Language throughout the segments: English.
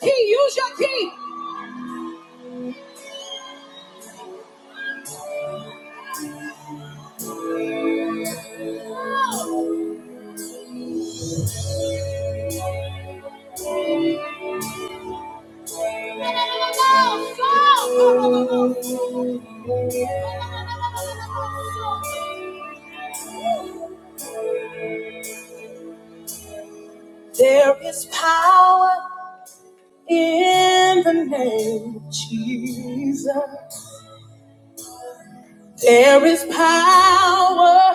key. Use your key. Go. Go. Go. There is power in the name of Jesus. There is power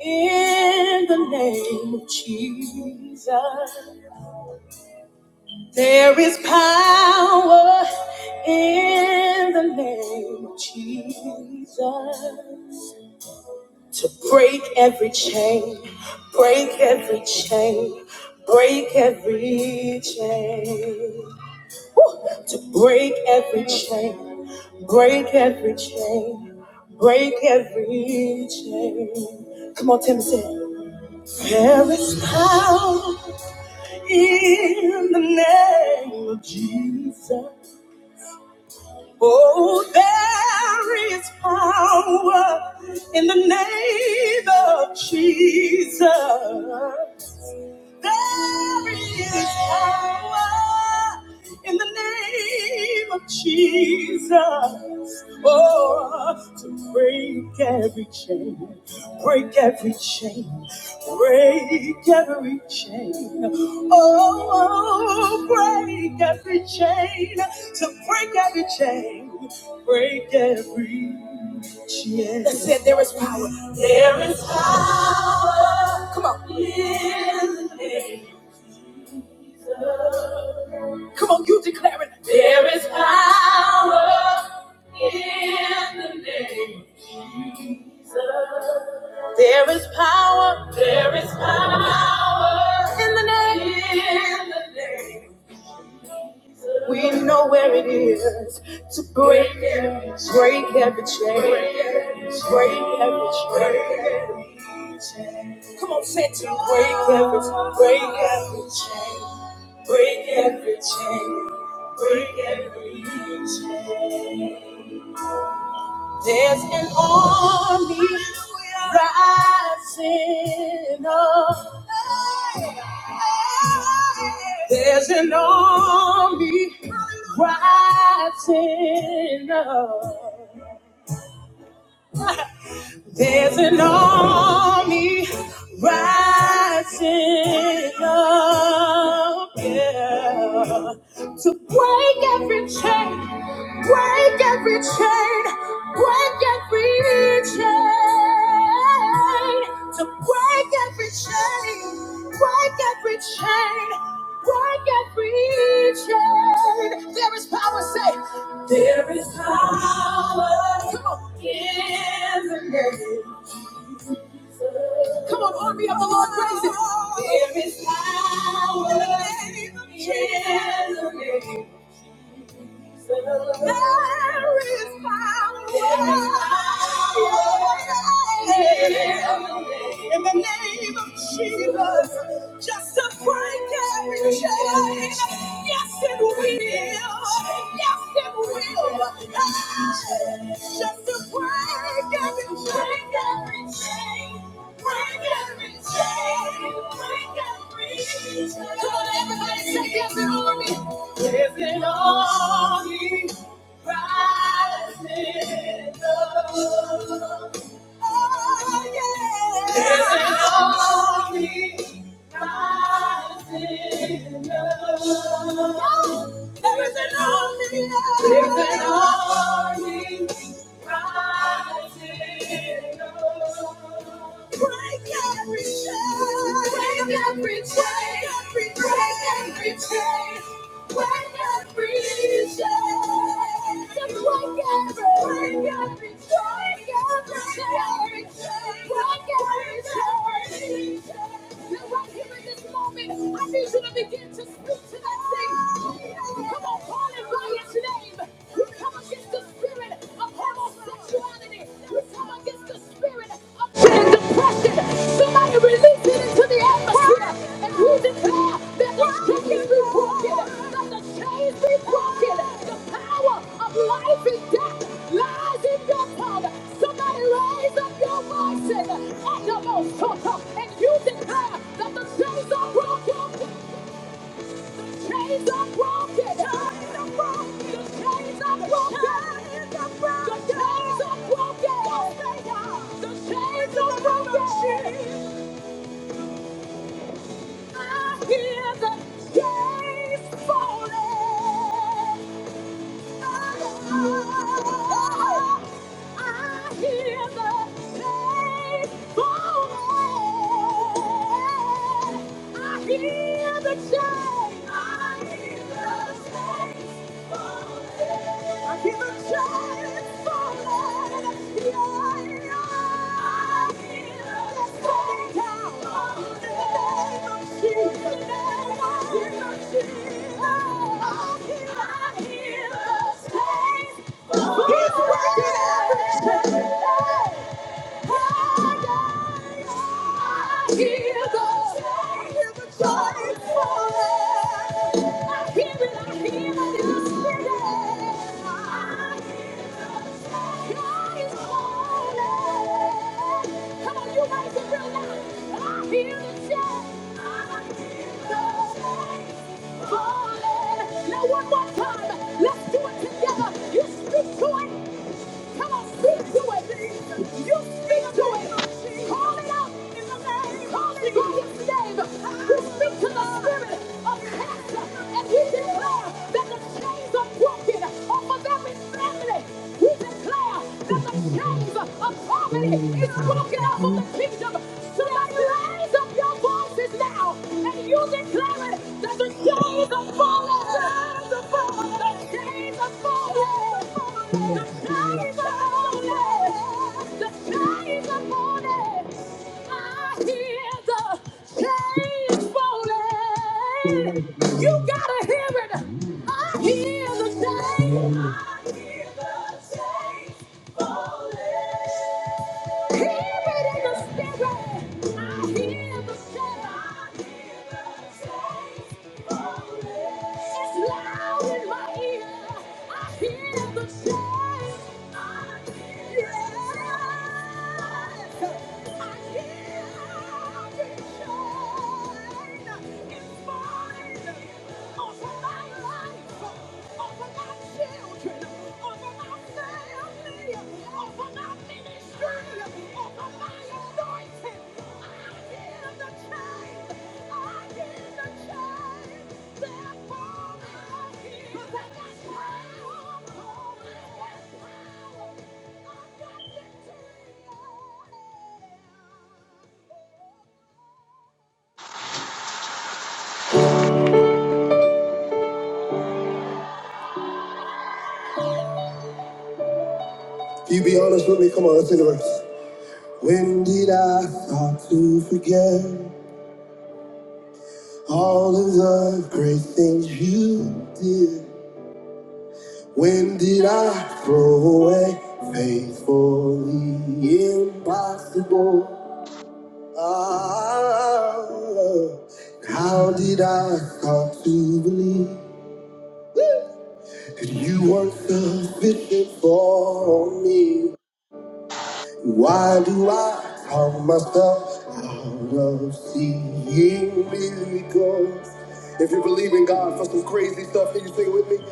in the name of Jesus. There is power in the name of Jesus to break every chain, break every chain, break every chain, Woo! to break every chain, break every chain, break every chain. Come on, Tim, say, it. there is power in the name of Jesus. Oh, there is power in the name of Jesus. There is power in the name of Jesus. Oh, to break every chain, break every chain, break every chain. Oh, break every chain, to break every chain, break every that said, there is power. There is power. Come on. in the name of- Come on, you declare it. There is power in the name. of- There is power. There is power in the name. In the name. We know where it is to break, break every chain, break every chain. Come on, say it to me. break every, break every chain, break every chain, break every chain. There's an army rising up. There's an army rising up. There's an army rising up yeah, to break every chain, Break every chain, break every chain. To break every chain, break every chain, break every chain. There is power, say, there is power. Come on. In the name. Come on, army of the Lord, praise it. There is power in the name. There is power in the name of Jesus. Just to break every chain. Yes, it will. Yes, it will. Hey, Just to break every chain. Every chain. Break every chain. Break every chain. Come on, everybody, say yes, it will is it all you in love? Oh, yeah. Is it all you rise in love? Oh, is it all you Is it in love? Break every chain. Break every chain. Break every chain. I need you to begin to speak to that thing. Come on, call it by its name. We come against the spirit of homosexuality. We come against the spirit of depression. Somebody release it into the atmosphere. And we declare that the shackles be broken. Let the chains be broken. The power of life and death lies in your tongue. Somebody raise up your voices at your most top and you declare that the chains are broken. Chains are broken. Chains are broken. The chains are broken. Chains are broken. The chains are broken. The chains are broken. I hear the chains falling. I hear the chains He's working everything. Now one more time, let's do it together. You speak to it. Come on, speak to it. You speak to it. Call it out in the name. Call it out in its name. You speak to the spirit of cancer and you declare that the chains are broken off of every family. We declare that Thank the chains of poverty is broken off of the kingdom. Somebody raise up your voices now and you declare it that the you gotta hear it. I hear the chains. I hear the chains falling. It's mine over my children, over my family, over my ministry, over my anointing. I give the change. I give the change. Therefore, I give. 'Cause I got power. I got power. I got victory. You be honest with me, come on, let's sing the verse. When did I start to forget? All of the great things you did, when did I throw away faithfully impossible? Ah, how did I come to believe that you weren't sufficient for me? Why do I count myself out of seeing miracles? If you believe in God for some crazy stuff, can you sing it with me?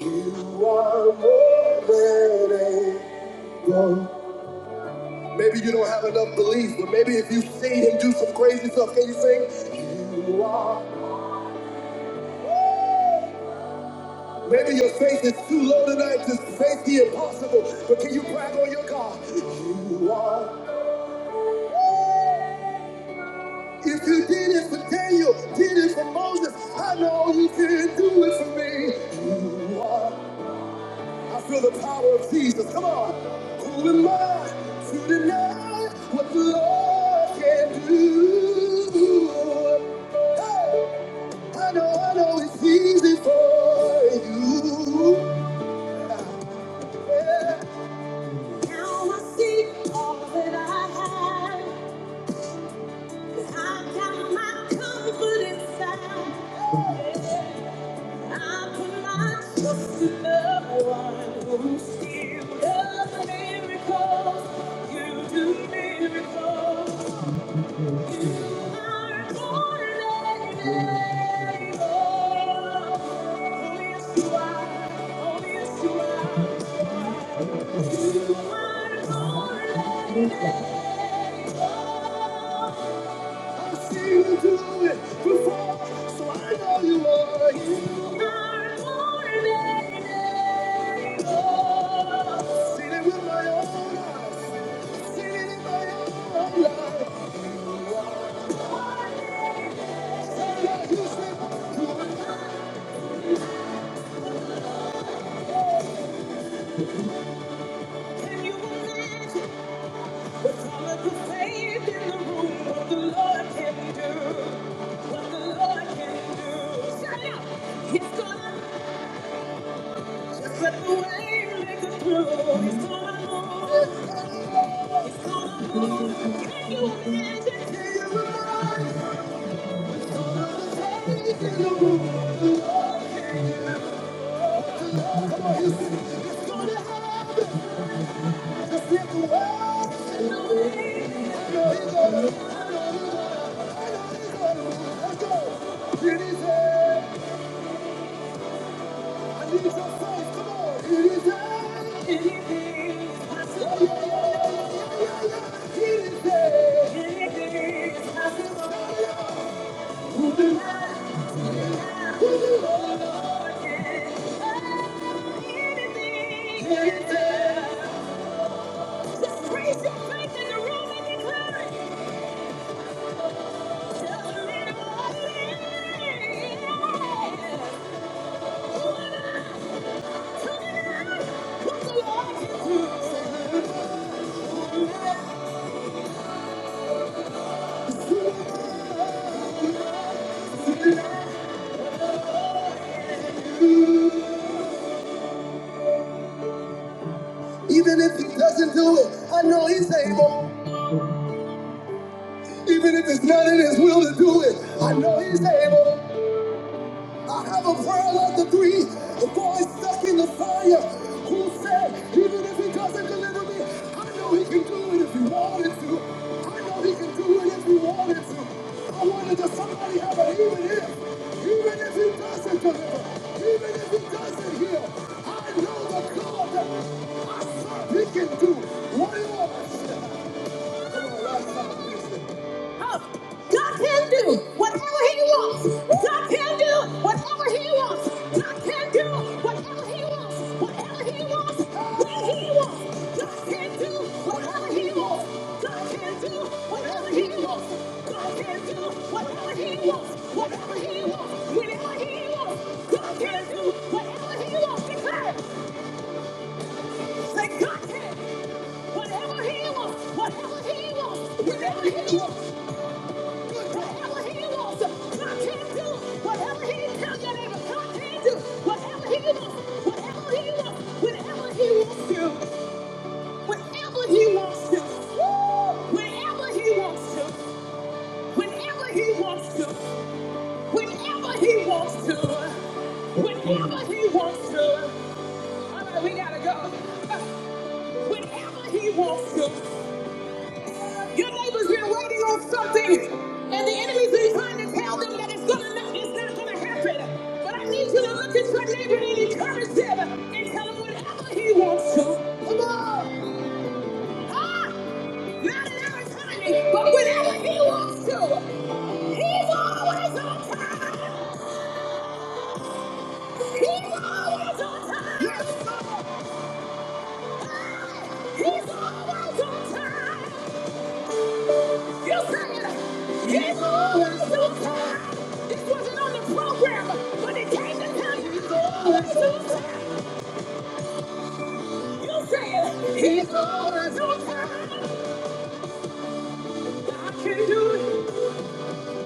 You are more than able. Maybe you don't have enough belief, but maybe if you see Him do some crazy stuff, can you sing? You are. Maybe your faith is too low tonight to face the impossible, but can you brag on your God? You are. If you did it for Daniel, did it for Moses, I know you can do it for me. You are. I feel the power of Jesus. Come on. Who am I to deny what the Lord can do? Hey, I know, I know it's easy for you. Yeah. You will see all that I have. 'cause I've got my comfort inside. Hey, yeah. I see you do it before, so I know you are. You are more than able. Seen it with my own eyes. Seen it in my own life. Sometimes you say, "You are not in the room, but the Lord can do. The Lord can." Shut up! He's gonna move. He's gonna move. He's Just hear you Thank you. Even if he doesn't do it, I know he's able. Even if it's not in his will to do it, I know he's able. I have a prayer like the three boys stuck in the fire who said, even if he doesn't deliver me, I know he can do it if he wanted to. I know he can do it if he wanted to. I wanted to somebody have an even if. Even if he doesn't deliver, even if he doesn't heal, I know the God that I serve he can do whatever. Oh, God can do whatever He wants. God can do whatever He wants. God can do whatever He wants. Whatever He wants, when He wants. God can do whatever He wants. God can do whatever He wants. God can do whatever He wants. Whatever He wants, whenever He wants. God can do whatever He wants. Declare. it. Let God have whatever He wants, whatever He wants, whatever He wants, whatever He wants. God can do whatever He tell your neighbor. God can do whatever He wants, whatever He wants, whenever He wants to, whenever He wants to, Woo! whenever He wants to, whenever He wants to, whenever He wants to, whenever He wants to. All right, we gotta go. Whenever He wants to. Your neighbor's been waiting on something, and the enemies are trying to tell them that it's gonna not, it's not gonna happen. But I need you to look at your neighbor and encourage them and tell him whatever he wants to. Come on, huh? Not in our timing, but whenever he wants to. He's always on time. He's always on time. Yes, Lord. Hey, He's always on time. You said His always too time. This wasn't on the program, but it came to tell you He's always too time. You said He's always too time. God can do it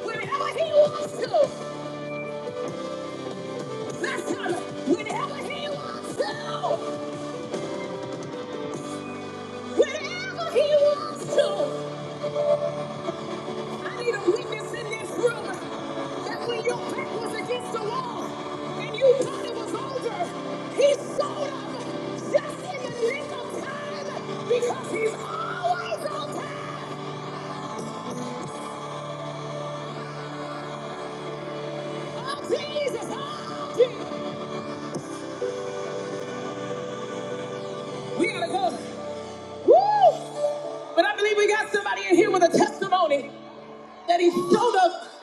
whenever He wants to. Listen, whenever He wants to, whenever He wants to. I need a witness in this room that when your back was against the wall and you thought it was over, he showed up just in the nick of time because he's always on time. Oh, Jesus. Oh, Jesus. We gotta go. Woo! But I believe we got somebody in here with a testimony that he showed up.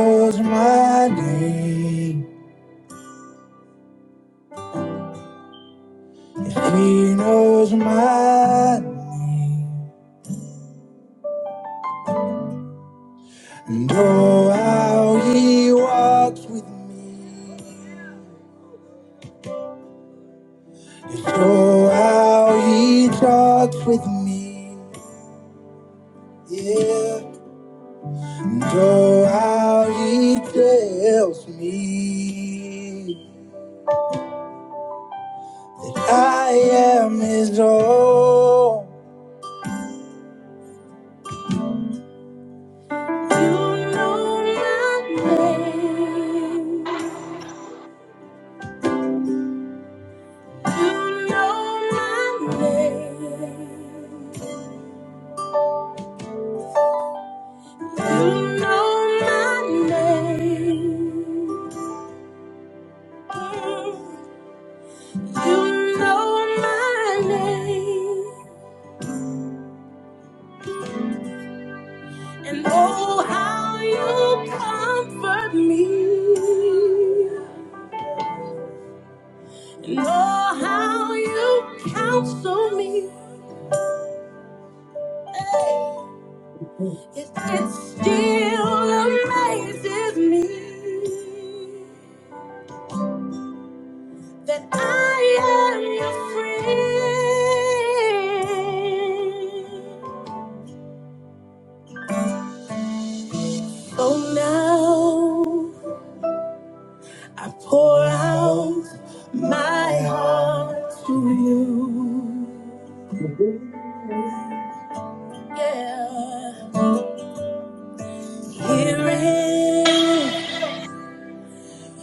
Knows my name, know how he walks. with Oh, how he talks with me, yeah. And oh, how he tells me I am his own. You know my name. You know my name. You know my name. You know my name. And oh, how you comfort me. And oh, how you counsel me. Hey, It, it still amazes me that I am your friend. So now I pour out my heart to you. Yeah. Hearing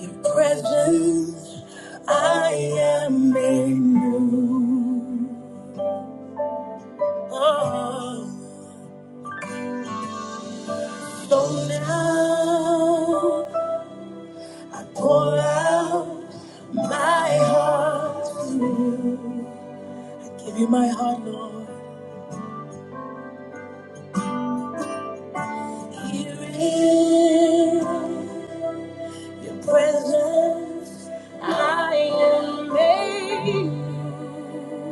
your presence, I am made new. Oh. So now I pour out my heart. I give you my heart, Lord. Hearing your presence, I am made new.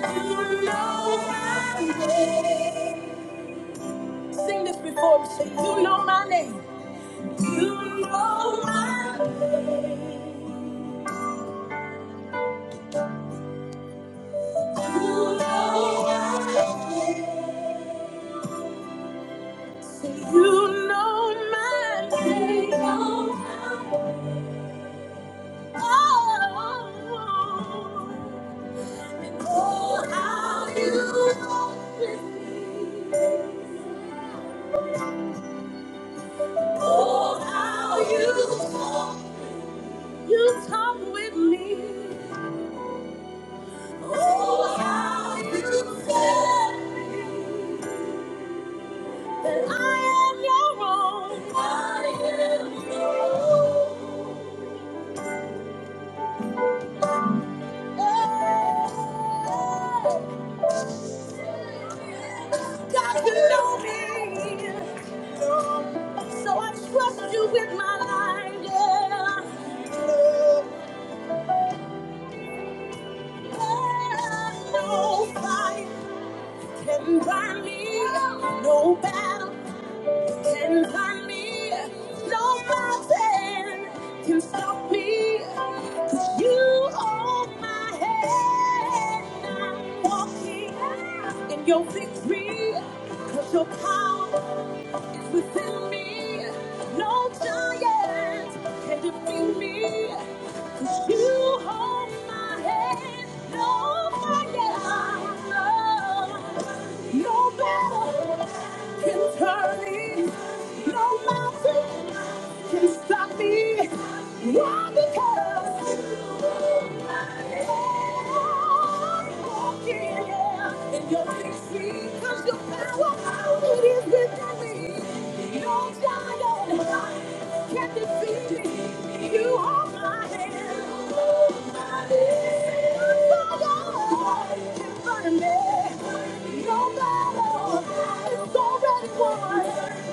You know my name. Sing this before me. Say, you know my name. You know my name. Say, you know my name. You know my name. Oh, oh, how you walk with me. Oh, how you talk. You talk with me. Oh, how you feel me. that I am your own. I am your own. Oh, oh. God, you know me. So I trust you with my life. Yeah. No fight can bind me. No battle. Stand by me. No mountain can stop me. 'Cause you hold my hand. I'm walking in your victory. 'Cause your power is within me. No giant can defeat me. You hold my hand, nobody I no battle can turn it, no mountain can stop me. Why? Because I'm walking in your victory. Because your power it is within me. No giant can defeat me. You are my hand. No battle is already won.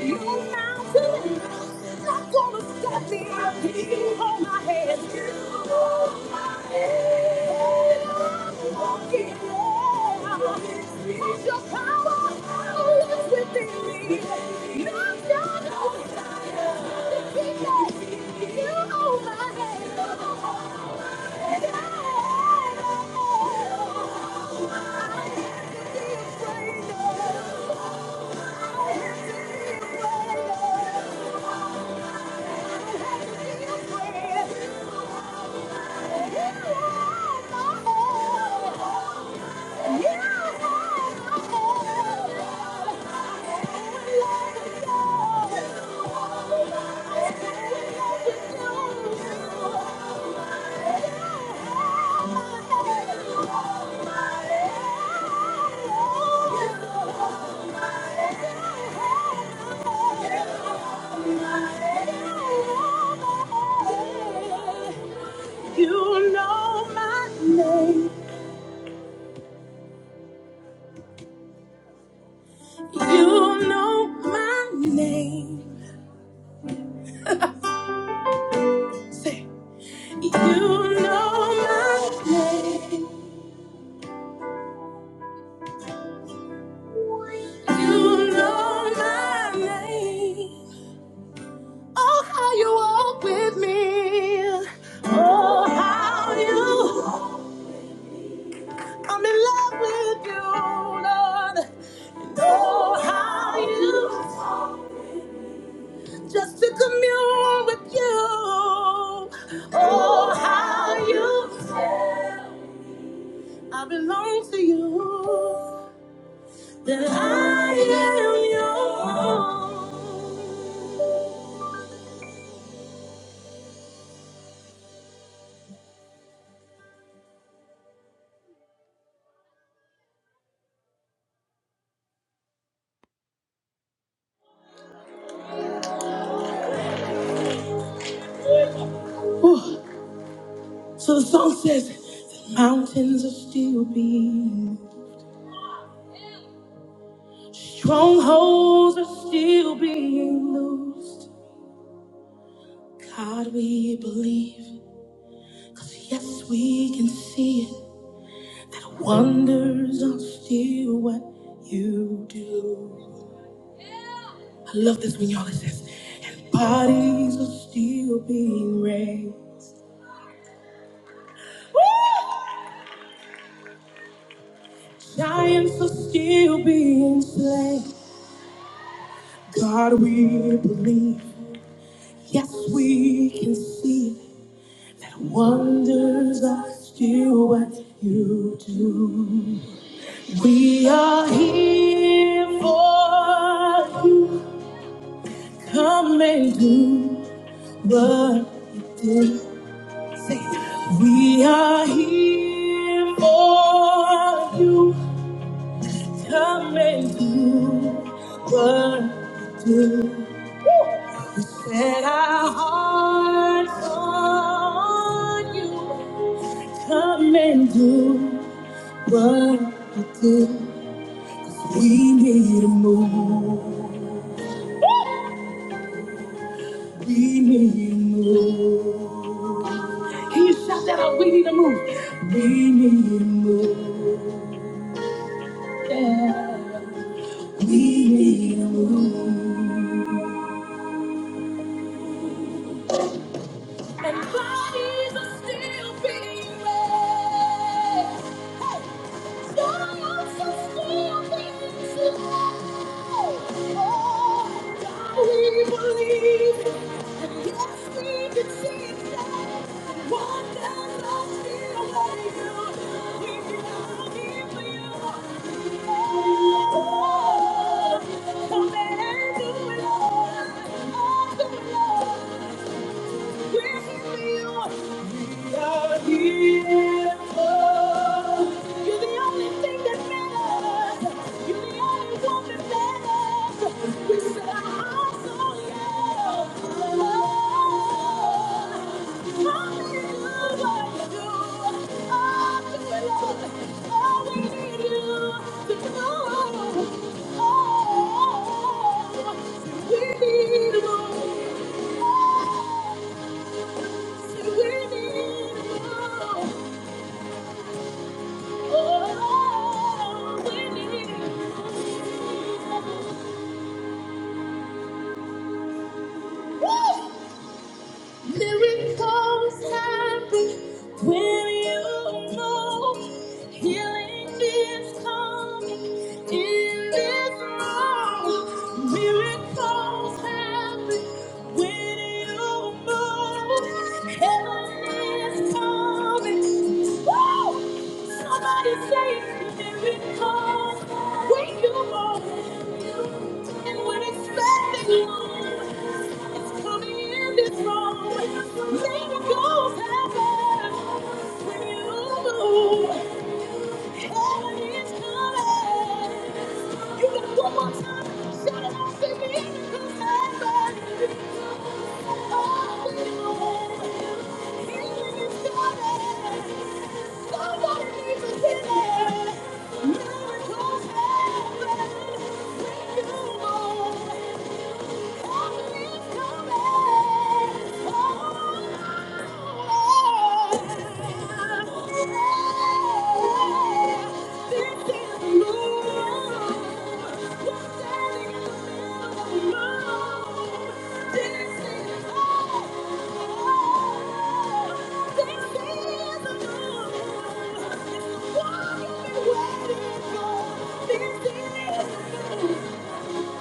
You mountain. Not gonna stop me. You hold my hand. You hold my hand. I'm walking on. Cause your power lives within me. Not gonna defeat me. You hold my hand. You hold my hand. i have to be afraid. of. of. I have to be afraid of. You know my name. Oh, how you walk with me. Oh, how you. I'm in love with you, Lord. And oh, how you. Just to commune with you. Oh, how you. That I am yours. So the song says, the mountains are still being, strongholds are still being loosed. God, we believe, 'cause yes, we can see it. That wonders are still what you do. I love this when y'all it says, and bodies are still being raised, giants are still being slain. God, we believe, yes, we can see it. That wonders are still what you do. We are here for you. Come and do what you do. We are here for you. Come and do what set our hearts on you. Come and do what you do. We need a move. We need a move. Can you shout that out? We need a move. We need a move. We need a And bodies are still being raised. Hey, souls are still being slain. Oh, God, we believe. And yes, we can see it One day, I'll still wait you. We are looking for you. Oh, come and do it, Lord. Oh, do it, Lord. We're here for you. Oh, we need you. Woo! Miracles happen when you know healing is coming in this room. Miracles happen when you know heaven is coming. Woo! Somebody say miracles when you know and we're expecting it's it's coming in this room. Miracles happen when you move. Heaven is coming. You got one more time. Shout it out, say miracles happen. Oh, when you move. Healing is coming. Somebody needs a healing. Miracles happen when you move. This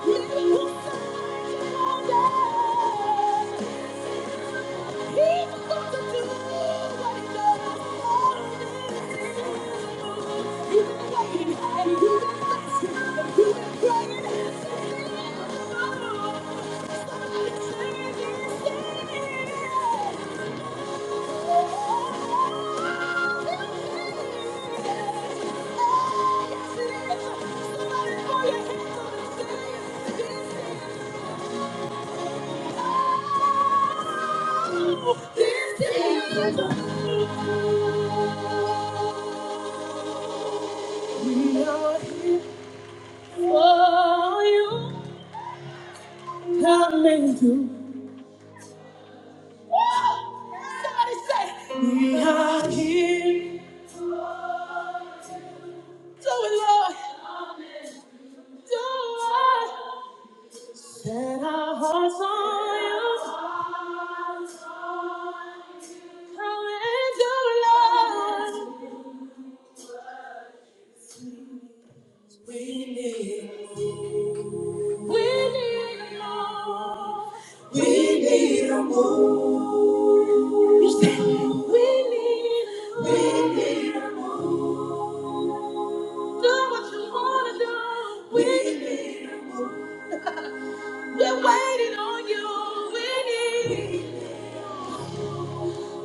Thank you this is Somebody say, Let our hearts on you. Come into love. We need love. Do what you want to do. We need We're waiting on you. We need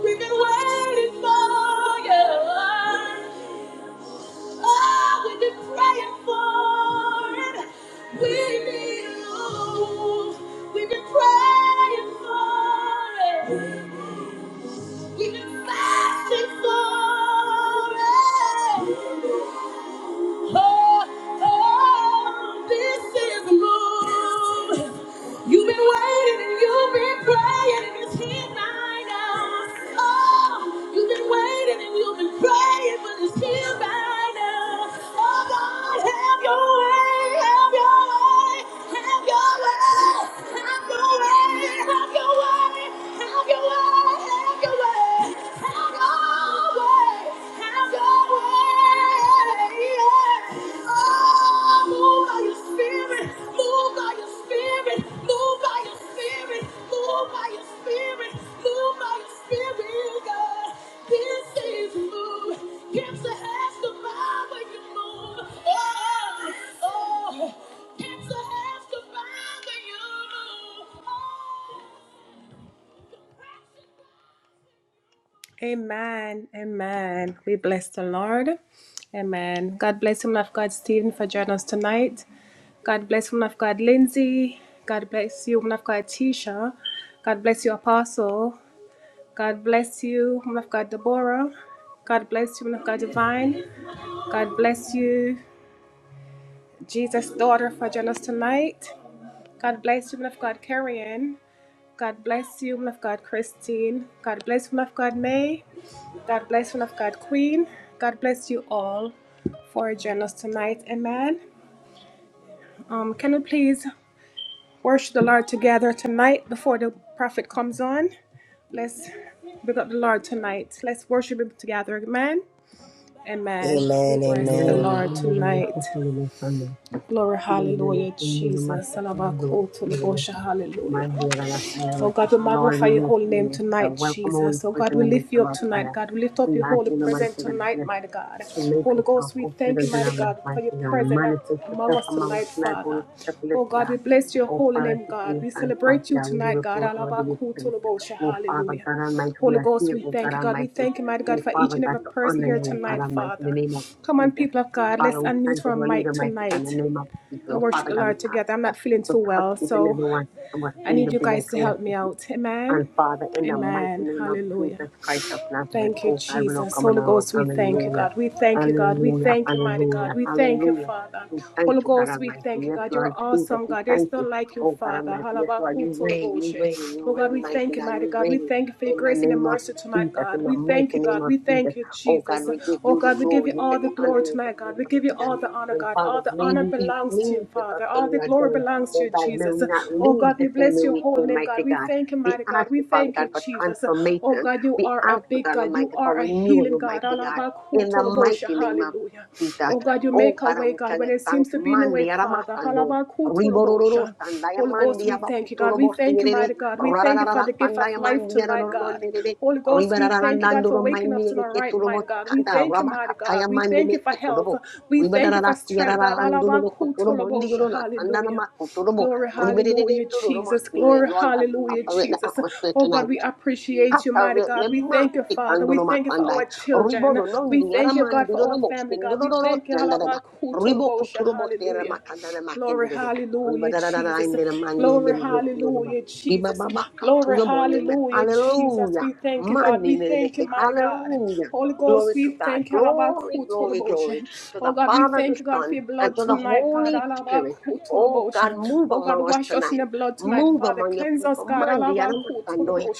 We've been waiting for you. Oh, we've been praying for it. We need you. We've been praying for it. We've been fasting for it. Oh, oh, this is the move. You've been waiting and you've been praying and it's here right now. Oh, you've been waiting and you've been praying, but it's here right now. Oh God, have your way, have your way, have your way, have your way, have your way, have your way, have your way, have your way. Oh, cancer has to bow when you move. Oh. Amen. Amen. We bless the Lord. Amen. God bless him of God, Stephen, for joining us tonight. God bless woman of God, Lindsay. God bless you, woman of God, Tisha. God bless you, Apostle. God bless you, woman of God, Deborah. God bless you, woman of God, Divine. God bless you, Jesus' daughter, for joining us tonight. God bless you, woman of God, Carrion. God bless you, woman of God, Christine. God bless you, woman of God, May. God bless, one of God, Queen. God bless you all for joining us tonight. Amen. Um, can we please worship the Lord together tonight before the prophet comes on? Let's big up the Lord tonight. Let's worship Him together. Amen. Amen. We Amen, bless the amen. Lord tonight. Glory, hallelujah, Jesus. you. Salabakotulabosha, Hallelujah. Mandira Rasanya Oh Ramasya. God, we Lord, magnify we your holy welcome you, name mighty God. tonight, Welcome, Holy Jesus. Oh Spirit, God, in the we midst lift you of up our prayer. tonight, God. We lift up We your ask holy you, the mighty presence God tonight, mighty God. to make Holy yourself Ghost, we open thank and you, then mighty I'm God, for inviting your you and presence manifest among yourself us among us tonight, tonight. Holy Father. Spirit, we Oh God, we God. bless your Oh holy Father, name, to send God. your We hands, mighty celebrate you God, we give tonight, it God. to your daily praise. Alabakutulabosha. Oh Father, Hallelujah. God Almighty, we Holy are Ghost, here, we oh God thank you, God. We Almighty. thank you, mighty Oh God, for Father, each and God, every to person honor here you, oh God tonight, Almighty, in the Father. name of Come on, Jesus. people of Oh God, Father, let's we thank unmute you our for mic leading mighty God, in tonight the name of Jesus. and Oh worship Father, the God, we Lord ask together. you, I'm God, not feeling too to touch well, each and so everyone and was I in the need you building guys to help me collectively. out. Amen. And Father, in the mighty Amen. name of Hallelujah. Jesus Christ of Nazareth, Thank you, oh God, we're not Jesus. come, Holy around. Ghost, we thank you, Hallelujah. God. We thank you, God. We Hallelujah. thank you, mighty God. Hallelujah. We thank you, Hallelujah. Father. We thank Holy you, God Ghost, we Almighty. thank you, Yes, God. You're Lord Jesus, awesome, we God. There's thank you. none like you, Oh God Father. Almighty. Yes, Lord, you reign, you reign, Halabakutoloboshe. Oh, you God, reign, we mighty thank you, God, mighty you God. We reign thank you for your in the grace and your name of mercy tonight, Jesus, God. in the We thank you, mighty name God. of We Jesus. thank you, Oh God, Jesus. we give Oh, you the God, we give glory. you You all get the the honor glory and the tonight, praise, God. We give you mighty all God. the honor, And God. All Father, the may honor you be belongs to you, pleased with us Father. All when we the are glory done. belongs to Oh you, God, may Jesus. we not Oh, leave God, the we same bless way your we holy name came, wonderful name, mighty God. We God. thank you, We mighty God. ask We you, Father thank God, you, for Jesus. Oh, transformation. God, you We are a ask you, big God God. You Almighty, for are a renewal, healing God. Almighty God, in the mighty name of Hallelujah. Jesus. Oh, God, you Oh, make a God, way, we God, tell when you it seems thanks. to be no way, Mandi Father. aramasandon. Ribororo Alabakutolobosha. sandaya Holy Ghost, mandi we thank you, God. abaputuro We thank you, bosirere. mighty God. We thank you for Rararara the gift of sandaya life mandi tonight, arororo God. lelele. Holy Ghost, we thank you, God, for Ribarararandandoro waking mandi us to our right eleketuro mind, God. We bosikanda. thank you, mighty God. Rabakataya We mandi thank you for eleketuro health. bo. We thank you Ribararara for strength, tiarararandoro God. kuturo Tolobosha. mondigoro na sandana Hallelujah. makuturo bo. Glory, hallelujah, Jesus. Glory, Lord God, hallelujah, operate in the Jesus. atmosphere Oh tonight. God, we appreciate you, mighty God. Katarene We thank you, masti Father. We kandono thank you for matandai. our Ribo children. do non We di thank you, God, aramandiro for our no mosti family, God. We ndono thank rotti you, andada. da. Ribo Halabakutolobosha. kuturo bosti era Hallelujah. makandana Glory, makendere de. Riba hallelujah, da da da da Jesus. indere mandi be Glory, be kulo ma. hallelujah, Biba Jesus. baba Glory, katuyo bonne men. hallelujah, Jesus. Hallelujah. We thank you, God. Mandi We ne be thank you, mighty God. Hallelujah. Holy Glory Ghost, to we God. thank you, Glory, glory, glory Alabakutolabosha. to Oh the God, we Father, the thank you, God, for Son, your and blood to the tonight, God. Holy Spirit. Oh God, Alabakutolabosha. move Oh God, among us wash us in tonight. the blood tonight, Move Father. among your Cleanse us, people. God. Mandi, aramatandoi. Alabakutolabosha.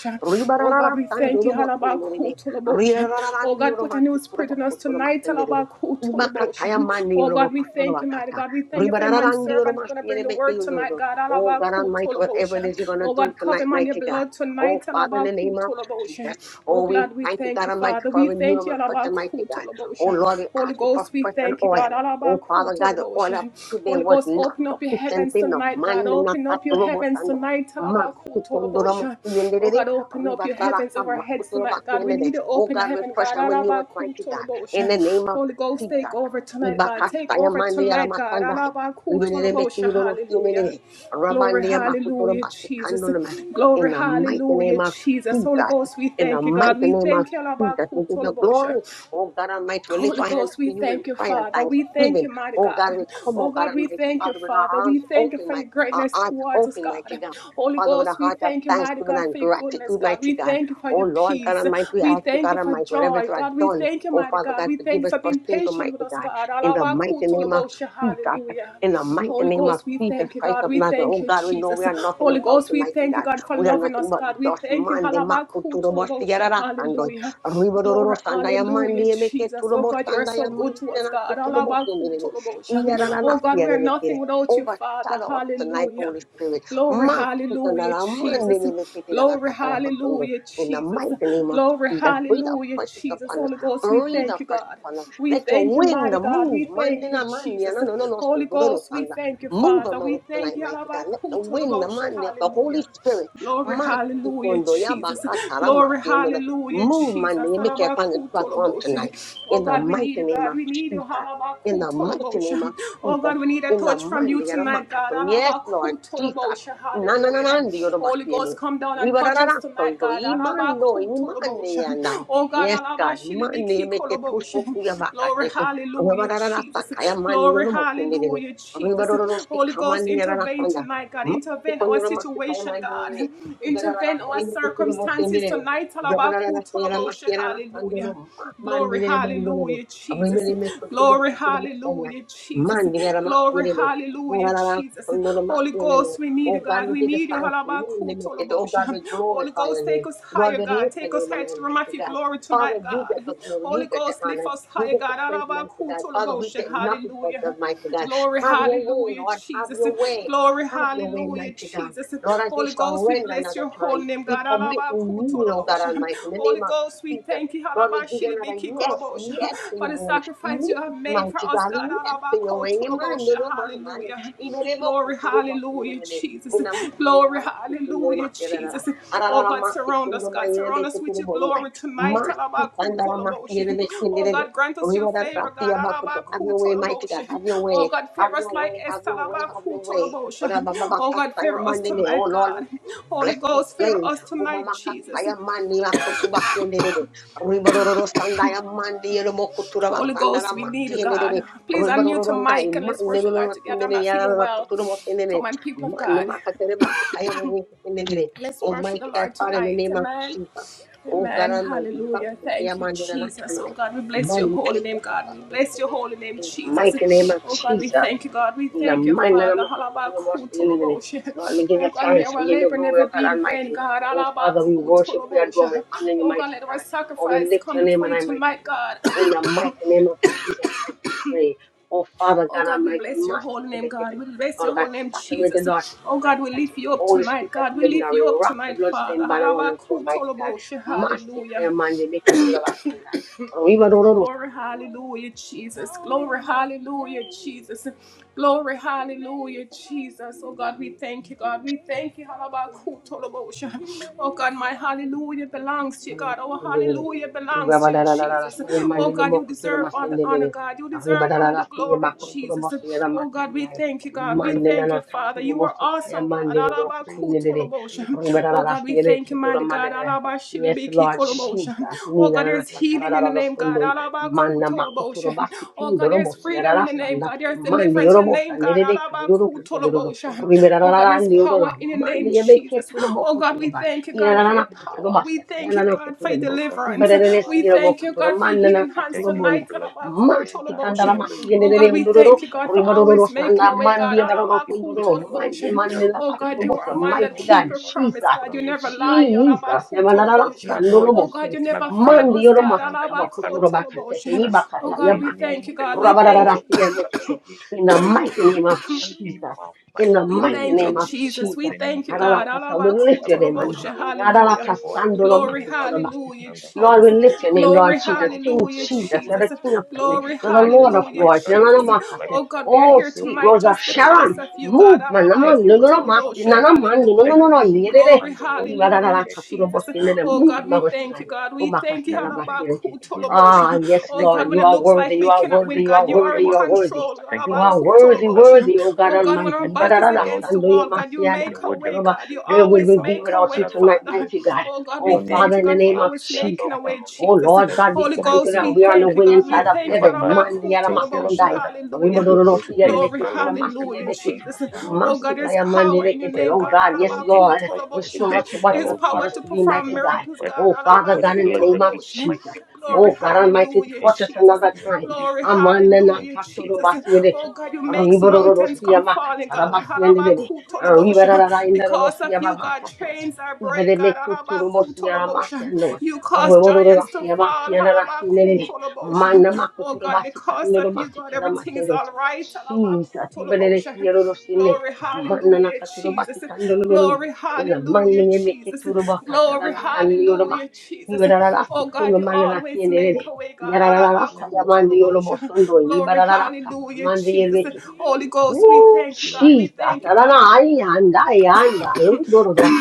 Oh God, we thank you. Ribarararastandiorobotienderere. Halabakutulabosha. Oh God, put a new spirit in us tonight. Rirararandioromatikkurobakotorobatenderere. Halabakutulabosha. Oh God, we thank you, mighty Imakatayamandiorobokotorobakata. God. We thank you for your man servant who's going to bring the word tonight, Ribarararandioромastienemekeyundoro. God. Oh God Almighty, whatever it Halabakutulabosha. is you're gonna Oh do God, cover tonight, him on your mighty God. blood Oh tonight. Father, in the name of Jesus. Halabakutulabosha. Oh Oh, we God, we thank you, thank God you, Almighty, Father. for We thank renewing you. and fresh, mighty God. Oh Halabakutulabosha. Lord, we ask Holy you for Ghost, we fresh and thank you, God. oil. Oh Father God, the oil of Alabakutoloboshe. today Holy was Ghost, not open up your sufficient heavens enough. tonight, God. Man, not Open that up your robot heavens tonight. Alabakutoloboshe. Oh and God, open up your heavens over our Oh heads tonight, God. We need an open God, heaven, refresh God. and renew us, mighty God. In Alabakutoloboshe. the name of Holy Ghost, Jesus. take over tonight, God. Take Ibakataya over mandiya tonight, God. ramasandai. Ibelele Alabakutoloboshe. mekirolo Hallelujah. sinelele. Glory, Rabandiya makutoro hallelujah, Jesus. basikandolema. In Glory, the mighty name hallelujah, of Jesus. Holy Jesus. Ghost, we In the thank you, mighty God. We name of thank you, Jesus. We give you Alabakutoloboshe. glory. Oh God Almighty, we lift Holy our hands Ghost, we to you in thank you, prayer and Father. We thank thanksgiving. you, mighty Oh God, God. we come, Oh oh God God, we Almighty, thank you, Father, with Father. our arms We thank you open, for my your our greatness hearts towards us, open, mighty God. God. Holy Father, with a Ghost, we heart of thank you, mighty thanksgiving God, and for your goodness, gratitude, God. mighty We God. thank you for Oh your Lord God peace. Almighty, we We ask you, thank you God for Almighty, whatever it joy, was God. We done, thank you, oh mighty Father God. God, We thank forgive you us for for being sin, patient Almighty with us, God. God. In the mighty name of Alabakutulabosha, Jesus, Hallelujah. in the mighty Holy name of Ghost, we Jesus thank you, Christ God. of We Nazareth. thank Oh you, God, we know we Jesus. are nothing Holy without Ghost, you, we mighty thank you, God. God, for We are loving nothing us, but God. We dust, thank you. man, the makuturo Halabakutulabosha, bosiyarara sandoi. Hallelujah. Ribororo Glory, sandaya hallelujah mandi you, emeke Jesus. Oh turobo God, you are so sandaya good mandi to us, and God. All akuturo about who bosundere, to about you. iera na kuturo bosindirebe. Oh Iyarara God, we are nasiyarebe kere. nothing without you, Father. Overshadow us tonight, Hallelujah. Holy Spirit. Glory, In hallelujah, Jesus. the Glory, hallelujah, Jesus. mighty name of Glory, Jesus, breathe out hallelujah, precious Jesus. upon us. Holy Ghost, we Breathe thank out you, precious God. upon us. We Let your thank you, wind mighty God. move. We thank Mandina you, mandia, Jesus. no, no, no, no, Holy so, do, do, do, Ghost, we sanda. thank you, Move Father. among We us tonight, thank you, mighty all God. about Let who the to wind, the about you. mandi of the Holy Hallelujah. Spirit, Glory, hallelujah, masikondo, Jesus. yabakatara, Glory, masiondo, the- hallelujah, move, Jesus. mandi, All make it about upon this platform tonight. Oh In the God, we need mighty you, name God. of We need you. Jesus. In the mighty Halabakutolobosha. name of Oh Jesus. God, we need a In the touch from you mighty name of tonight, God. Jesus. Yes, Lord Jesus Halabakutolobosha. Hallelujah. nananandi Holy yorobastiene. Ghost, come down and touch us tonight, Ribarararasondo, God. imando, imande Halabakutolobosha. yanai. Oh God, Yes, God, mande meke halabashilibikikoloboshi. tuso kuyabaka glory, teke. hallelujah, Ribarararasa Jesus. kaya mande Glory, yoromotendere. hallelujah, Jesus. Ribarororosti Holy Ghost, kamande intervene yararasanda. tonight, God. Masti Intervene our konyoramasti kaya situation, mande God. yere. Intervene Ribarararasa our yemeke circumstances kuromotendere. tonight. Ribarararasa Halabakutolobosha. yaramaki Hallelujah. yararasandoro. Mande Glory, yere bandororo. hallelujah, Jesus. Abrimere mesto tudo Glory, kuturomasanda. hallelujah, Jesus. Mande yaramasti Glory, yere. hallelujah, Ribarararasa Jesus. Holy Ghost, we need you, Oh God, God. we We give you need you. thanks, unlimited. Oh God, Halabakutolobosha. we Holy glorify Ghost, your name. take us Lord, higher, we God. lift your Take us name higher to the and realm of mighty your God. glory tonight, Father, you God. get the glory, you Holy get the Ghost, lift honor, us you higher, get the God. praise, mighty God. Father, we Halabakutolobosha. get nothing but the Hallelujah. mighty God. Glory, Have your way, hallelujah, Lord, have Jesus. your way. Glory, Have your way, hallelujah, mighty God. Jesus. Lord, as we Holy Ghost, we surrender bless another your time, holy name, we God. commit to you, oh God Alabakutolobosha. Almighty, in the Holy name of Ghost, we Jesus. thank you Lord, we give you another yes, Alabashilibikikolobosha, yes to for your the will. sacrifice you Yes, have made for mighty us, God, God. yes to your way. Amen. Alabakotolobosha. No, no, man, man. Hallelujah. Even if you go Glory, to the hallelujah, Amen. Jesus. Inam, Glory, inam, sikundur hallelujah, masirara. Jesus. Oh Arara God, mas surround us, sikundur God. mayere Surround us beke with turu your bonai. glory tonight. Mas sikandara mas Alabakutoloboshe. yere beke Oh nirebe. God, grant us your Rivera favor, God. trapia bakuto. Have your way, mighty God. Alabakutoloboshe. Have your Oh way. God, Have favor us your like way. Have Esther. your way. Have your way. Ora Alabakutoloboshe. baba Oh God, bakasta ya favor us mande me. Oh tonight, Lord, God. Holy Bless this Ghost, favor plane. us tonight, Jesus. Umamakataya mani akutuba kenderere. Ribororo sandaya mani yelomo kutura Holy basandara Ghost, we need mati you, God. yenderere. Please unmute Ribororo your ndai mic and let's mani worship Lord yelomo together. I'm sindere not feeling yara well. kutura mo sindere. Come on, people of Mani God. makatere basi kaya mani sindere. Let's Oh my worship the God, Lord Father, in the tonight. name of Amen. Jesus. Oh God Amen. Almighty, Hallelujah. basi kaya Thank you, mani na natural Jesus. Oh life. God, we bless Mani your holy yelomo name, kutura God. We bless your basindere. holy name, Jesus. Oh God, we thank you, God. We thank you, Father. evening. Halabakutolobosha. Lord, we give Oh you God, may thanks. our We give you labor glory, never O be God in vain, Almighty. God. Oh, Father, we worship, we adore, Halabakutolobosha. we honor you, Oh God, mighty let our God. Oh, we sacrifice lift come your name before and you I, mighty tonight, God. God. In the mighty name of Jesus Christ, we pray. Oh, Father, Oh God God, we Almighty, bless your mercy holy to name, be God. given. We bless Oh, your God, holy name, saturate the Jesus. daughters, Oh God, mighty we God. lift you up Holy tonight, Spirit of God. the We living lift God, we you up wrap your tonight, Father. bloodstained banner on our throne, mighty God. Halabakutoloboshe. Mercy, Hallelujah. Kayamandi, make it all the last and die. Glory, hallelujah, Jesus. Glory, hallelujah, Jesus. Glory, hallelujah, Jesus. Oh God, we thank you, God. We thank you, Halabakutolobosha. Oh God, my hallelujah belongs to you, God. Our Sendere. hallelujah Uga belongs to you, badara dara Jesus. saya Oh mandi lo God, you boku tura deserve mas all the honor, sendere. God. You Ahi deserve badara all the dara Thank saya glory, you, maku Lord tura Jesus. Jesus. bosi Thank yara you, Oh Lord God, we Jesus. makanai. thank you, Offer God. you We Mandi both thank up you, nana our Father. Lord Father. katuru You are Jesus. bosi Thank kaya you awesome, God. mandi lo to doku praise you sendere. Alabakutolobosha. and lift Ahi up your badara Oh, name. dara We God, we saya Give you thank reke you, praise. tura mighty mande Thank God. you nai. for Yes, Lord bringing us to Jesus. Alabashilibikikolobosham. this Oh, mountain. Nina God, nana there's Lord katara healing in Jesus, dara the name, I know God. that sondoi. you are going to give Manna you all maku the tura Alabakutolobosha. glory. basi Oh, kindo God, lo there's Our bosi Lord yara freedom Jesus, in the I am name, rasanda. very God. There's praise. Mandi deliverance yoro in the And bosa name, God. adore. nere reke yoro And lift kusundo up lo. your Alabakutolobosha. holy Ahi name. Our badara Oh, God, Lord dara there's Jesus, ndi thank yoro you power and I will be in there the for Mandi name, you, for yabe our ke Lord Jesus. tura Jesus, Oh, boku for God, tura we your thank you, goodness, God, for our for Lord your Inanana Jesus. katuro power. We basta thank We you, kayanana thank you God, for for the for koturebe. help that you've deliverance. given to Iberene us, We our siniramo Lord thank you, kotoro Jesus. God, for your manana healing We hands thank katuro you for tonight. bondai. blessing us, for being with Masti us kandara throughout the masti week, Oh, yenere God, Lord we undororo. thank you, Jesus God, for Ribarororo always for making standa going a and way, I God. mandi come and abaroro ask you kundororo. for the Lord Mighty Jesus Christ. manila Oh, Just katuro God, thank you you are bosta. for a man blessing that Mighty all keep God, things your and our coming promise, up Jesus. for God. our You Lord never Jesus. lie. Jesus. Yamanana We adore sandolo Oh, you. bosta. God, you We never magnify your fail Mandi name. us, yoro There is God. none masti like kaba you, our kotoro Lord Jesus. bakasete. Iba I Oh, will kataya God, praise the we bakutu. name thank of you, the God. Lord We at thank you. all Rabararasti times, our Lord yermekite. Jesus. In For the his mighty praise name shall of continually be in Jesus my mouth. My in the We soul mighty thank you, name shall of make a Jesus. boast We in Jesus. the name of thank you, the God. Lord. Arabakasa, We I lift shall your name on rejoice for high. our Alabakutoloboshe. Lord Jesus. and Hallelujah. For what he done for Glory, me, for our Lord Jesus, Yarabakasandoromakutorobasete. hallelujah, and the Lord, Jesus. we household. lift your I name, thank Glory, Lord you, Father Jesus. Lord King Jesus, for hallelujah, your Jesus, you're the Jesus. faithfulness. King of I Kings, thank you Glory, for you're your the mercy Lord over of my hallelujah, life, Lords. Father Lord Jesus. Jesus Christ. Yaranamakase. Oh God, I we are thank Oh, you here for your sweet tonight Rose provision, of just Father Lord Sharon, because of Jesus you, Christ. God. move, man. I Naman, thank you for the wisdom, nununomasi, Alabakutoloboshe. Father Lord nanaman, Jesus. Thank Hallelujah. you for the nununonon, deep nirere. Glory, understanding, Lord Jesus hallelujah, Christ. Jesus. Bless Ibarararakaturobosine, your Oh holy Move, name, God, we Lord Lord, thank you, tonight. Jesus God. We I thank you. give you praise. Omakasanamakireke. I give you praise. Ah, I yes, Oh thank you, God, Lord, when you Lord it are looks Jesus worthy, like you we Christ. are I cannot worthy, win, thank you you are God, for you what are you're worthy, in you about are to do. worthy. control. I thank you You for what are you are doing worthy, for our Lord worthy, O Jesus God Oh Christ. God, when I our Almighty. thank back you is for the Lord against the Jesus wall, Christ. God, you make The a word of way, Ibarararasandoyomasiyadakatalaba. our God. You praise, the Where word will of always we our be make a worship without for you way, the Lord tonight, Father. Jesus mighty Christ. God? Oh God, May Oh, we your name be thank Father, you, in the God, praised, may for name your of name always be Jesus. making adored a for the way, Lord Oh, Jesus Jesus. Lord Christ. God, we In Holy The thank mighty you Ghost, name that of we we are on the thank Jesus. you, winning God. We side Thank of you, thank you. Abba heaven. Father. Thank you, Abba Alabakutolobosha. Mandiyaramasandai. Father. Holy Hallelujah. Ghost, we also thank you Glory, for the Ribodorodosiyadeleketu, Lord Jesus Christ hallelujah, for praying ramasiyedeketu, Jesus. for the Lord Oh Jesus God, Christ. there's We power thank in you your for masikayamandelekete. the name, Oh, God. prayer for God, the yes, Lord Jesus Lord. Christ. We Restore Alabakutolobosha. thank us you to for the what you There's Lord have called power us Jesus to to be, perform mighty uh, God. miracles, we're God. Oh, Father successful God, and in the bless name them be of the Alabakutolobosha. mighty Jesus. name of Glory, Oh, Jesus God Christ. Almighty, We hallelujah, thank touch you us in the Jesus. another mighty name time. of Glory, Jesus. Amanana Thank hallelujah, you, katoro Jesus. Jesus. name. basiereke. Oh God, you In makes Jesus' Ribororo mountains name. rosia come Thank falling, you, makatara Lord. God. Jesus. basienere. Halabakutolobosha. Ribarara indaro Because of rosia you, God, mamakata. trains are break, Iberene God. kuturu mosia la Halabakutolobosha. masiano. You cause Ribororo giants to rosia fall. makiana rasinere. Halabakutolobosha. Mana Oh makotura God, basika because of noro you, God, basika na everything everything is matere. all right. Jesus, iberene siero rosine. Glory, Mana hallelujah, nakaturo Jesus. basika Thank noro you, noro. Lord. Glory, Ina hallelujah, mani emeke Jesus. turu bakatara Glory, la Glory, andioroma. hallelujah, Jesus. glory, Ribarara Oh God, glory, rasikuno you manana always kienere. make glory, a way, God. and Yarararasa honor belongs yamande to you. yolo mosondo Glory and Glory, honor belongs yibarararaka to you. hallelujah, amande Jesus. Glory and honor Holy belongs to Ghost, you. we Ooh, thank you, God. Glory and We Jesus. honor thank you, belongs to God. you. Adonai, the Yandai, mighty name of Yandai, Ooh, Jesus. Gororo.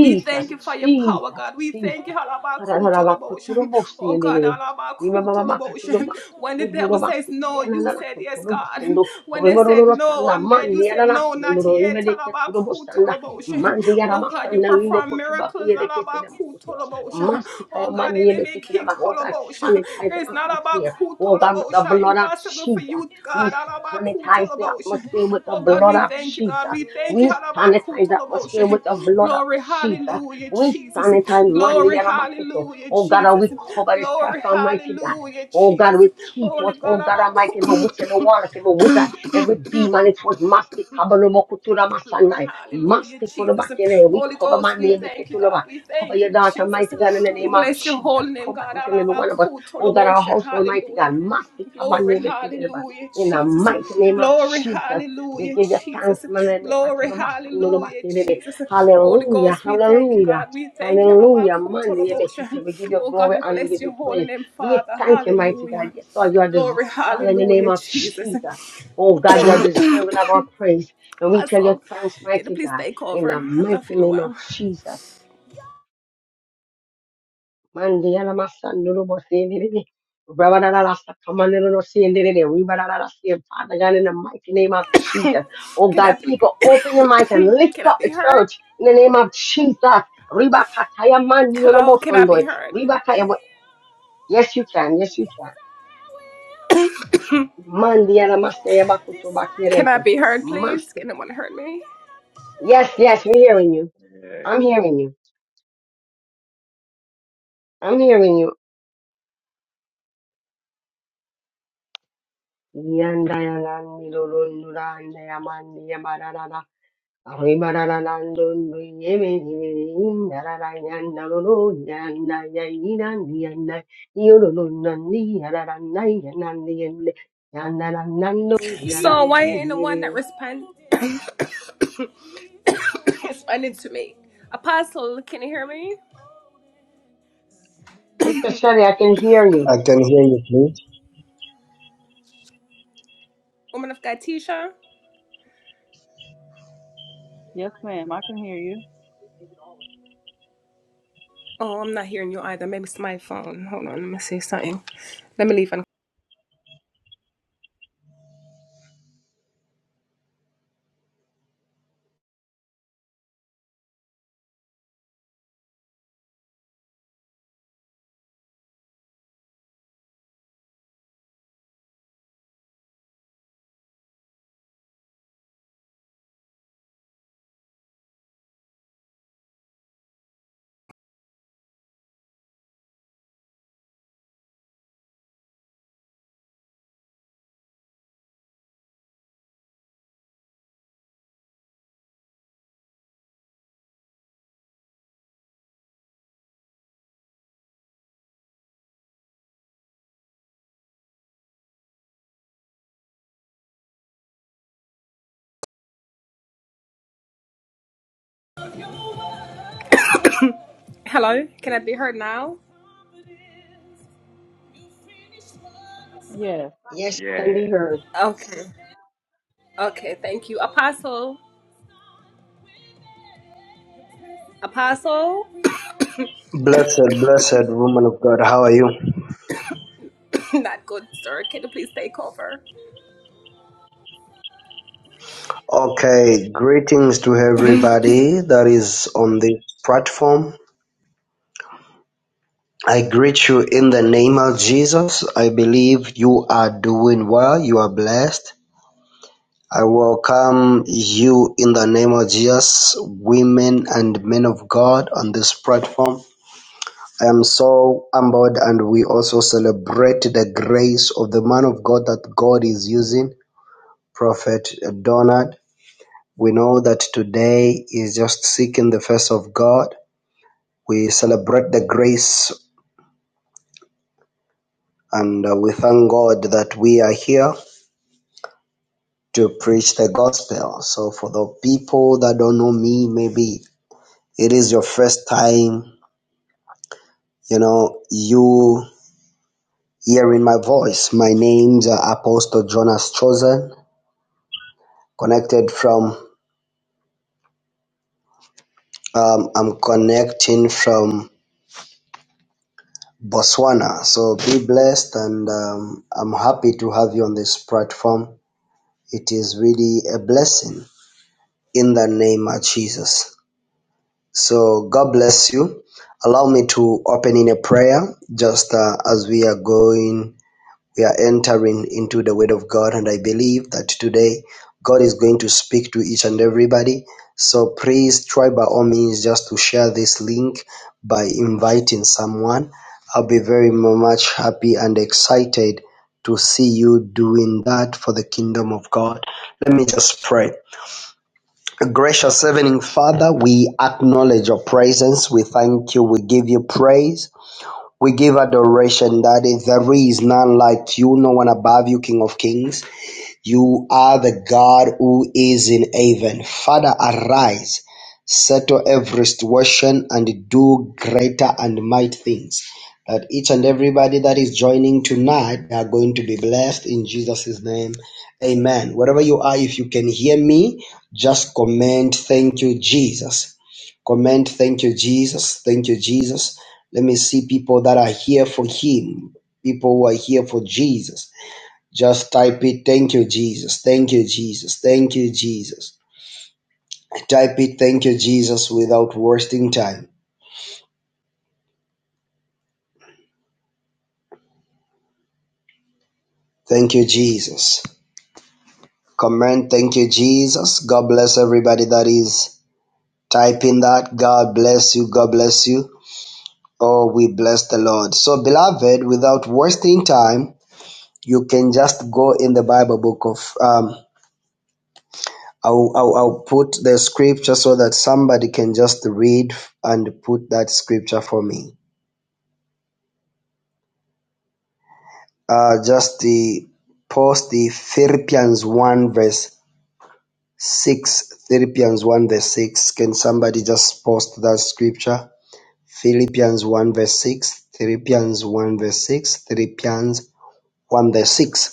we thank you Amen. for your power, Jesus, God. We thank Jesus. you, Halabakutolobosha. Adonarabakuturubusi, oh God, Yendirene. Halabakutolobosha. Imamamamakaturumasi, when the devil says Kudurumasi, no, you said yes, God. Kayananakaturubusundu. When they said no, Rimorororosana, I'm dead, you Mandi, said no, Ananasi, not Yondoro, yet. Imedeketurubusanda. Halabakutolobosha. Mandi, Oh God, you Yaramasana, perform Imokotubaki, miracles. Yedeketeremokutu. Halabakutolobosha. Masti, Oh God, Kayamandi, Yedeketeramaku. Oh God, sanitize the it's not about atmosphere. Oh God, with the kutolobosha. blood of Impossible for Jesus. you, God. We sanitize the Alabakutolobosha. atmosphere with the Oh God, blood we of thank you, Jesus. God. We thank you. We sanitize the atmosphere Alabakutolobosha. with the blood of Glory, Jesus. hallelujah, We Jesus. sanitize Monday Glory, Yaramakoto. hallelujah, Oh God, and we Jesus. cover this Glory, platform, mighty God. hallelujah, Oh God, Jesus. we keep Holy what, oh God, God Almighty, every Alabaku. witch, every warlock, every wizard, every demon, it was Masti Kabalumokutura Glory, Masandai, hallelujah, Masti Jesus. Kurabakere, we Holy cover my Ghost, we name, thank you, Eketulaba, God. We cover thank your you, daughter, Jesus. mighty God, in the We name of bless your Jesus, holy name, cover God. each and every one of us, oh God, our Alabakutolobosha, household, mighty God, Hallelujah. Masti Glory, Kabanebe hallelujah, in the Jesus. mighty name of Glory, Jesus, we hallelujah, give you thanks, Jesus. Glory, hallelujah, Malemekaturabasandorobasirebe. Jesus. Holy Hallelujah, Ghost, we thank you, hallelujah. God. We thank you, Hallelujah, man, we Alabakutolobosha. give you Oh, God, glory we and we bless give you your holy praise. name, We Father. thank you, mighty God. Hallelujah. Yes, Lord, you are deserving. Glory, Father, in the name hallelujah, of Jesus. Jesus, oh God, you are deserving of our praise. And we tell you Also, thanks, can you mighty please God, take in over? the I'm not mighty feeling name of well. Jesus. Mandia la Mandiana Masanduru Bosendere, Rabarara Sakamanduru Sendere, Ribarara Sien, Father God, in the mighty name of Jesus. Oh Can I God, be people, open your mic and lift can I up be the heard? church in the name of Jesus. Ribakataya Mandiolo Hello, can I be Bosondoi, heard? Ribakaya. Yes, you can. Yes, you can. Mandia la Masaya Bakuto Can I Bakireke. be heard, please? Master. Can anyone heard me? Yes, yes, we're hearing you. Uh, I'm hearing you. I'm hearing you. Yanda yanda nilo lo nura yanda yamandi Mr. So why ain't the one that respond responded to me? Apostle, can you hear me? Shelley, I can hear you. I can hear you, please. Woman of God, Tisha. Yes, ma'am. I can hear you. Oh, I'm not hearing you either. Maybe it's my phone. Hold on, let me see something. Let me leave. And hello, can I be heard now? Yes. Yes, you can yeah, be heard. Okay, okay, thank you, Apostle. Apostle. Blessed, blessed woman of God, how are you? Not good, sir. Can you please take over? Okay, greetings to everybody that is on this platform. I greet you in the name of Jesus. I believe you are doing well, you are blessed. I welcome you in the name of Jesus, women and men of God on this platform. I am so humbled, and we also celebrate the grace of the man of God that God is using. Prophet Donald, we know that today is just seeking the face of God. We celebrate the grace and uh, we thank God that we are here to preach the gospel. So, for the people that don't know me, maybe it is your first time, you know, you hearing my voice. My name's uh, Apostle Jonas Chosen, connected from, um, I'm connecting from Botswana. So be blessed, and um, I'm happy to have you on this platform. It is really a blessing in the name of Jesus. So God bless you. Allow me to open in a prayer just uh, as we are going we are entering into the Word of God, and I believe that today God is going to speak to each and everybody. So please try by all means just to share this link by inviting someone. I'll be very much happy and excited to see you doing that for the kingdom of God. Let me just pray. Gracious Heavenly Father, we acknowledge your presence. We thank you. We give you praise. We give adoration, Daddy. There is none like you, no one above you, King of kings. You are the God who is in heaven. Father, arise, settle every situation, and do greater and mighty things. That each and everybody that is joining tonight are going to be blessed in Jesus' name. Amen. Wherever you are, if you can hear me, just comment, Thank you, Jesus. Comment, Thank you, Jesus. Thank you, Jesus. Let me see people that are here for Him, people who are here for Jesus just type it, thank you, Jesus, thank you, Jesus, thank you, Jesus. Type it, thank you, Jesus, without wasting time. Thank you, Jesus. Comment, thank you, Jesus. God bless everybody that is typing that. God bless you, God bless you. Oh, we bless the Lord. So, beloved, without wasting time, you can just go in the Bible book of, um, I'll, I'll, I'll put the scripture so that somebody can just read and put that scripture for me. uh, just the post the Philippians 1 verse 6. Philippians 1 verse 6. Can somebody just post that scripture? Philippians 1 verse 6. Philippians 1 verse 6. Philippians 1 verse 6.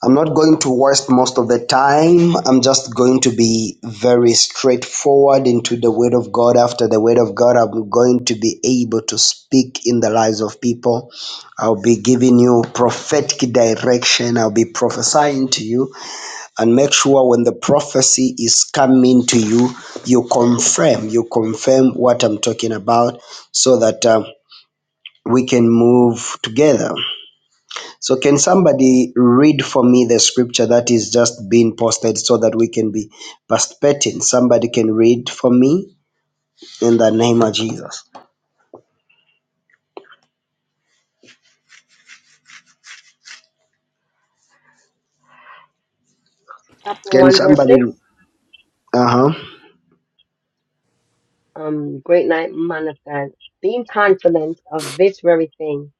I'm not going to waste most of the time. I'm just going to be very straightforward into the Word of God. After the Word of God, I'm going to be able to speak in the lives of people. I'll be giving you prophetic direction. I'll be prophesying to you. And make sure when the prophecy is coming to you, you confirm. You confirm what I'm talking about so that um, we can move together. So, can somebody read for me the scripture that is just being posted so that we can be participating? Somebody can read for me in the name of Jesus. Chapter Can 1, verse somebody? 6. Uh huh. Um, great night, man of God. Being confident of this very thing,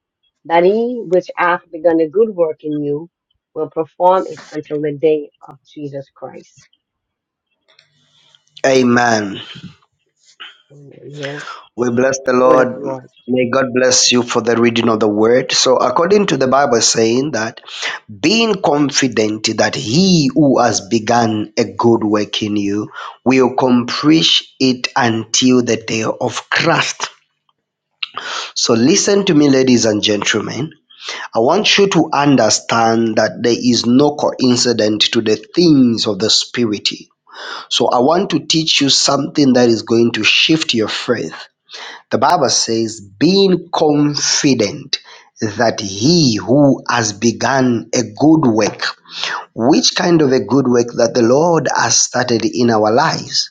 that he which hath begun a good work in you will perform it until the day of Jesus Christ. Amen. Amen. Yeah. We bless the the word of the Lord. Lord. May God bless you for the reading of the word. So, according to the Bible, saying that being confident that he who has begun a good work in you will accomplish it until the day of Christ. So listen to me, ladies and gentlemen. I want you to understand that there is no coincidence to the things of the Spirit. So I want to teach you something that is going to shift your faith. The Bible says, being confident that he who has begun a good work, which kind of a good work that the Lord has started in our lives,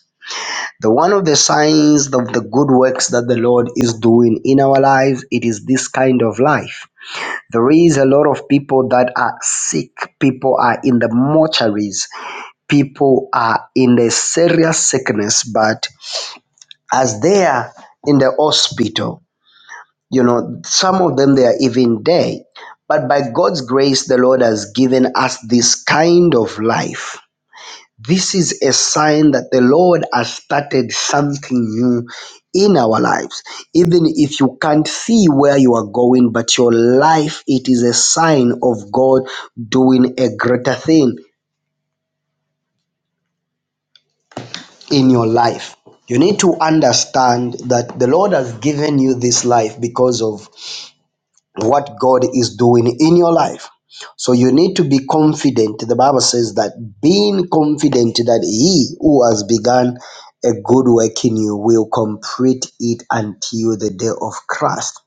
the one of the signs of the good works that the lord is doing in our lives it is this kind of life there is a lot of people that are sick people are in the mortuaries people are in the serious sickness but as they are in the hospital you know some of them they are even dead but by god's grace the lord has given us this kind of life this is a sign that the Lord has started something new in our lives. Even if you can't see where you are going, but your life, it is a sign of God doing a greater thing in your life. You need to understand that the Lord has given you this life because of what God is doing in your life. So you need to be confident. The Bible says that being confident that He who has begun a good work in you will complete it until the day of Christ.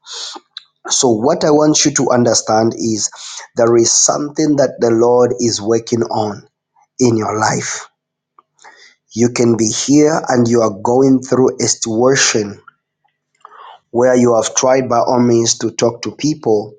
So, what I want you to understand is there is something that the Lord is working on in your life. You can be here and you are going through a situation where you have tried by all means to talk to people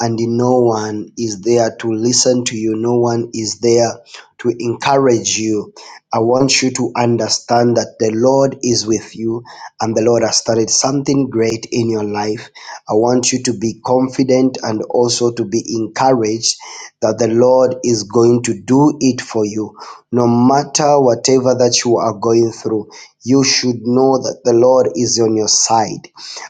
and no one is there to listen to you. No one is there to encourage you. I want you to understand that the Lord is with you and the Lord has started something great in your life. I want you to be confident and also to be encouraged that the Lord is going to do it for you. No matter whatever that you are going through, you should know that the Lord is on your side.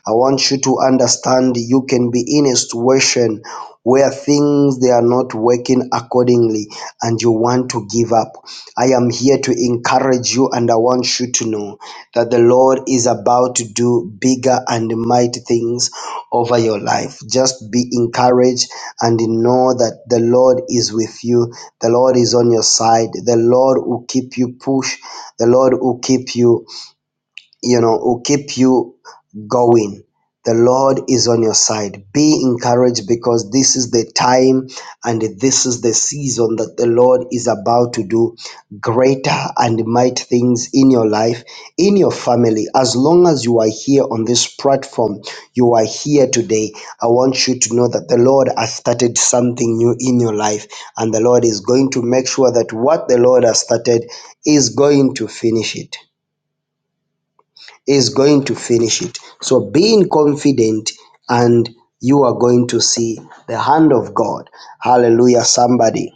I want you to understand you can be in a situation where things they are not working accordingly and you want to give up. I am here to encourage you and I want you to know that the Lord is about to do bigger and mighty things over your life. Just be encouraged and know that the Lord is with you. The Lord is on your side. The Lord will keep you push. The Lord will keep you you know, will keep you going. The Lord is on your side. Be encouraged because this is the time and this is the season that the Lord is about to do greater and might things in your life, in your family. As long as you are here on this platform, you are here today. I want you to know that the Lord has started something new in your life, and the Lord is going to make sure that what the Lord has started is going to finish it is going to finish it. So being confident and you are going to see the hand of God. Hallelujah, somebody.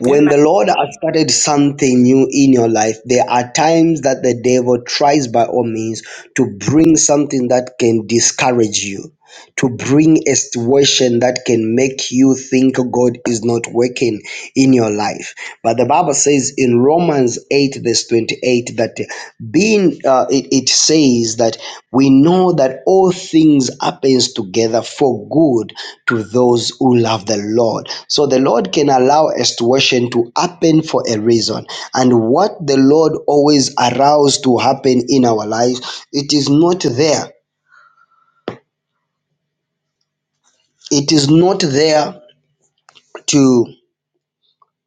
When the Lord has started something new in your life, there are times that the devil tries by all means to bring something that can discourage you to bring a situation that can make you think God is not working in your life. But the Bible says in Romans 8, verse 28, that being uh, it, it says that we know that all things happens together for good to those who love the Lord. So the Lord can allow a situation to happen for a reason. And what the Lord always allows to happen in our lives, it is not there. It is not there to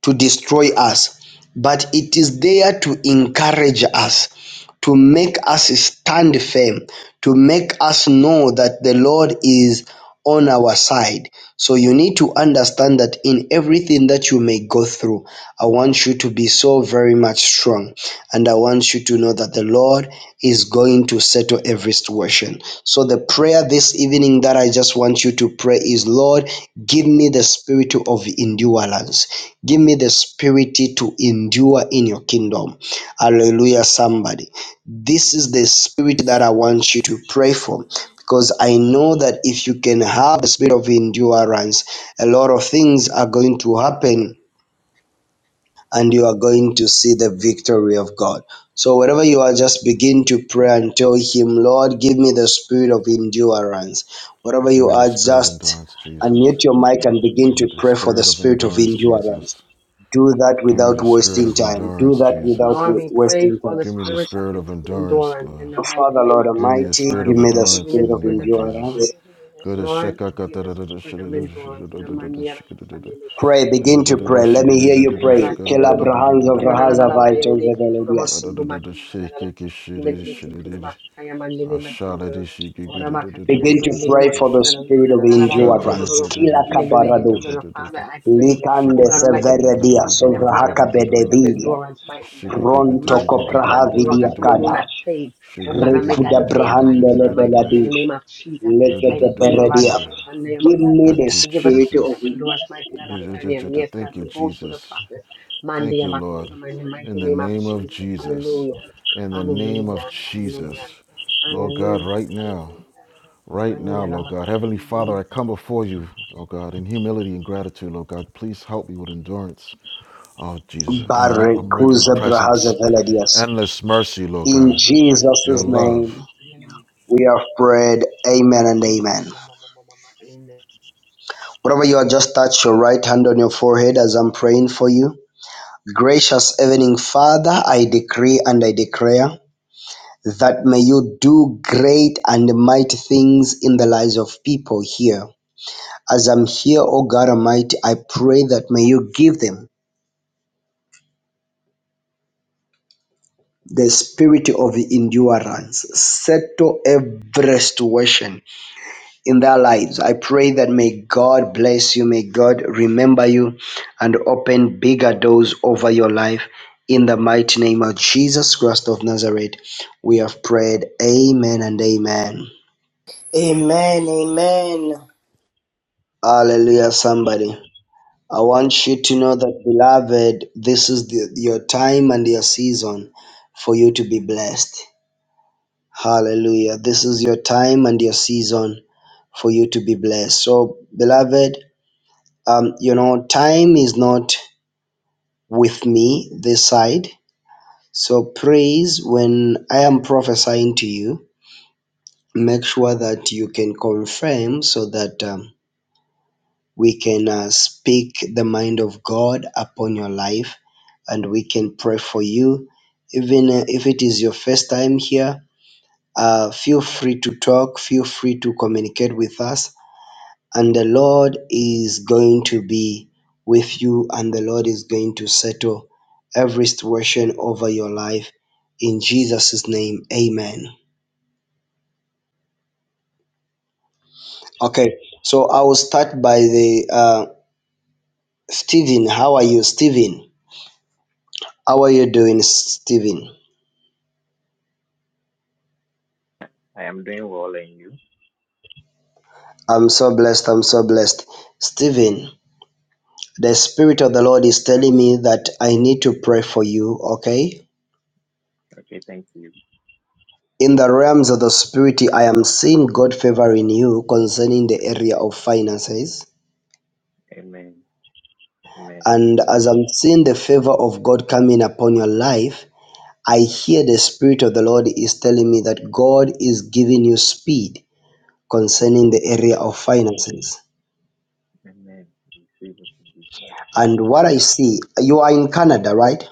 to destroy us, but it is there to encourage us, to make us stand firm, to make us know that the Lord is on our side. So you need to understand that in everything that you may go through, I want you to be so very much strong. And I want you to know that the Lord is going to settle every situation. So the prayer this evening that I just want you to pray is Lord, give me the spirit of endurance. Give me the spirit to endure in your kingdom. Hallelujah, somebody. This is the spirit that I want you to pray for because I know that if you can have the spirit of endurance, a lot of things are going to happen and you are going to see the victory of God. So, wherever you are, just begin to pray and tell Him, Lord, give me the spirit of endurance. Wherever Give you me the are, spirit of just endurance, Jesus. unmute your mic and begin Give to me the pray for the spirit of spirit of endurance, endurance. Jesus. Do that Give me without the spirit wasting of time. Do endurance, that without Jesus. Lord, wa- we pray wasting for time. the Give me the spirit of spirit of endurance, endurance in God. the mighty Father, name Lord of Give me Jesus. the Almighty, spirit Lord, give of me the give endurance me in the spirit the of name spirit of of Jesus. Lord, endurance. endurance. give me the Go to spirit Lord, of shaka give us the endurance. spirit of Lord, endurance. give Na me the maniera na spirit of sanele Pray, endurance. kukulu begin to mosinile. pray. Let Na na na me la hear la you Lord, kakala na praying. give me the sinulolo. Kelabrahans spirit of of Ramana na na Rahaza na na endurance. yo Vitals of leke tula Elodias. makundu makia na na na na. Ime ni Lord, Amen. leke tula Jesus, masika give ya me the mandele spirit na of sunulolo. endurance. Ora makatina Begin to kandulu pray for the masina na Thank kandu lo ma sino you, le spirit na of na na na na Jesus. Shattered. Thank endurance. you, indulolo. Lord. Kila Ime ni leke tula kabaradosh. na Father, I pray, oh Likande God Almighty, God, that forgive severedia give me the each and every spirit one of sovrahaka us the spirit Shikikukudu. of bedevidia. endurance, mighty God. Pronto Masika ya of matulu, koprahavidia agaso endurance. Give me the spirit of endurance. Shikikukudu. meluna kadash. Thank faith. Oh God, I make that the Rekuda day of adversary, mighty God, brahande in the name Shikikukudu. of Jesus. I pray, you, Legedeberedia. Lord. Radakasana Give Makoto, me the Thank you, to give us spirit spirit of of Jesus. endurance, mighty God of Daniel. Yes, God, Thank you, to go through the Jesus. process. Mandi Thank you, Makoto, Lord. in the mighty In the name of name of Jesus. Jesus. Thank Hallelujah. you, In the Jesus. name of Hallelujah. Thank you, Hallelujah. Jesus. Jesus. Thank Lord you, God, Hallelujah. right Lord. now, Thank you, Lord Jesus. Hallelujah. right Mandi now, Lord God. Heavenly Father, Makoto, I come before you, Lord God, in humility and gratitude, Lord God. Please help me with endurance. Oh, Jesus, I'm, I'm wavering presence. Barekuzabrahazavelidias. Endless Jesus. mercy, Lord In God. Your Jesus' love. name, we have prayed. Amen and amen. Whatever you are, just touch your right hand on your forehead as I'm praying for you. Gracious Evening Father, I decree and I declare that may you do great and mighty things in the lives of people here. As I'm here, O God Almighty, I pray that may you give them The spirit of endurance settle every situation in their lives. I pray that may God bless you, may God remember you and open bigger doors over your life. In the mighty name of Jesus Christ of Nazareth, we have prayed. Amen and amen. Amen, amen. Hallelujah, somebody. I want you to know that, beloved, this is the, your time and your season for you to be blessed. Hallelujah. This is your time and your season for you to be blessed. So, beloved, um, you know, time is not with me this side. So, praise when I am prophesying to you, make sure that you can confirm so that um, we can uh, speak the mind of God upon your life and we can pray for you. Even uh, if it is your first time here, uh, feel free to talk, feel free to communicate with us And the Lord is going to be with you, and the Lord is going to settle every situation over your life. In Jesus' name, amen. Okay, so I will start by the uh, Stephen. How are you, Stephen? How are you doing, Stephen? I am doing well and you. I'm so blessed. I'm so blessed. Stephen, the Spirit of the Lord is telling me that I need to pray for you, okay? Okay, thank you. In the realms of the spirit, I am seeing God favoring you concerning the area of finances. Amen. Amen. And as I'm seeing the favor of God coming upon your life, I hear the Spirit of the Lord is telling me that God is giving you speed concerning the area Amen. of finances. Amen. Receive it in Jesus' name. And what I see, you are in Canada, right?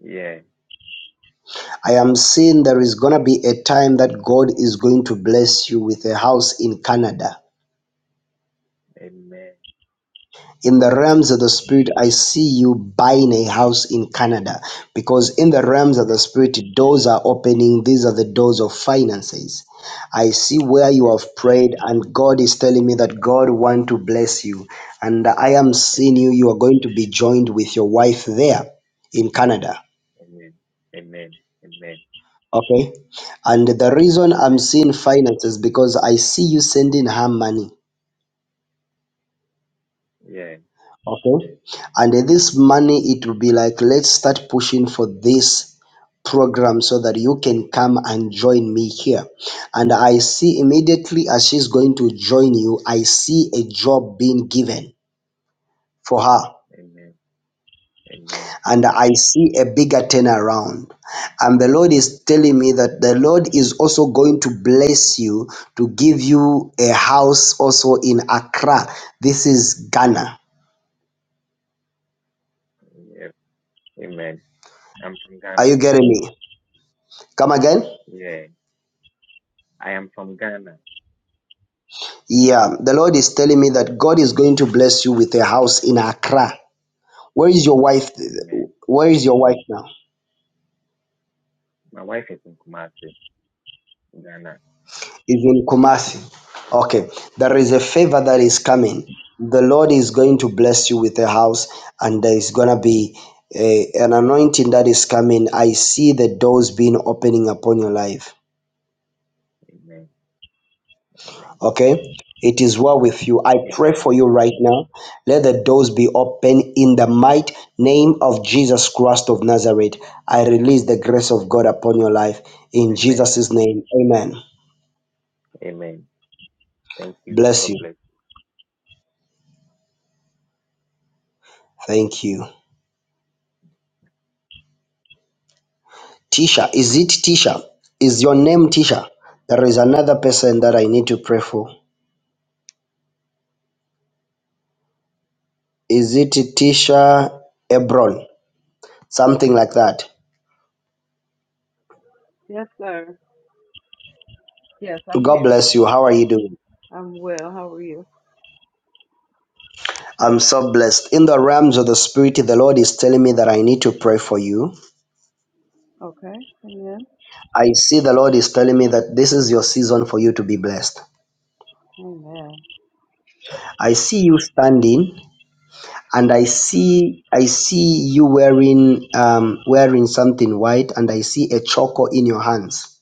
Yeah. I am seeing there is going to be a time that God is going to bless you with a house in Canada Amen. in the Amen. realms of the spirit i see you buying a house in canada because in the realms of Amen. the spirit doors are opening these are the doors of finances i see Amen. where you have prayed and god is telling me that god wants to bless you and i am seeing Amen. you you are going to be joined with your wife there in canada Amen. Amen. Amen. okay and the reason i'm Amen. seeing finances because i see you sending her money Yeah. Okay. And uh, this money, it will be like, let's start pushing for this program so that you can come and join me here. And I see immediately as she's going to join you, I see a job being given for her. Amen. Amen. And I see a bigger turnaround. And the Lord is telling me that the Lord is also going to bless you to give you a house also in Accra. This is Ghana. Yeah. Amen. I'm from Are Ghana. you getting me? Come again? Yeah. I am from Ghana. Yeah, the Lord is telling me that God is going to bless you with a house in Accra. Where is your wife? Amen. Where is your wife now? My wife is in Kumasi, Ghana. Is in Kumasi. Okay, there is a favor that Yeah. is coming. The Lord is going to bless you with a house, and there is gonna be a, an anointing that is coming. I see the doors being opening upon your life. Amen. Amen. Okay. It is well with you. I pray Amen. for you right now. Let the doors be open in the mighty name of Jesus Christ of Nazareth. I release the grace of God upon your life in Amen. Jesus' name. Amen. Amen. Thank you. Bless God you. bless Thank you. Tisha, is it Tisha? Is your name Tisha? There is another person that I need to pray for. Is it Tisha Ebron? Something like that. Yes, sir. Yes, I'm God here. bless you. How are you doing? I'm well. How are you? I'm so blessed. In the realms of the spirit, the Lord is telling me that I need to pray for you. Okay. Amen. I see the Lord is telling me that this is your season for you to be blessed. Amen. I see you standing and I see I see you wearing um wearing something white and I see a choco in your hands.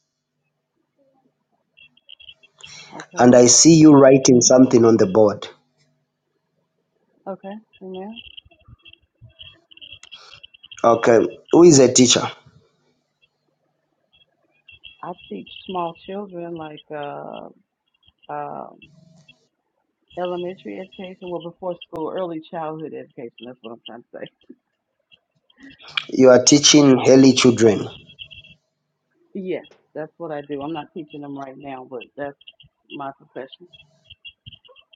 Okay. And I see you writing something on the board. Okay. Amen. Okay. Who is a teacher? I teach small children like uh, um, elementary education, well, before school, early childhood education. That's what I'm trying to say. You are teaching early children. Yes, that's what I do. I'm not teaching them right now, but that's my profession.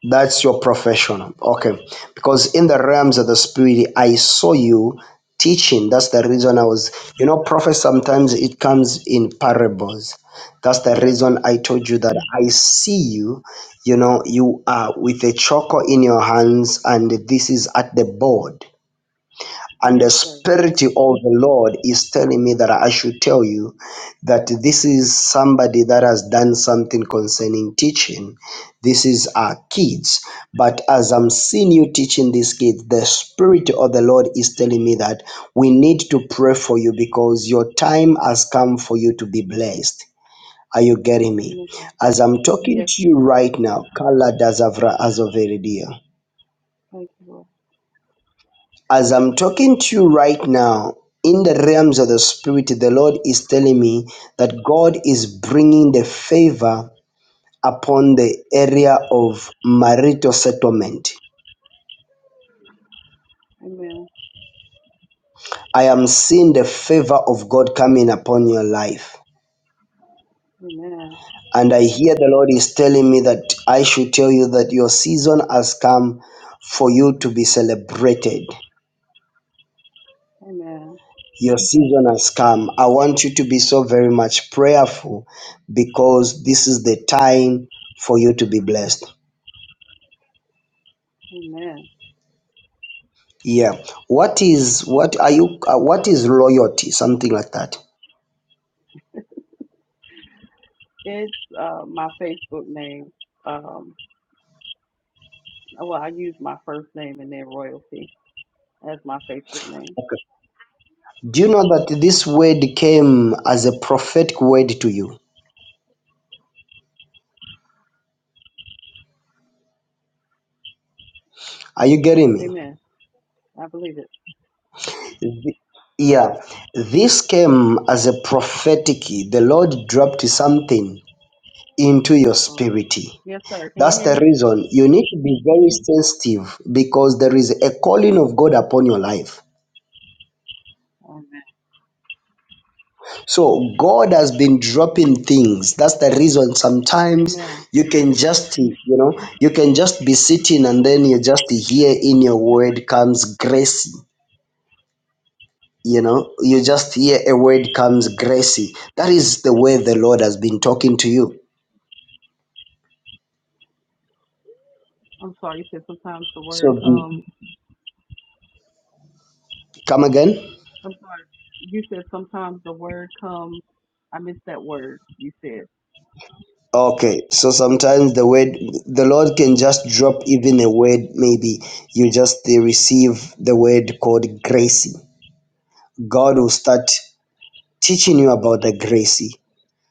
That's your profession. Okay. Because in the realms of the spirit, I saw you teaching. That's the reason I was, you know, prophet sometimes it comes in parables. That's the Yes. reason I told you that I see you, you know, you are with a choco in your hands and this is at the board. And the Yes, sir. Spirit of the Lord is telling me that I should tell you that this is somebody that has done something concerning teaching. This is our kids. But as I'm seeing you teaching these kids, the Spirit of the Lord is telling me that we need to pray for you because your time has come for you to be blessed. Are you getting me? Amen. As I'm talking Yes, to sir. you right now, Kala Dazavra Azoveridia. Thank you, Lord. As I'm talking to you right now, in the realms of the Spirit, the Lord is telling me that God is bringing the favor upon the area of marital settlement. Amen. I am seeing the favor of God coming upon your life. Amen. And I hear the Lord is telling me that I should tell you that your season has come for you to be celebrated. Amen. Your season has come. I want you to be so very much prayerful because this is the time for you to be blessed. Amen. Yeah. What is what are you uh, what is loyalty? Something like that. It's uh, my Facebook name. Um, well, I use my first name and then royalty as my Facebook name. Okay. Do you know that this word came as a prophetic word to you? Are you getting me? Amen. I believe it. Th- Yeah. This came as a prophetic. The Lord dropped something into your Uh-oh. spirit. Yes, sir. Can you That's hear the me? reason you need to be very sensitive because there is a calling of God upon your life. Amen. So God has been dropping things. That's the reason sometimes Amen. you can just, you know, you can just be sitting and then you just hear in your word comes grace. You know, you just hear a word comes grace. That is the way the Lord has been talking to you. I'm sorry. You said sometimes the word So be, comes. come again. I'm sorry. You said sometimes the word comes. I missed that word. You said. Okay, so sometimes the word the Lord can just drop even a word, maybe you just uh, receive the word called gracie. God will start teaching you about the gracie.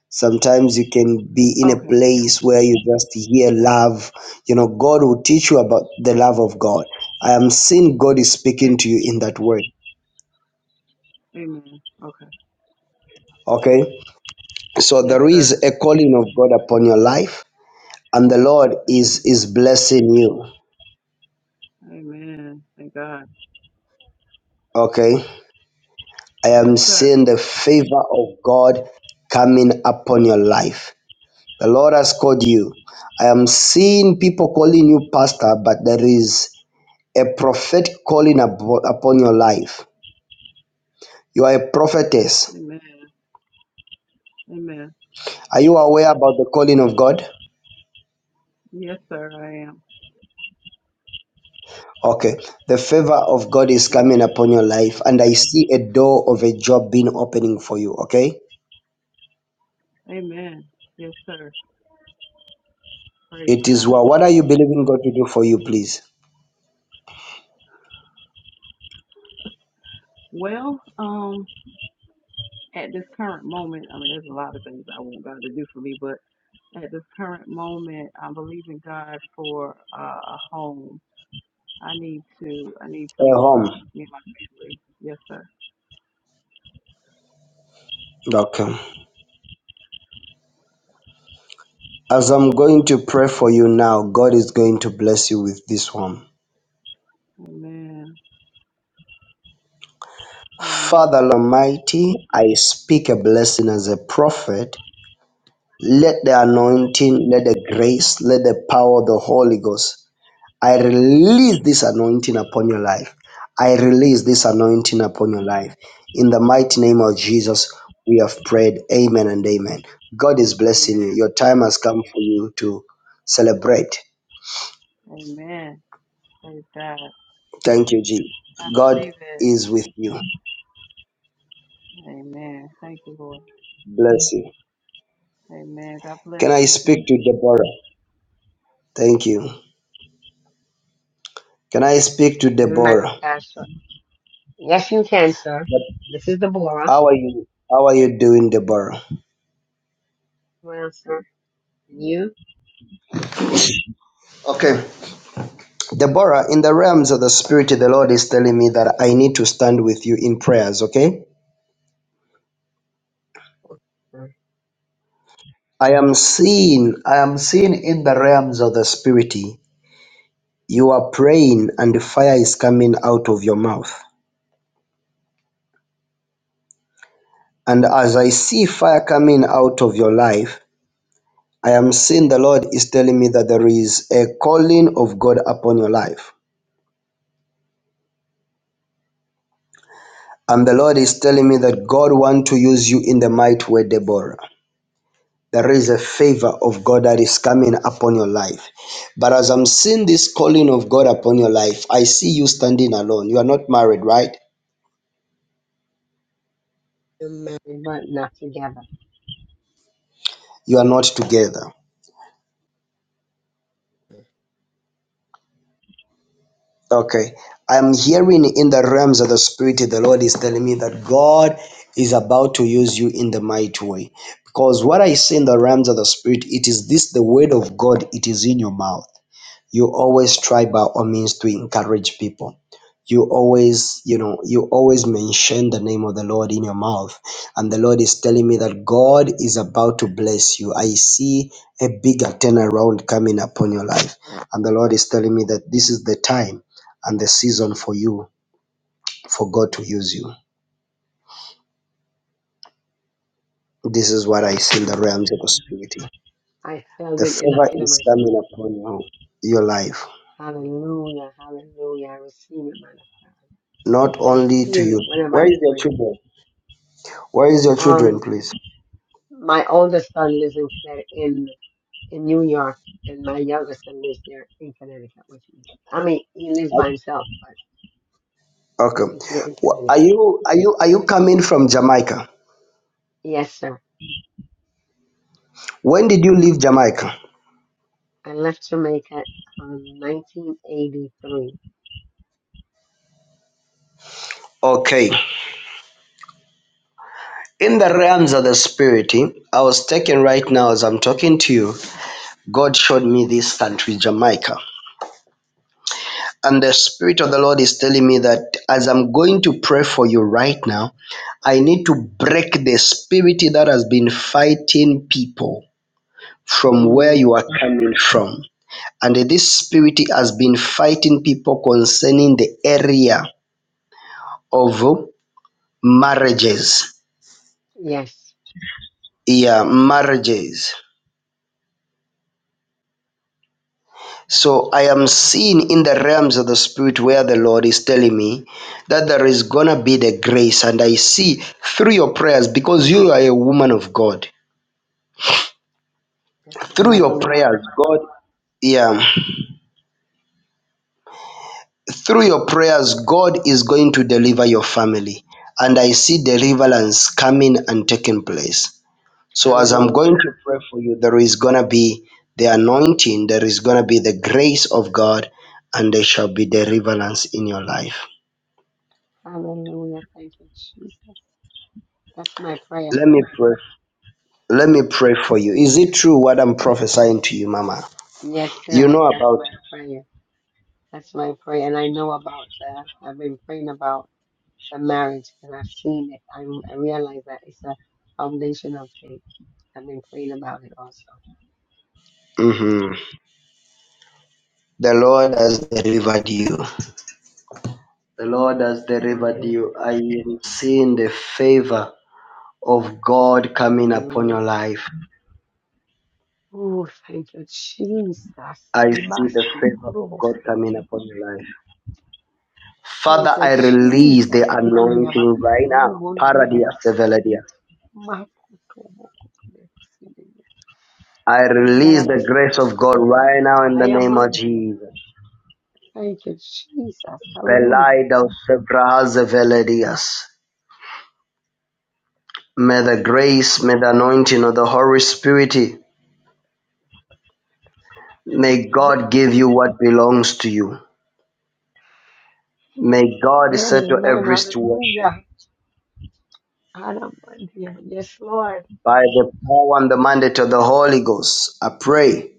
Sometimes you can be in a Okay. Gotcha. place where you just hear love. You know, God will teach you about the love of God. I am seeing God is Amen. speaking to you in that word. Amen. Okay. Okay, so Yes, there is sir. a calling of God upon your life, and the Lord is Amen. is blessing you. Amen. Thank God. Okay I Yes, am sir. seeing the favor of God coming upon your life. The Lord has called you. I am seeing people calling you pastor, but there is a prophet calling abo- upon your life. You are a prophetess. Amen. Amen. Are you aware about the calling of God? Yes, sir. I am. Okay. The favor of God is Amen. coming upon your life, and I see a door of a job being opening for you. Okay. Amen. Yes, sir. Praise It is God. well. What are you believing God to do for you, please? Well, um, at this current moment, I mean, there's a lot of things I want God to do for me, but at this current moment, I'm believing God for uh, a home. I need to, I need to A move home. me and my family. Yes, sir. Okay. As I'm going to pray for you now, God is going to bless you with this one. Amen. Father Amen. Almighty, I speak a blessing as a prophet. Let Yes, the Lord. anointing, let the grace, let the power of the Holy Ghost. I release this anointing upon your life. I release Yes, this anointing upon your life. In the mighty yes. name of Jesus, we have prayed. Amen and amen. God is blessing you. Amen. Your time has come for you to celebrate. Amen. Praise God. Thank you, G. I God receive it. is with you. Amen. Thank you, Lord. Bless you. Amen. God bless Can I you. Thank speak to you. Deborah? Thank you. Can I speak to Man of Deborah? God, sir. Yes, you can, sir. This is Deborah. How are you? How are you doing, Deborah? Well, sir, you, Okay. Deborah, in the realms of the spirit, the Lord is telling me that I need to stand with you in prayers, okay? sir, I am seeing, I am seeing in the realms of the spirit, you are praying and fire is coming out of your mouth. And as I see fire coming out of your life, I am seeing the Lord is telling me that there is a calling of God upon your life. And the Lord is telling me that God wants to use you in the mighty way, Deborah. There is a favor of God that is coming upon your life. But as I'm seeing this calling of God upon your life, I see you standing alone. You are not married, right? you're married but not together. You are not together. Okay. I'm hearing in the realms of the spirit, the Lord is telling me that God is about to use you in the mighty way. Because what I see in the realms of the spirit, it is this the word of God, it is in your mouth you always try by all means to encourage people you always you know you always mention the name of the lord in your mouth and the lord is telling me that god is about to bless you i see a bigger turnaround coming upon your life and the lord is telling me that this is the time and the season for you for god to use you this is what i Yes, see in man the of God. realms of the spirit I felt the it in the favor pit of my is stomach. coming upon you your life Hallelujah, hallelujah. I receive it, man of God. not I only to feel you it whenever where I is your pray. children where is your children Um, please my oldest son lives in Connecticut, in in New York, and my youngest son lives there in Connecticut with me. I mean, he lives by himself, but Okay. he's here in Wh- Connecticut. Are you are you are you coming from Jamaica? Yes, sir. When did you leave Jamaica? I left Jamaica in 1983. Okay. In the realms of the spirit, eh, I was taken right now as I'm talking to you. God showed me this country, Jamaica. And the Spirit of the Lord is telling me that as I'm going to pray for you right now, I need to break the spirit that has been fighting people from where Mm, you are coming from. And this spirit has been fighting people concerning the area of marriages. yes, Yeah, marriages. Mm, So I am seeing in the realms of the spirit where the Lord is telling me that there is gonna be the grace, and I see through your prayers because you are a woman of God. yes, sir. I Through love the your Lord. prayers, God, yeah, through your prayers, God is going to deliver your family, and I see deliverance coming and taking place. So as I'm going Hallelujah. to pray for you, there is going to be the anointing, there is going to be the grace of God, and there shall be deliverance in your life. Hallelujah. Thank you, Jesus. That's my prayer, Let me sir. pray. Let me pray for you. Is it true what I'm prophesying to you, Mama? Yes, You sir. know That's about my prayer. That's my prayer. And I know about that. I've been praying about the marriage because I've seen it. I, I realize that it's a foundation of faith. I've been praying about it also. it. hmm The Lord has delivered you. The Lord has delivered you. Hallelujah. I am seeing the favor of God coming upon Hallelujah. your life. Oh, thank you, Jesus. I see the Ibasi favor of God kurubosama. coming upon your life. Father, Thank you, I release the Jesus. Amandi anointing right abakatu, now. yubonde Paradia, yararasa. seveladia. Makutu, mokutu, I release the grace Ayarararasando. of I God Thank right you, God. now in I the am name of undeal. Jesus. Thank you, Jesus. Hallelujah. Belida, sebraha, zeveladias. May the grace, may the anointing of the Holy Spirit, may God give you what belongs to you. May God Amen. settle every situation. Hallelujah. I am undeal. Yes, Lord. By the power and the mandate of the Holy Ghost, I pray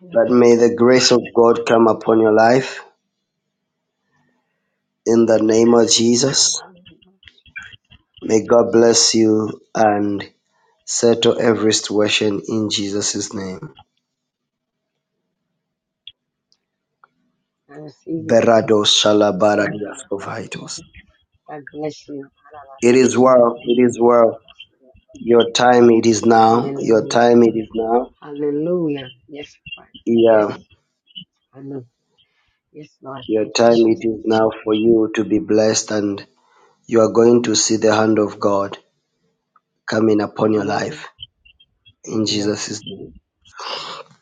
Hallelujah. that may the grace of God come upon your life I in the name receive it, of my Jesus. God. in the name of Jesus. May God bless you and settle every situation in Jesus' name. I receive it, my love. Berado I receive it, my shalabaradia love, God. sovaitos. God bless you. It is Ayarararasando. well, We it make is it to well. the last of the Lord. Your time it is now. Your Hallelujah. time it is now. Hallelujah. Yes, Lord. Yes. Yeah. I know. Yes, Lord. Your Thank you, time it is Jesus. now for you to be blessed and you are going to see the hand of God coming upon your Amen. life in Amen. Jesus' name.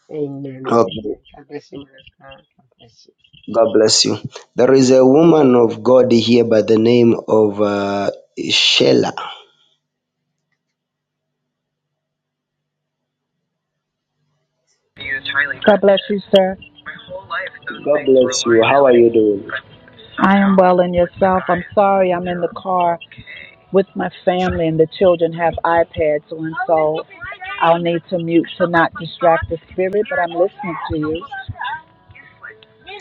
Amen and amen. Okay. God bless you, man of God. God bless you. God bless you. There is a woman of God here by the name of uh, Shela. God bless you, sir. My whole life, those God things were a bless you. How are you liability. doing? I am well in yourself. I'm sorry I'm in the car with my family and the children have iPads on, so I'll need to mute to not distract the spirit, but I'm listening to you.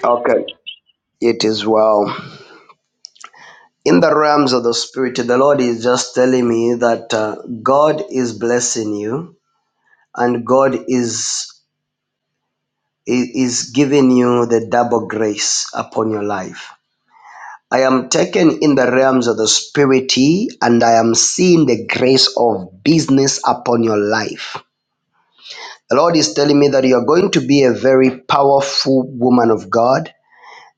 Okay, it is well. In the realms of the spirit, the Lord is just telling me that uh, God is blessing you and God is is giving you the double grace upon your life. I am taken in the realms of the spirit and I am seeing the grace of business upon your life. The Lord is telling me that you are going to be a very powerful woman of God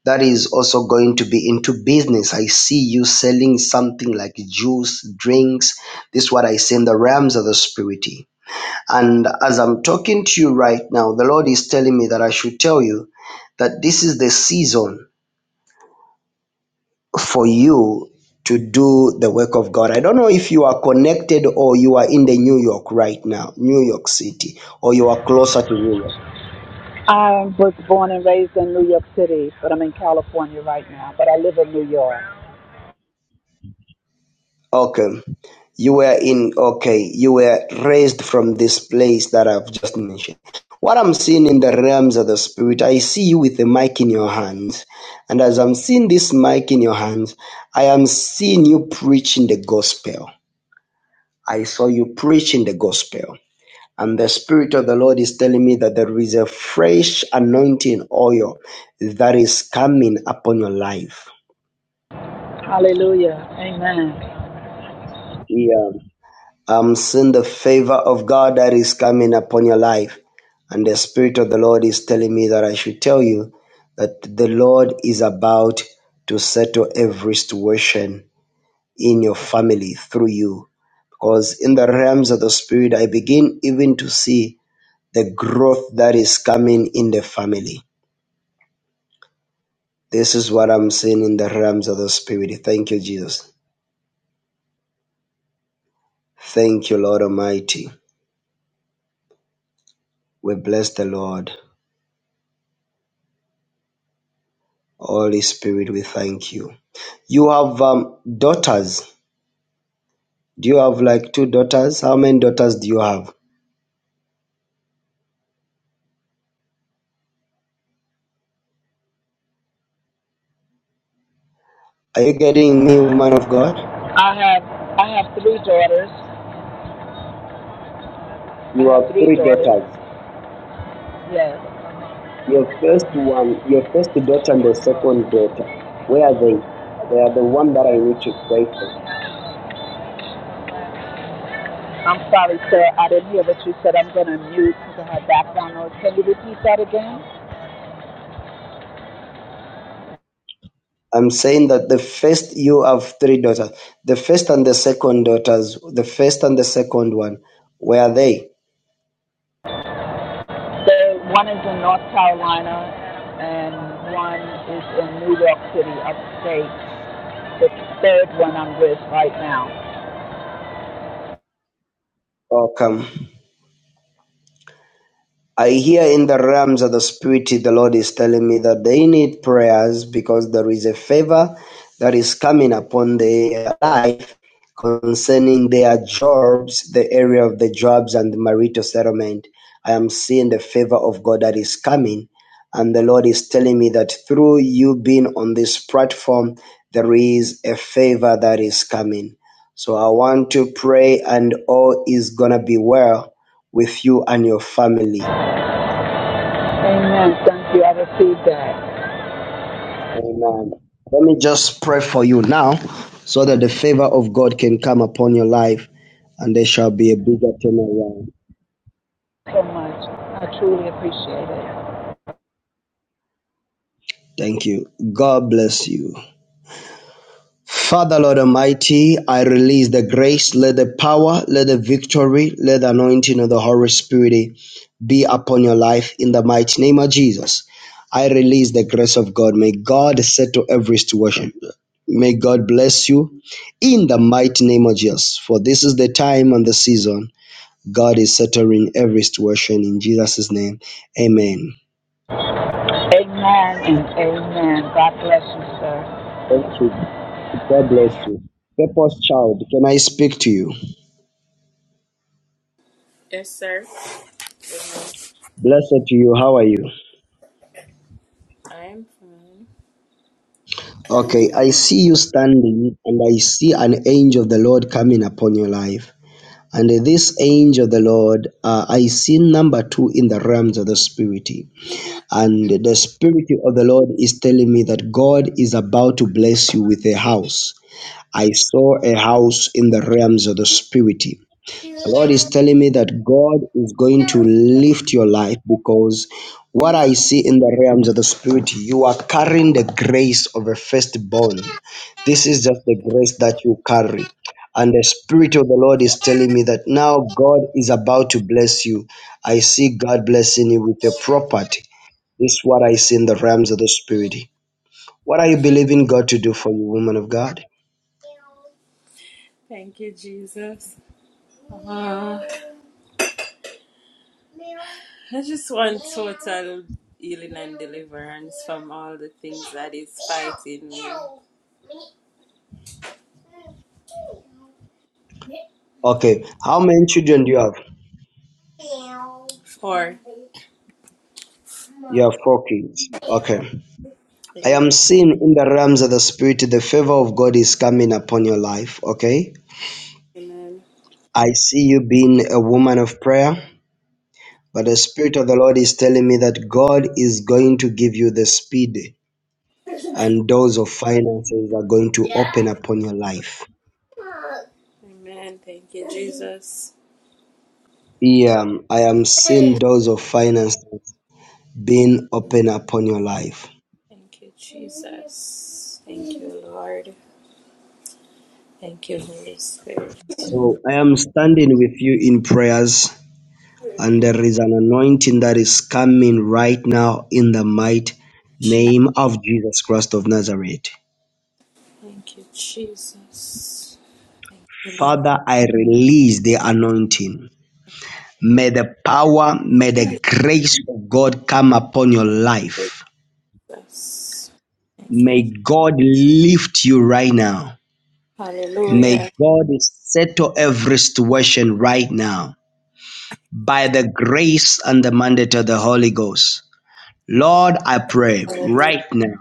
that is also going to be into business. I see you selling something like juice, drinks. This is what I see in the realms of the spirit. And as I'm talking to you right now, the Lord is telling me that I should tell you that this is the season for you to do the work of God. I don't know if you are connected or you are in the New York right now, New York City, or you are closer to New York. I was born and raised in New York City, but I'm in California right now, but I live in New York. Okay. You were in, okay, you were raised from this place that I've just mentioned. What I'm seeing in the realms of the spirit, I see you with a mic in your hands. And as I'm seeing this mic in your hands, I am seeing you preaching the gospel. I saw you preaching the gospel. And the Spirit of the Lord is telling me that there is a fresh anointing oil that is coming upon your life. Hallelujah. Amen. Yeah. I'm seeing the favor of God that is coming upon your life. And the Spirit of the Lord is telling me that I should tell you that the Lord is about to settle every situation in your family through you. Because in the realms of the Spirit, I begin even to see the growth that is coming in the family. This is what I'm seeing in the realms of the Spirit. Thank you, Jesus. Thank you, Lord Almighty. We bless the Lord. Holy Spirit, we thank you. You have um, daughters. Do you have like two daughters? How many daughters do you have? Are you getting me, woman of God? I have I have three daughters. I You have have three three daughters. daughters. Yes. Your first one, your first daughter and the second daughter. Where are they? They are the one that I need to pray for. I'm sorry, sir. I didn't hear what you said. I'm going to mute because I had background noise. Can you repeat that again? I'm saying that the first, you have three daughters. The first and the second daughters, the first and the second one, where are they? The one is in North Carolina, and one is in New York City, upstate. The third one I'm with right now. Oh, come. I hear in the realms of the spirit the Lord is telling me that they need prayers because there is a favor that is coming upon their life concerning their jobs, the area of the jobs and the marital settlement. I am seeing the favor of God that is coming. And the Lord is telling me that through you being on this platform, there is a favor that is coming. So I want to pray, and all is going to be well with you and your family Amen. Thank you. I received that Amen. Let me just pray for you now so that the favor of God can come upon your life and there shall be a bigger turnaround. so much. I truly appreciate it. Thank you. God bless you. Father, Lord Almighty, I release the grace, let the power, let the victory, let the anointing of the Holy Spirit be upon your life in the mighty name of Jesus. I release the grace of God. May God settle every situation. May God bless you in the mighty name of Jesus. For this is the time and the season. God is settling every situation in Jesus' name. Amen. Amen and amen. God bless you, sir. Thank you. God bless you. Purpose child, can I speak to you? Yes, sir. Well, Blessed to you. How are you? I am fine. Okay, I see you standing and I see an angel of the Lord coming upon your life. And this angel of the Lord, uh, I see number two in the realms of the Spirit. And the Spirit of the Lord is telling me that God is about to bless you with a house. I saw a house in the realms of the Spirit. The Lord is telling me that God is going to lift your life because what I see in the realms of the spirit, you are carrying the grace of a firstborn. This is just the grace that you carry. And the Spirit of the Lord is telling me that now God is about to bless you. I see God blessing you with a property. This is what I see in the realms of the Spirit. What are you believing God to do for you, woman of God? Thank you, Jesus. Uh, I just want total healing and deliverance from all the things that is fighting me. Okay. How many children do you have? Four. You have four kids. Okay. I Yeah. am seeing in the realms of the spirit the favor of God is coming upon your life, okay? Amen. I see you being a woman of prayer, but the spirit of the Lord is telling me that God is going to give you the speed and doors of finances are going to Yeah. open upon your life. Amen. Thank you, Jesus. Yeah, I am seeing Amen. doors of finances being open upon your life. Thank you, Jesus. Thank you, Lord. Thank you, Holy Spirit. So I am standing with you in prayers And there is an anointing that is coming right now in the mighty name of Jesus Christ of Nazareth. Thank you, Jesus. Thank you, Father, I release the anointing. May the power, may the grace of God come upon your life. Jesus. Thank you. May God lift you right now. May Hallelujah. God settle every situation right now by the grace and the mandate of the Holy Ghost. Lord, I pray Hallelujah. right now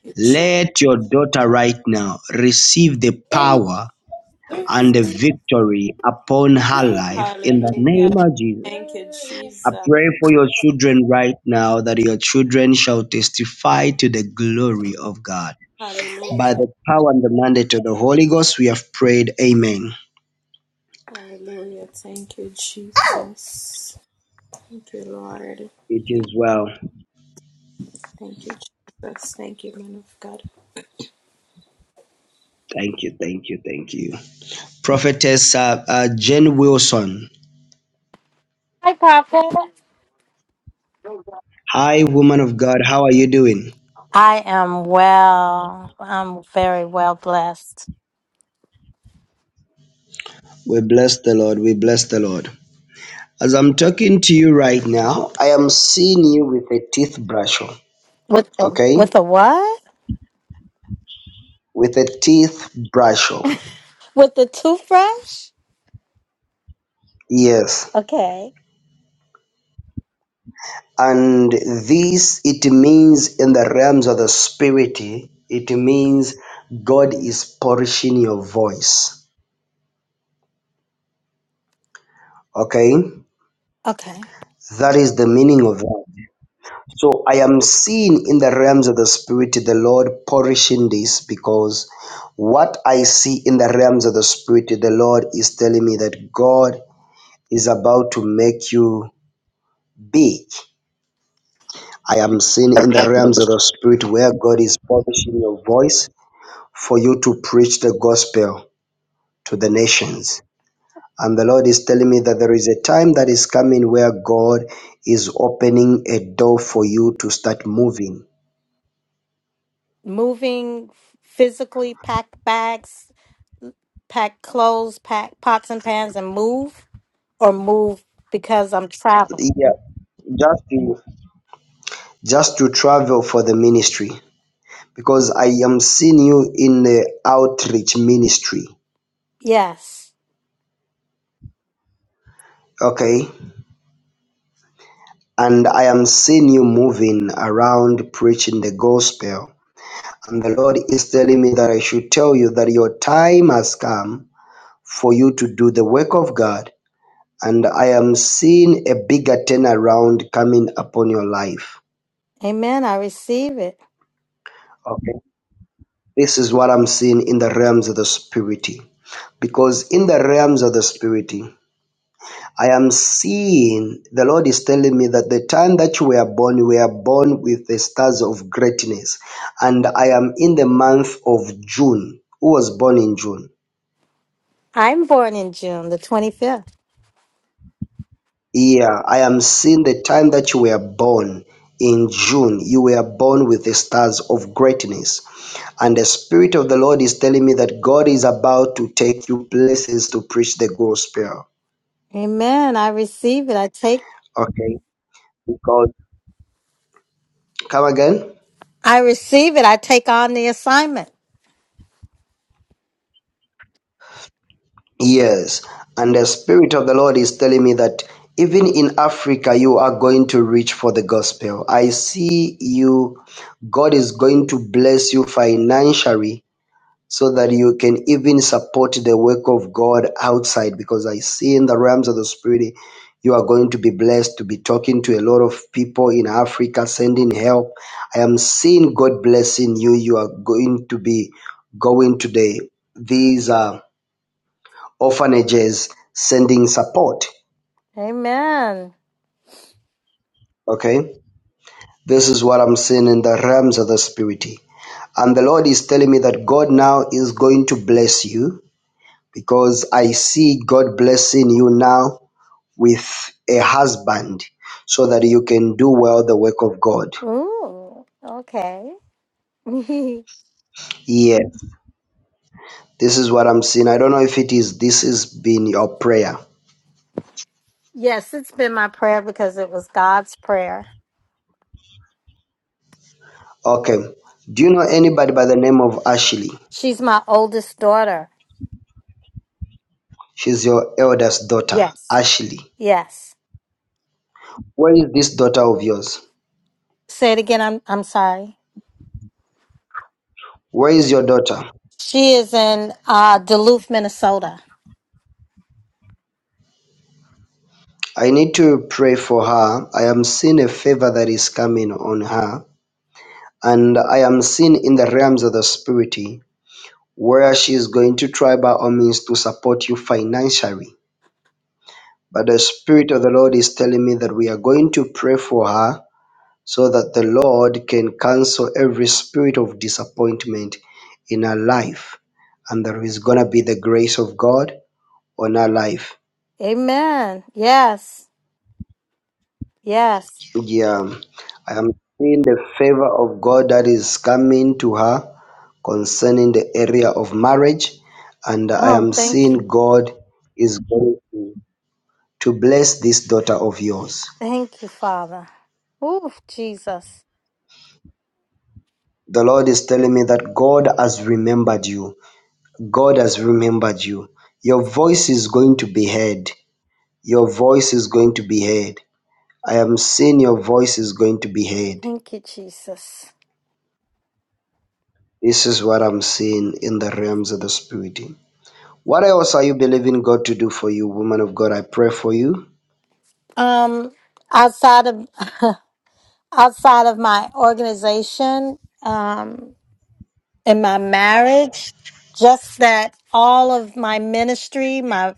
Thank you, Jesus. Let your daughter right now receive the power and the victory upon her life in the Hallelujah. name of Jesus. Thank you, I Jesus. pray for your children right now that your children shall testify to the glory of God. By Hallelujah. the power and the mandate of the Holy Ghost, we have prayed. Amen. Hallelujah. Thank you, Jesus. Thank you, Lord. It Thank, is well. thank you, Jesus. Thank you, man of God. Thank you, thank you, thank you. Prophetess uh, uh, Jen Wilson. Hi, Papa. Hi, woman of God. How are you doing? I am well. I'm very well blessed. We bless the Lord. We bless the Lord. As I'm talking to you right now, I am seeing you with a teeth brush, on, With the, with okay? a what? With a teeth brush, on, With the toothbrush? yes. Okay. And this, it means in the realms of the spirit, it means God is polishing your voice, okay? Okay. That is the meaning of that. So I am seeing in the realms of the spirit the Lord polishing this because what I see in the realms of the spirit, the Lord is telling me that God is about to make you big. I am seeing in the realms of the spirit where God is publishing your voice for you to preach the gospel to the nations. And the Lord is telling me that there is a time that is coming where God is opening a door for you to start moving. Moving physically, pack bags, pack clothes, pack pots and pans, and move, or move because I'm traveling. Yeah, just to, just to travel for the ministry because I am seeing you in the outreach ministry. Yes. Okay, And I am seeing you moving around preaching the gospel. And the Lord is telling me that I should tell you that your time has come for you to do the work of God. And I am seeing a bigger turnaround coming upon your life. Amen. I receive it. Okay. This is what I'm seeing in the realms of the spirit. Because in the realms of the spirit, I am seeing the Lord is telling me that the time that you were born, you were born with the stars of greatness. And I am in the month of June. Who was born in June? I'm born in June the 25th. Yeah, I am seeing the time that you were born in June. You were born with the stars of greatness. And the Spirit of the Lord is telling me that God is about to take you places to preach the gospel. Amen. I receive it. I take. Okay? Because, come again? I receive it. I take on the assignment. Yes, and the Spirit of the Lord is telling me that even in Africa, you are going to reach for the gospel. I see you, God is going to bless you financially so that you can even support the work of God outside because I see in the realms of the Spirit, you are going to be blessed to be talking to a lot of people in Africa, sending help. I am seeing God blessing you. You are going to be going today. These are orphanages sending support. Amen. Okay, this is what I'm seeing in the realms of the spirit. And the Lord is telling me that God now is going to bless you because I see God blessing you now with a husband so that you can do well the work of God. Ooh, okay. Yeah, this is what I'm seeing. I don't know if it is this has been your prayer. yes, it's been my prayer because it was God's prayer. Okay. Do you know anybody by the name of Ashley? She's my oldest daughter. She's your eldest daughter, Yes. Ashley. Yes. Where is this daughter of yours? Say it again. I'm I'm sorry. Where is your daughter? She is in uh, Duluth, Minnesota. I need to pray for her. I am seeing a favor that is coming on her, and I am seeing in the realms of the spirit where she is going to try by all means to support you financially. But the spirit of the Lord is telling me that we are going to pray for her so that the Lord can cancel every spirit of disappointment in her life, and there is gonna be the grace of God on her life. Amen. Yes. Yes. Yeah, I am seeing the favor of God that is coming to her concerning the area of marriage, and I Oh, am thank seeing you. God is going to to bless this daughter of yours. Thank you, Father. Ooh, Jesus. The Lord is telling me that God has remembered you. God has remembered you. Your voice is going to be heard. Your voice is going to be heard. I am seeing your voice is going to be heard. Thank you, Jesus. This is what I'm seeing in the realms of the spirit. What else are you believing God to do for you, woman of God? I pray for you. Um, outside of outside of my organization um, and my marriage. Just that all of my ministry, my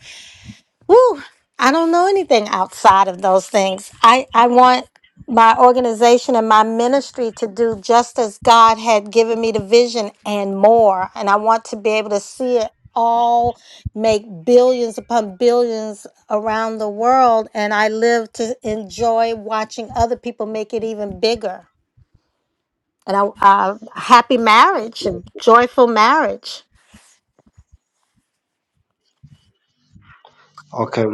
woo, I don't know anything outside of those things. I, I want my organization and my ministry to do just as God had given me the vision and more. And I want to be able to see it all make billions upon billions around the world. And I live to enjoy watching other people make it even bigger and a, a happy marriage, a joyful marriage. Okay.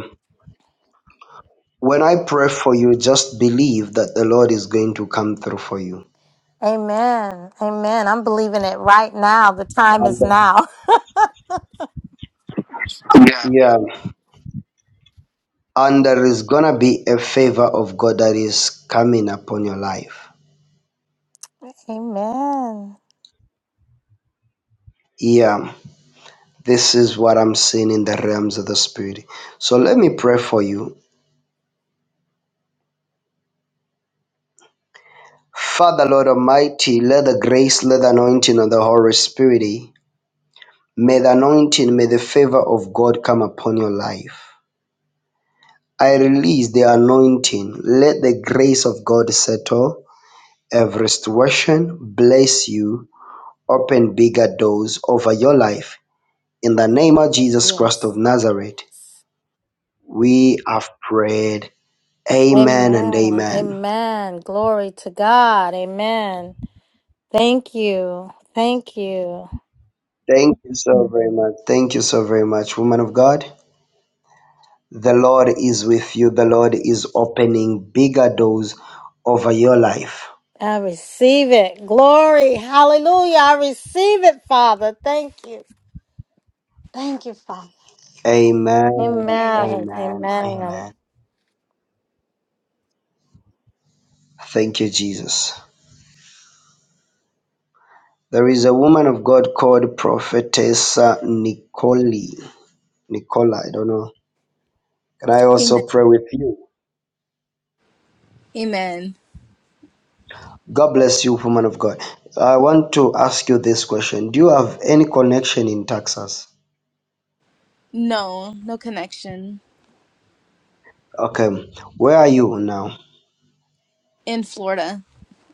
When I pray for you, just believe that the Lord is going to come through for you. Amen. Amen. I'm believing it right now. The time And is that- now. Yeah. yeah. And there is going to be a favor of God that is coming upon your life. Amen. Yeah. This is what I'm seeing in the realms of the Spirit. So let me pray for you. Father, Lord Almighty, let the grace, let the anointing of the Holy Spirit, may the anointing, may the favor of God come upon your life. I release the anointing. Let the grace of God settle every situation, bless you, open bigger doors over your life. In the name of Jesus Christ of Yes. Nazareth, we have prayed. Amen and Amen. amen. Amen. Glory to God. Amen. Thank you. Thank you. Thank you so very much. Thank you so very much, woman of God. The Lord is with you. The Lord is opening bigger doors over your life. I receive it. Glory. Hallelujah. I receive it, Father. Thank you. Thank you, Father. Amen. Amen. Amen. Amen. Amen. Thank you, Jesus. There is a woman of God called Prophetessa Nicole. Nicola, I don't know. Can I Amen. also pray with you? Amen. God bless you, woman of God. I want to ask you this question. Do you have any connection in Texas? No, no connection. Okay. Where are you now? In Florida,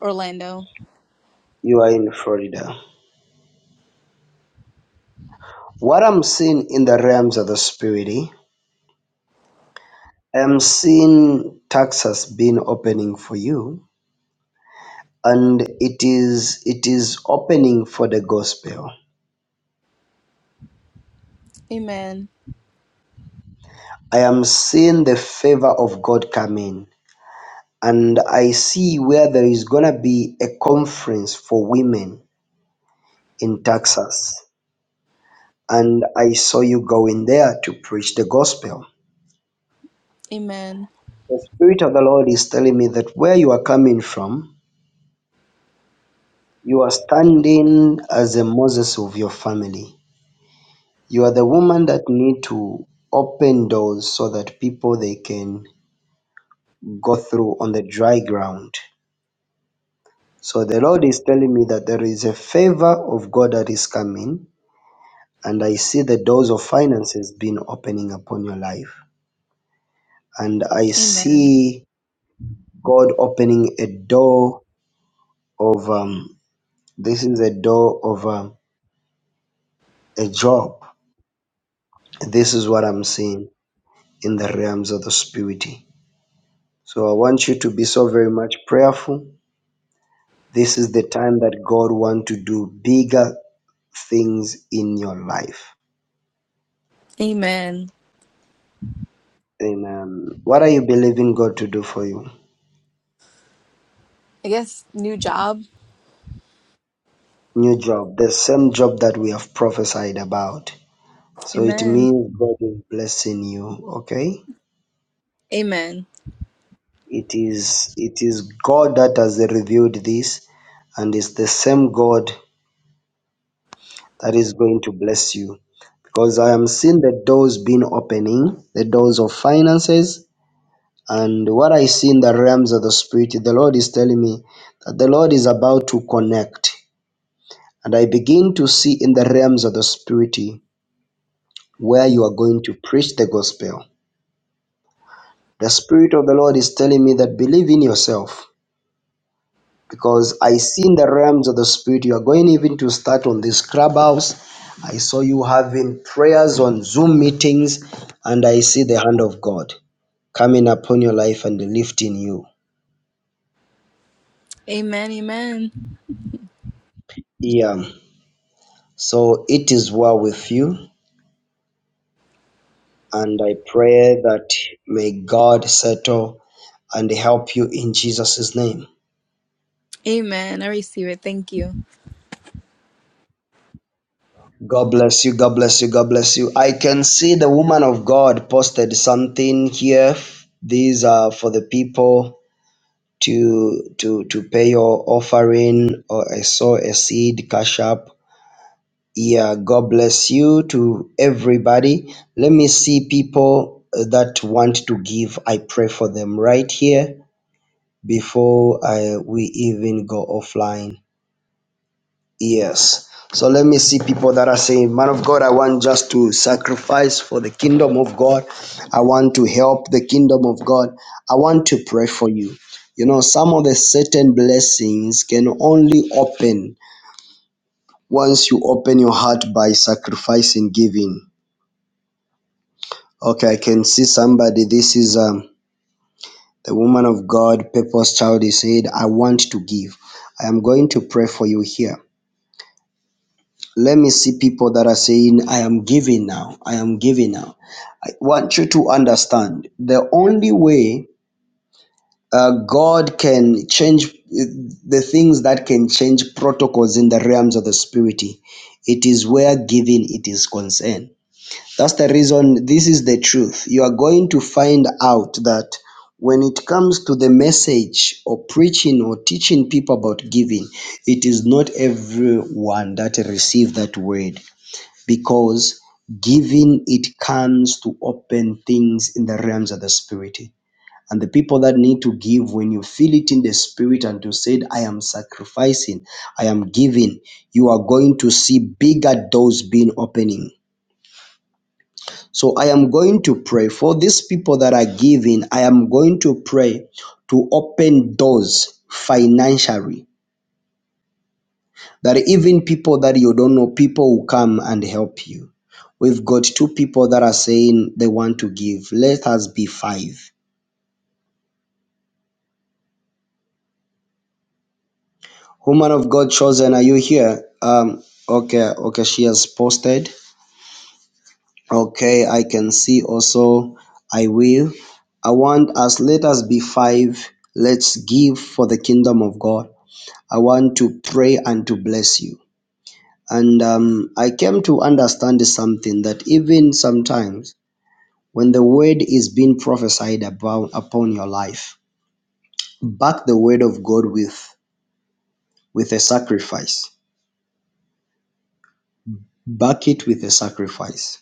Orlando. You are in Florida. What I'm seeing in the realms of the spirit, eh, I'm seeing Texas being opening for you, and it is it is opening for the gospel. Amen. I am seeing the favor of God come in. And I see where there is going to be a conference for women in Texas. And I saw you going there to preach the gospel. Amen. The Spirit of the Lord is telling me that where you are coming from, you are standing as a Moses of your family. You are the woman that need to open doors so that people they can go through on the dry ground. So the Lord is telling me that there is a favor of God that is coming, and I see the doors of finances being opening upon your life. And I Amen. see God opening a door of um, this is a door of um, a job. This is what I'm seeing in the realms of the spirit. So I want you to be so very much prayerful. This is the time that God wants to do bigger things in your life. Amen. Amen. What are you believing God to do for you? I guess new job. New job, the same job that we have prophesied about. So it Amen. means God is blessing you, okay? Amen. It is it is God that has revealed this and it's the same God that is going to bless you. Because I am seeing the doors being opening, the doors of finances, and what I see in the realms of the spirit, the Lord is telling me that the Lord is about to connect. And I begin to see in the realms of the Spirit where you are going to preach the gospel. The Spirit of the Lord is telling me that believe in yourself because I see in the realms of the Spirit you are going even to start on this clubhouse. I saw you having prayers on Zoom meetings, and I see the hand of God coming upon your life and lifting you. Amen. Amen. Yeah. So it is well with you. And I pray that may God settle and help you in Jesus' name. Amen. I receive it. Thank you. God bless you. God bless you. God bless you. I can see the woman of God posted something here. These are for the people to to to pay your offering or I saw a seed cash up. Yeah, God bless you to everybody. Let me see people that want to give. I pray for them right here. before I we even go offline. Yes. So let me see people that are saying, Man of God, I want just to sacrifice for the kingdom of God. I want to help the kingdom of God. I want to pray for you. You know, some of the certain blessings can only open once you open your heart by sacrificing giving. Okay, I can see somebody. This is um, the woman of God, Purpose Child. He said, I want to give. I am going to pray for you here. let me see people that are saying i am giving now i am giving now i want you to understand the only way uh, god can change uh, the things that can change protocols in the realms of the spirit it is where giving it is concerned that's the reason this is the truth you are going to find out that when it comes to the message or preaching or teaching people about giving it is not everyone that receive that word because giving it comes to open things in the realms of the spirit and the people that need to give when you feel it in the spirit and you said i am sacrificing i am giving you are going to see bigger doors being opening so i am going to pray for these people that are giving i am going to pray to open doors financially that even people that you don't know, people will come and help you. We've got two people that are saying they want to give. Let us be five. Woman of God chosen, are you here? Um, okay, okay, she has posted. Okay, I can see also. I will. I want us, let us be five. Let's give for the kingdom of God. I want to pray and to bless you. And um, I came to understand something that even sometimes When the word is being prophesied about upon your life, back the word of God with with a sacrifice. Back it with a sacrifice,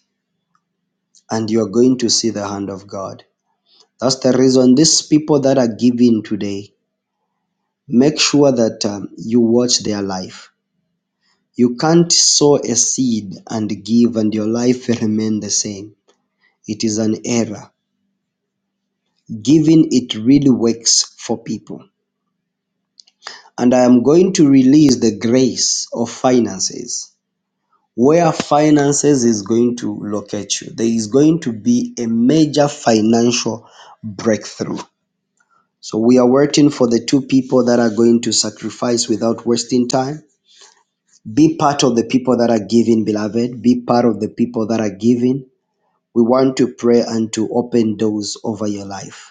and you're going to see the hand of God. That's the reason these people that are giving today, make sure that um, you watch their life. You can't sow a seed and give and your life remain the same. It is an error. Giving it really works for people And I am going to release the grace of finances. Where finances is going to locate you, there is going to be a major financial breakthrough. So we are waiting for the two people that are going to sacrifice without wasting time. Be part of the people that are giving, beloved. Be part of the people that are giving. We want to pray and to open doors over your life.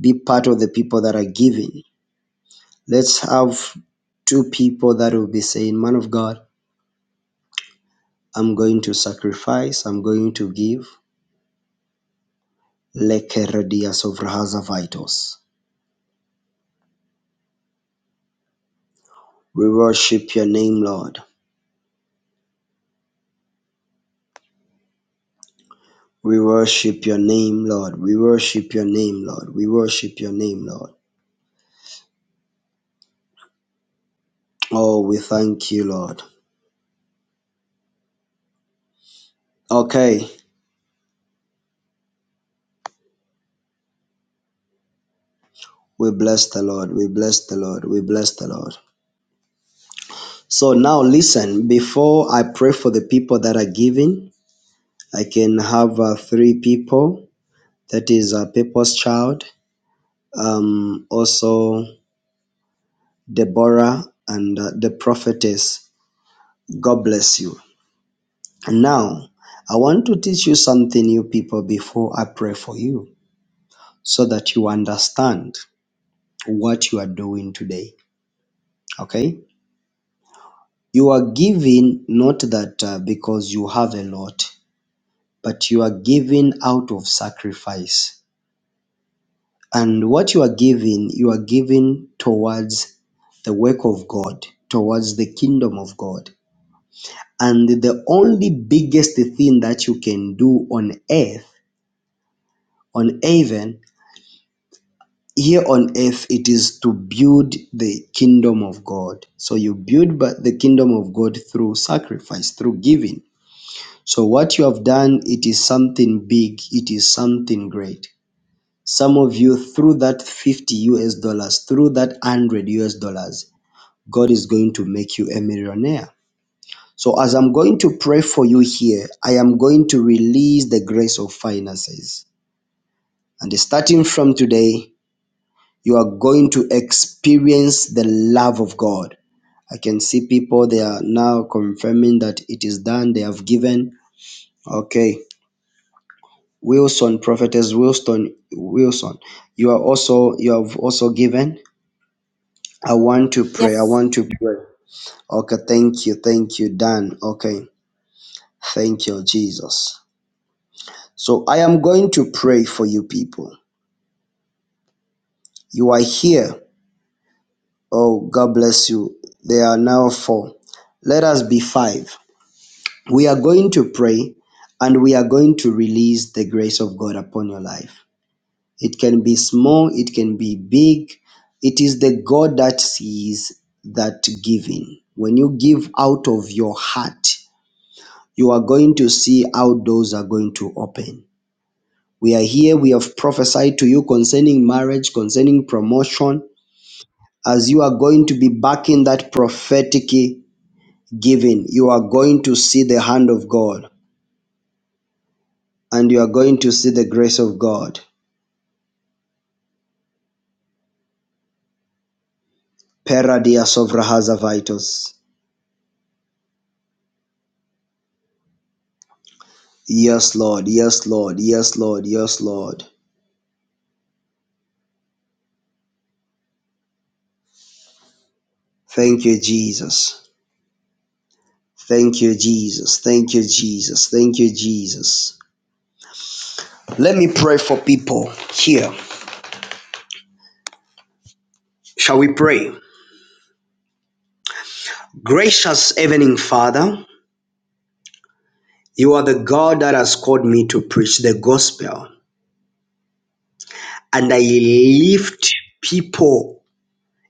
Be part of the people that are giving. Let's have two people that will be saying, Man of God, I'm going to sacrifice. I'm going to give. Lekeredia sovrahaza vitos. We worship your name, Lord. We worship your name, Lord. We worship your name, Lord. We worship your name, Lord. Oh, we thank you, Lord. Okay. We bless the Lord. We bless the Lord. We bless the Lord. So now listen, before I pray for the people that are giving, I can have uh, three people. That is a people's child. Um, also Deborah and uh, the prophetess. God bless you. Now, I want to teach you something, you people, before I pray for you, so that you understand what you are doing today. Okay? You are giving not that uh, because you have a lot, but you are giving out of sacrifice. And what you are giving, you are giving towards the work of God, towards the kingdom of God. and the only biggest thing that you can do on earth on even here on earth it is to build the kingdom of god so you build but the kingdom of god through sacrifice through giving so what you have done it is something big it is something great some of you through that 50 us dollars through that 100 us dollars god is going to make you a millionaire So, as I'm going to pray for you here, I am going to release the grace of finances. And starting from today, you are going to experience the love of God. I can see people, they are now confirming that it is done, they have given. Okay. Wilson, prophetess Wilson, Wilson, you are also, you have also given. I want to pray. I Yes. want to pray. Okay. Thank you. Thank you, Dan. Okay. Thank you, Jesus. So I am going to pray for you people. You are here. Oh, God bless you. There are now four. Let us be five. We are going to pray and we are going to release the grace of God upon your life. It can be small, it can be big. It is the God that sees that giving. When you give out of your heart, you are going to see how doors are going to open. We are here, we have prophesied to you concerning marriage, concerning promotion, as you are going to be back in that prophetic giving, you are going to see the hand of God and you are going to see the grace of God. Peradia sovrahaza vitos. Yes, Lord. Yes, Lord. Yes, Lord. Yes, Lord. Thank you, Jesus. Thank you, Jesus. Thank you, Jesus. Thank you, Jesus. Let me pray for people here. Shall we pray? Gracious Evening Father, you are the God that has called me to preach the gospel And I lift people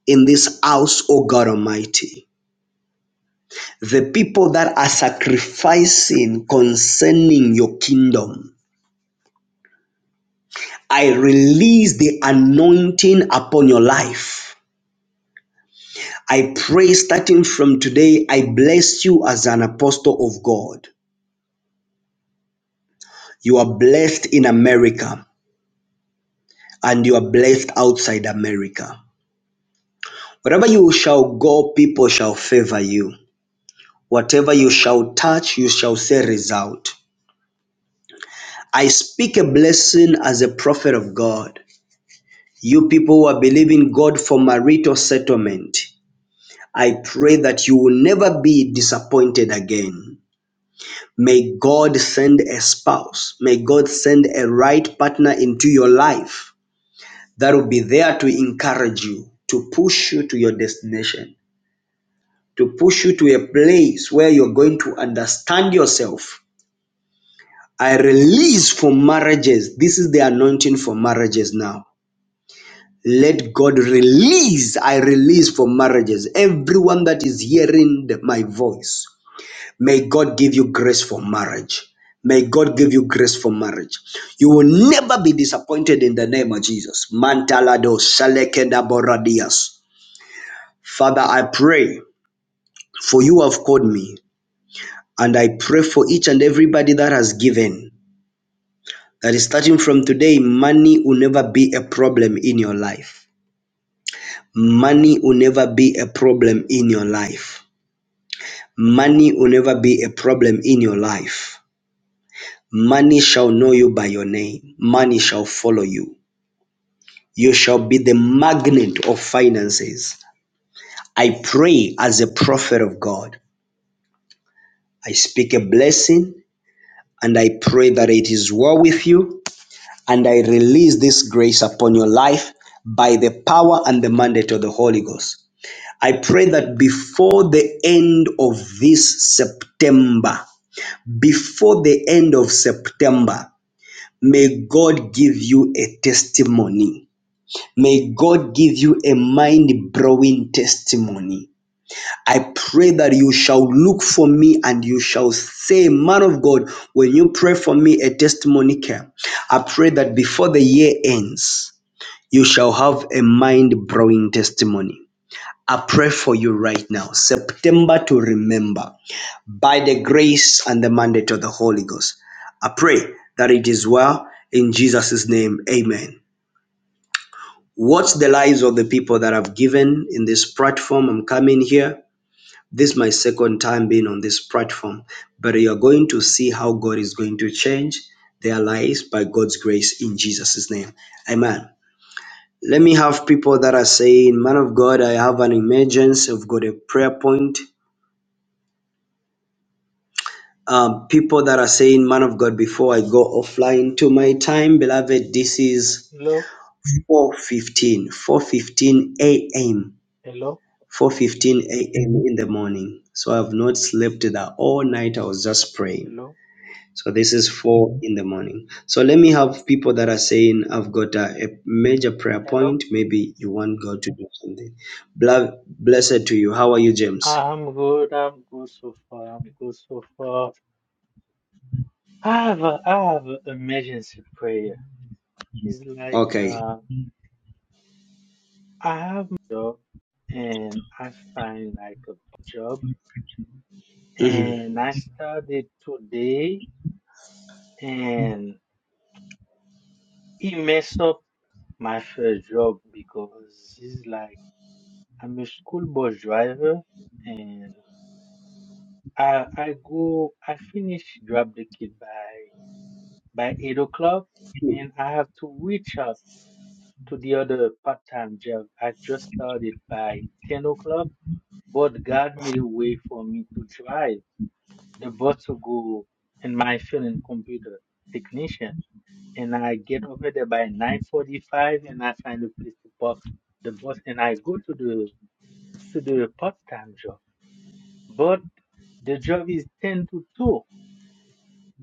in this house, O God Almighty. The people that are sacrificing concerning your kingdom. I release the anointing upon your life. I pray starting from today, I bless you as an apostle of God. You are blessed in America and you are blessed outside America. Wherever you shall go, people shall favor you. Whatever you shall touch, you shall see result. I speak a blessing as a prophet of God. You people who are believing God for marital settlement, I pray that you will never be disappointed again. May God send a spouse. May God send a right partner into your life that will be there to encourage you, to push you to your destination, to push you to a place where you're going to understand yourself. I release for marriages. This is the anointing for marriages now. Let God release, I release for marriages. Everyone that is hearing the- my voice, may God give you grace for marriage. May God give you grace for marriage. You will never be disappointed in the name of Jesus. Mantalado Salekeda Boradias. Father, I pray for you have called me, and I pray for each and everybody that has given. That is starting from today, money will never be a problem in your life. Money will never be a problem in your life. Money will never be a problem in your life. Money shall know you by your name. Money shall follow you. You shall be the magnet of finances. I pray as a prophet of God. I speak a blessing and I pray that it is well with you. And I release this grace upon your life by the power and the mandate of the Holy Ghost. I pray that before the end of this September, before the end of September, may God give you a testimony. May God give you a mind blowing testimony. I pray that you shall look for me and you shall say, Man of God, when you pray for me, a testimony came. I pray that before the year ends, you shall have a mind blowing testimony. I pray for you right now, September to remember, by the grace and the mandate of the Holy Ghost. I pray that it is well in Jesus' name. Amen. Watch the lives of the people that have given in this platform. I'm coming here. This is my second time being on this platform, but you're going to see how God is going to change their lives by God's grace in Jesus' name. Amen. Let me have people that are saying, Man of God, I have an emergency. I've got a prayer point. um, people that are saying, "Man of God," before I go offline to my time, beloved, this is Hello, four fifteen, four fifteen a.m., hello, 4:15 a.m. in the morning. So I've not slept that all night. I was just praying. hello, So this is four in the morning. So let me have people that are saying, "I've got a, a major prayer hello. point. Maybe you want God to do something." Bla- blessed to you. How are you, James? I'm good. I'm good so far. I'm good so far. I have a, I have an emergency prayer. It's like Okay. uh, I have a job and I find like a job Mhm. and I started today and he messed up my first job because it's like I'm a school bus driver and I I go I finish grab the kid by by 8 o'clock, and I have to reach out to the other part time job I just started by 10 o'clock. But God made a way for me to drive the bus to go and my field and computer technician. And I get over there by 9:45, and I find a place to park the bus, and I go to the to the part-time job. But the job is 10 to 2.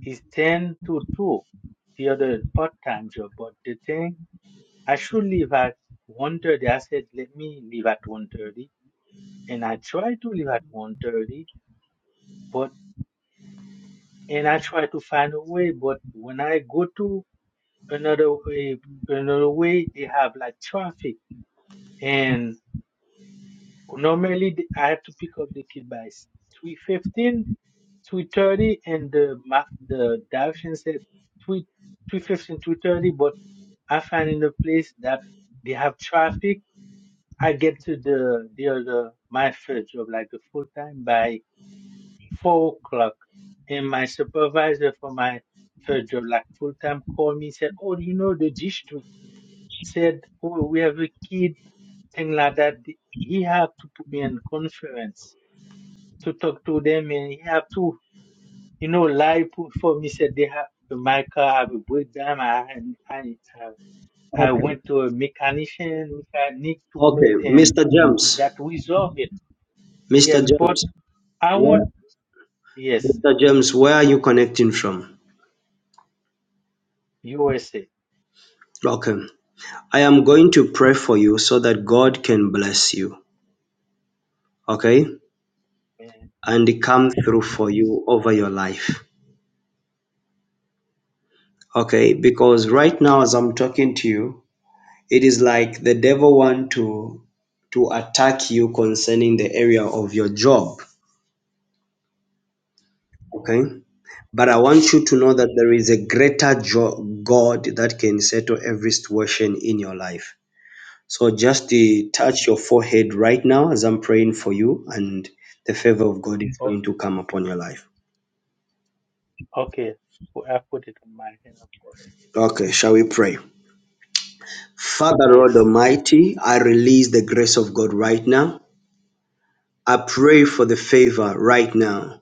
It's 10 to 2 the other part-time job. But the thing I should leave at one thirty. I said, let me leave at 1.30. And I tried to leave at one thirty, but, and I tried to find a way, but when I go to another way, another way, they have like traffic. And normally th- I have to pick up the kid by 3.15, and the, ma- the direction said 3, three fifteen, three thirty. but I find in the place that they have traffic I get to the the other my first job like a full time by four o'clock, and my supervisor for my first job like full time called me said, "Oh, you know the district said oh, we have a kid thing like that. He have to put me in conference to talk to them, and he have to you know lie put for me said they have my car have a breakdown. I I I, I Okay. went to a mechanician mechanic to Okay, put in Mr. James. that resolve it. Mr. Yes, but James, I where want yes, Mr. James, where are you connecting from? USA, Okay. I am going to pray for you so that God can bless you. Okay? man. And Oh come man, through for please. you over your life. Okay? Because right now as I'm talking to you, it is like the devil want to to attack you concerning the area of your job. Okay? Oh, But oh, I want you to know that there yes. is a greater jo- God that can settle every situation in your life. So just uh, touch your Mm. forehead right now as I'm praying for you, and the favor of God is going Okay, to come upon your life. okay. Well, I put it on my hand. I put it. Okay, shall we pray? Father, Lord Yes, please. Almighty, I release the grace of God right now. I pray for the favor right now.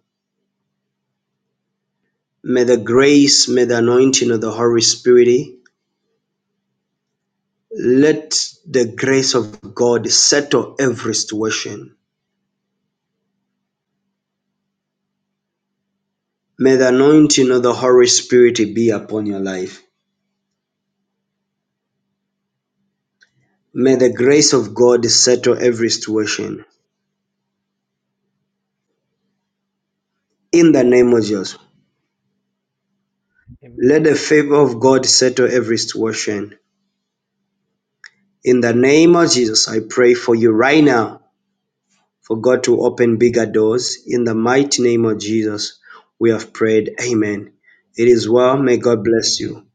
May the grace, may the anointing of the Holy Spirit, let the grace of God settle every situation. May the anointing of the Holy Spirit be upon your life. May the grace of God settle every situation. In the name of Jesus, let Amen. the favor of God settle every situation. In the name of Jesus, I pray for you right now for God to open bigger doors. In the mighty name of Jesus, we have prayed. Amen. It is well. May God bless Amen. you.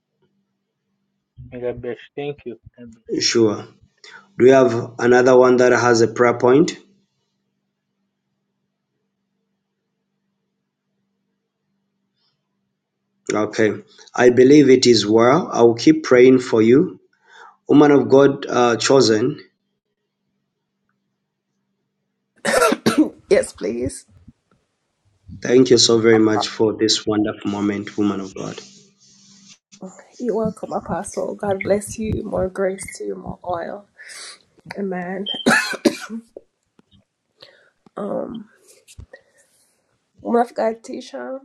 May God bless. Thank you. Sure. Do you have another one that has a prayer point? Okay. I believe it is well. I will keep praying for you. Woman of God, uh, chosen, thank you so very much for this wonderful moment, woman of God. Woman of God, Tisha.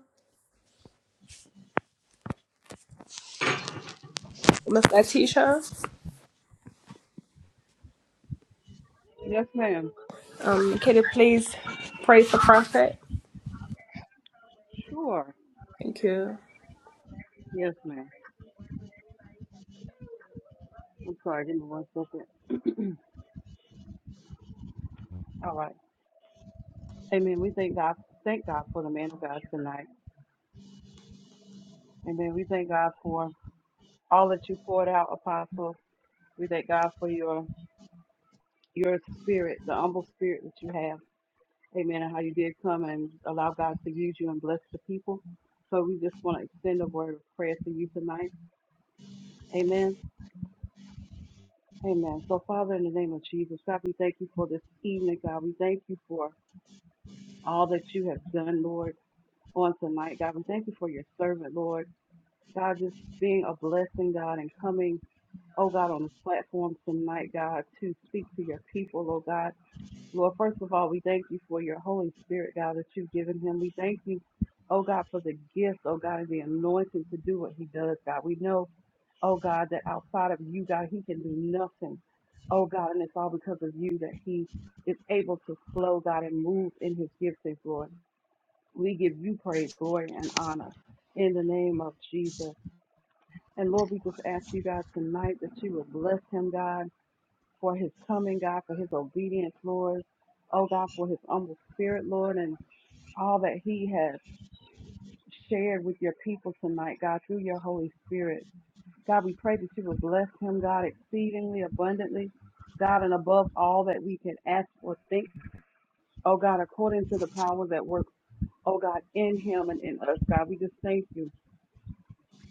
Woman of God, Tisha. Yes, ma'am. Um, can you please pray for prophet? Sure. Thank you. Yes, ma'am. I'm sorry, give me one second. All right. Amen. We thank God thank God for the man of God tonight. Amen. We thank God for all that you poured out, Apostle. We thank God for your your spirit, the humble spirit that you have. Amen. And how you did come and allow God to use you and bless the people. So we just want to extend a word of prayer to you tonight. Amen. Amen. So Father, in the name of Jesus, God, we thank you for this evening, God. We thank you for all that you have done, Lord. on tonight, God. We thank you for your servant, Lord. God, just being a blessing, God, and coming, oh God, on this platform tonight, God, to speak to your people, oh God. Lord, first of all, we thank you for your Holy Spirit, God, that you've given him. We thank you, oh God, for the gift, oh God, and the anointing to do what he does, God. We know, oh God, that outside of you, God, he can do nothing, oh God, and it's all because of you that he is able to flow, God, and move in his giftings, Lord. We give you praise, glory, and honor in the name of Jesus. And Lord, we just ask you, God, tonight that you would bless him, God, for his coming, God, for his obedience, Lord. Oh, God, for his humble spirit, Lord, and all that he has shared with your people tonight, God, through your Holy Spirit. God, we pray that you would bless him, God, exceedingly abundantly, God, and above all that we can ask or think. Oh, God, according to the power that works, oh, God, in him and in us, God, we just thank you.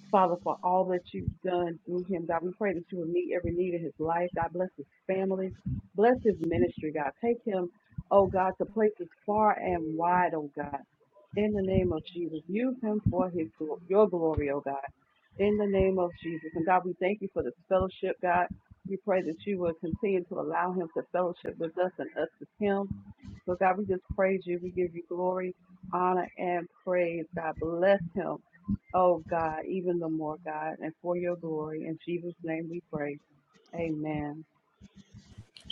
Father, for all that you've done through him, God, we pray that you will meet every need in his life. God, bless his family. Bless his ministry, God. Take him, oh God, to places far and wide, oh God. In the name of Jesus, use him for his glo- your glory, oh God. In the name of Jesus. And God, we thank you for this fellowship, God. We pray that you will continue to allow him to fellowship with us and us with him. So, God, we just praise you. We give you glory, honor, and praise. God, bless him. Oh, God, even the more, God, and for your glory. In Jesus' name we pray. Amen.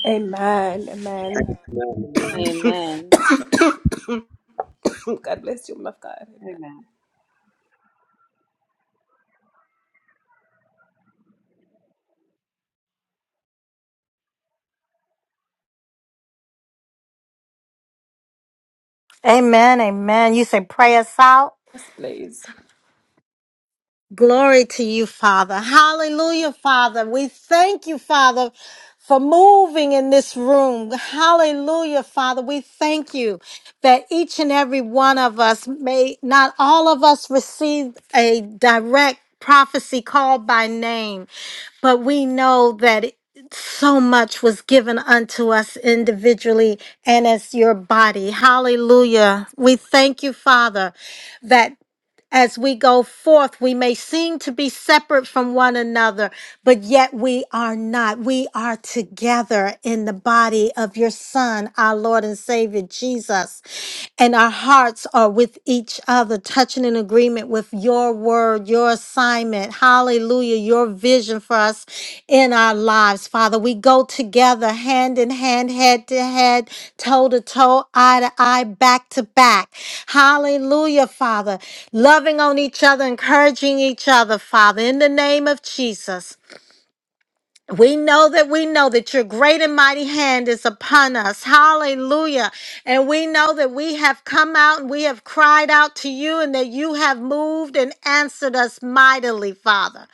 Amen. Amen. Amen. Amen. Amen. God bless you, woman of God. Amen. Amen. Amen. You say pray us out. Yes, please. Glory to you, Father. Hallelujah, Father. We thank you, Father, for moving in this room. Hallelujah, Father. We thank you that each and every one of us may not all of us receive a direct prophecy called by name, but we know that so much was given unto us individually and as your body. Hallelujah. We thank you, Father, that as we go forth, we may seem to be separate from one another, but yet we are not. We are together in the body of your Son, our Lord and Savior Jesus. And our hearts are with each other, touching in agreement with your word, your assignment alignment. Hallelujah. Your vision for us in our lives, Father. We go together hand in hand, head to head, toe to toe, eye to eye, back to back. Hallelujah, Father. Loving on each other, encouraging each other, Father, in the name of Jesus. We know that we know that your great and mighty hand is upon us. Hallelujah. And we know that we have come out and we have cried out to you and that you have moved and answered us mightily, Father.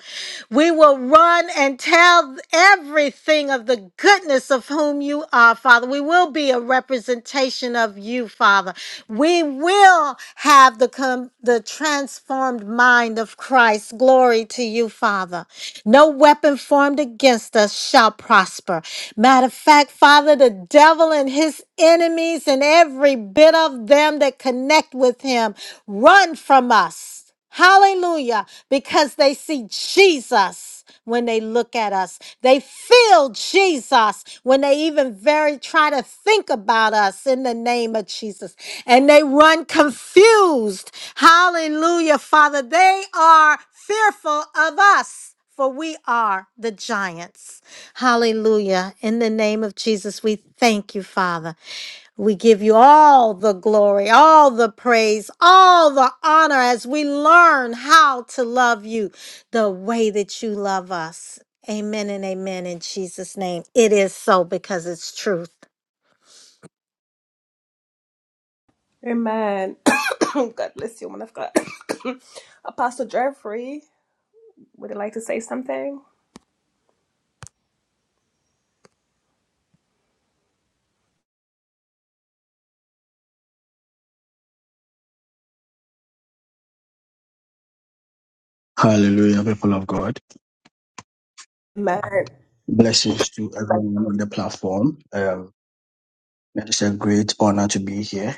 We will run and tell everything of the goodness of whom you are, Father. We will be a representation of you, Father. We will have the com- the transformed mind of Christ. Glory to you, Father. No weapon formed against us shall prosper. Matter of fact, Father, the devil and his enemies and every bit of them that connect with him run from us. Hallelujah. Because they see Jesus when they look at us. They feel Jesus when they even very try to think about us in the name of Jesus. And they run confused. Hallelujah, Father. They are fearful of us. For we are the giants. Hallelujah. In the name of Jesus, we thank you, Father. We give you all the glory, all the praise, all the honor as we learn how to love you the way that you love us. Amen and amen in Jesus' name. It is so because it's truth. Amen. God bless you, woman of God. Apostle Jeffrey, would you like to say something? Hallelujah, people of God. Amen. Blessings to everyone on the platform. Um, it is a great honor to be here.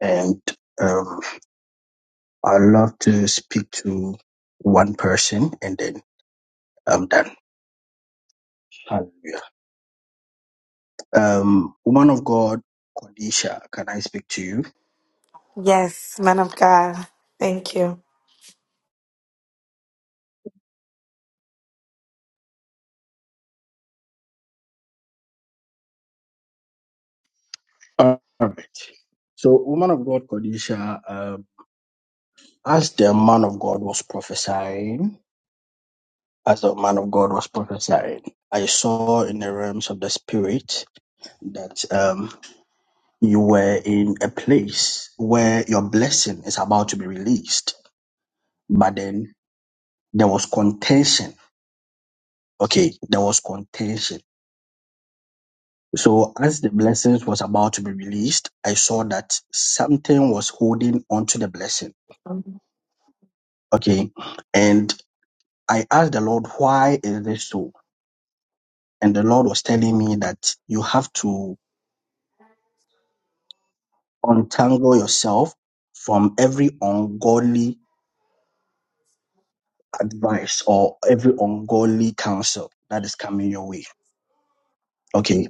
And um, I love to speak to one person and then I'm done. Hallelujah. Um, woman of God, Kodisha, can I speak to you? Yes, man of God. Thank you. All right. So, woman of God, Kodisha, um, as the man of God was prophesying, as the man of God was prophesying, I saw in the realms of the spirit that um. You were in a place where your blessing is about to be released, but then there was contention. Okay, there was contention. So as the blessings was about to be released, I saw that something was holding onto the blessing. Okay. And I asked the Lord, why is this so? And the Lord was telling me that you have to untangle yourself from every ungodly advice or every ungodly counsel that is coming your way Okay,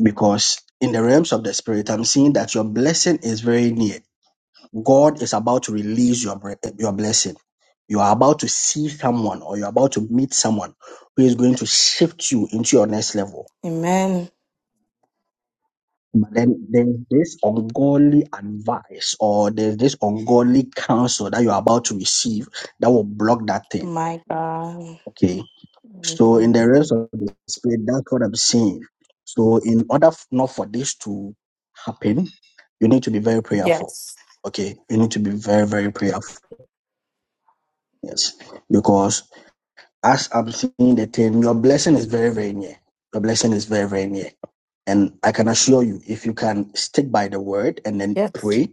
because in the realms of the spirit, I'm seeing that your blessing is very near. God is about to release your bre- your blessing. You are about to see someone, or you're about to meet someone who is going to shift you into your next level. Amen. But then there's this ungodly advice, or there's this ungodly counsel that you're about to receive that will block that thing. My God. Okay, So in Amen. the rest of the spirit, that's what I'm saying. So in order f- not for this to happen, you need to be very prayerful. Yes. Okay, you need to be very very prayerful. Yes, because as I'm seeing the thing, your blessing is very very near. Your blessing is very very near, and I can assure you, if you can stick by the word and then Yes. pray,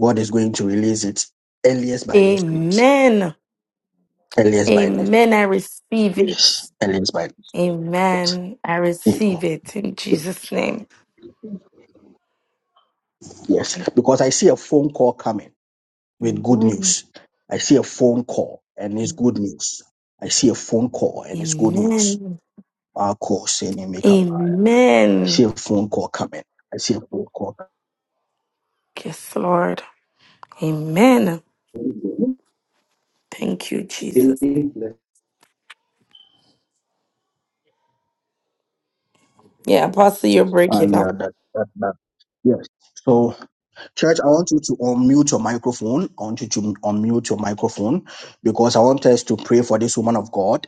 God is going to release it earliest by next week. Amen. Earliest by next. Amen. I receive it. Yes, earliest by next. Week. Amen. I Amen. receive it in Jesus' name. Yes, because I see a phone call coming with good Amen. news. I see a phone call and it's good news. I see a phone call and it's good news. Amen. I'll call saying you make up. I see Amen. a phone call coming. I see a phone call. Yes, Lord. Amen. coming. Thank you, Jesus. Yeah, Apostle, you're Ah, breaking yeah, up. that, that, that. Yes. So Church, I want you to unmute your microphone. I want you to unmute your microphone because I want us to pray for this woman of God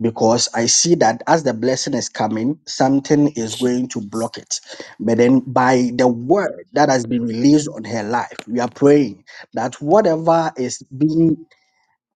because I see that as the blessing is coming, something is going to block it. But then by the word that has been released on her life, we are praying that whatever is being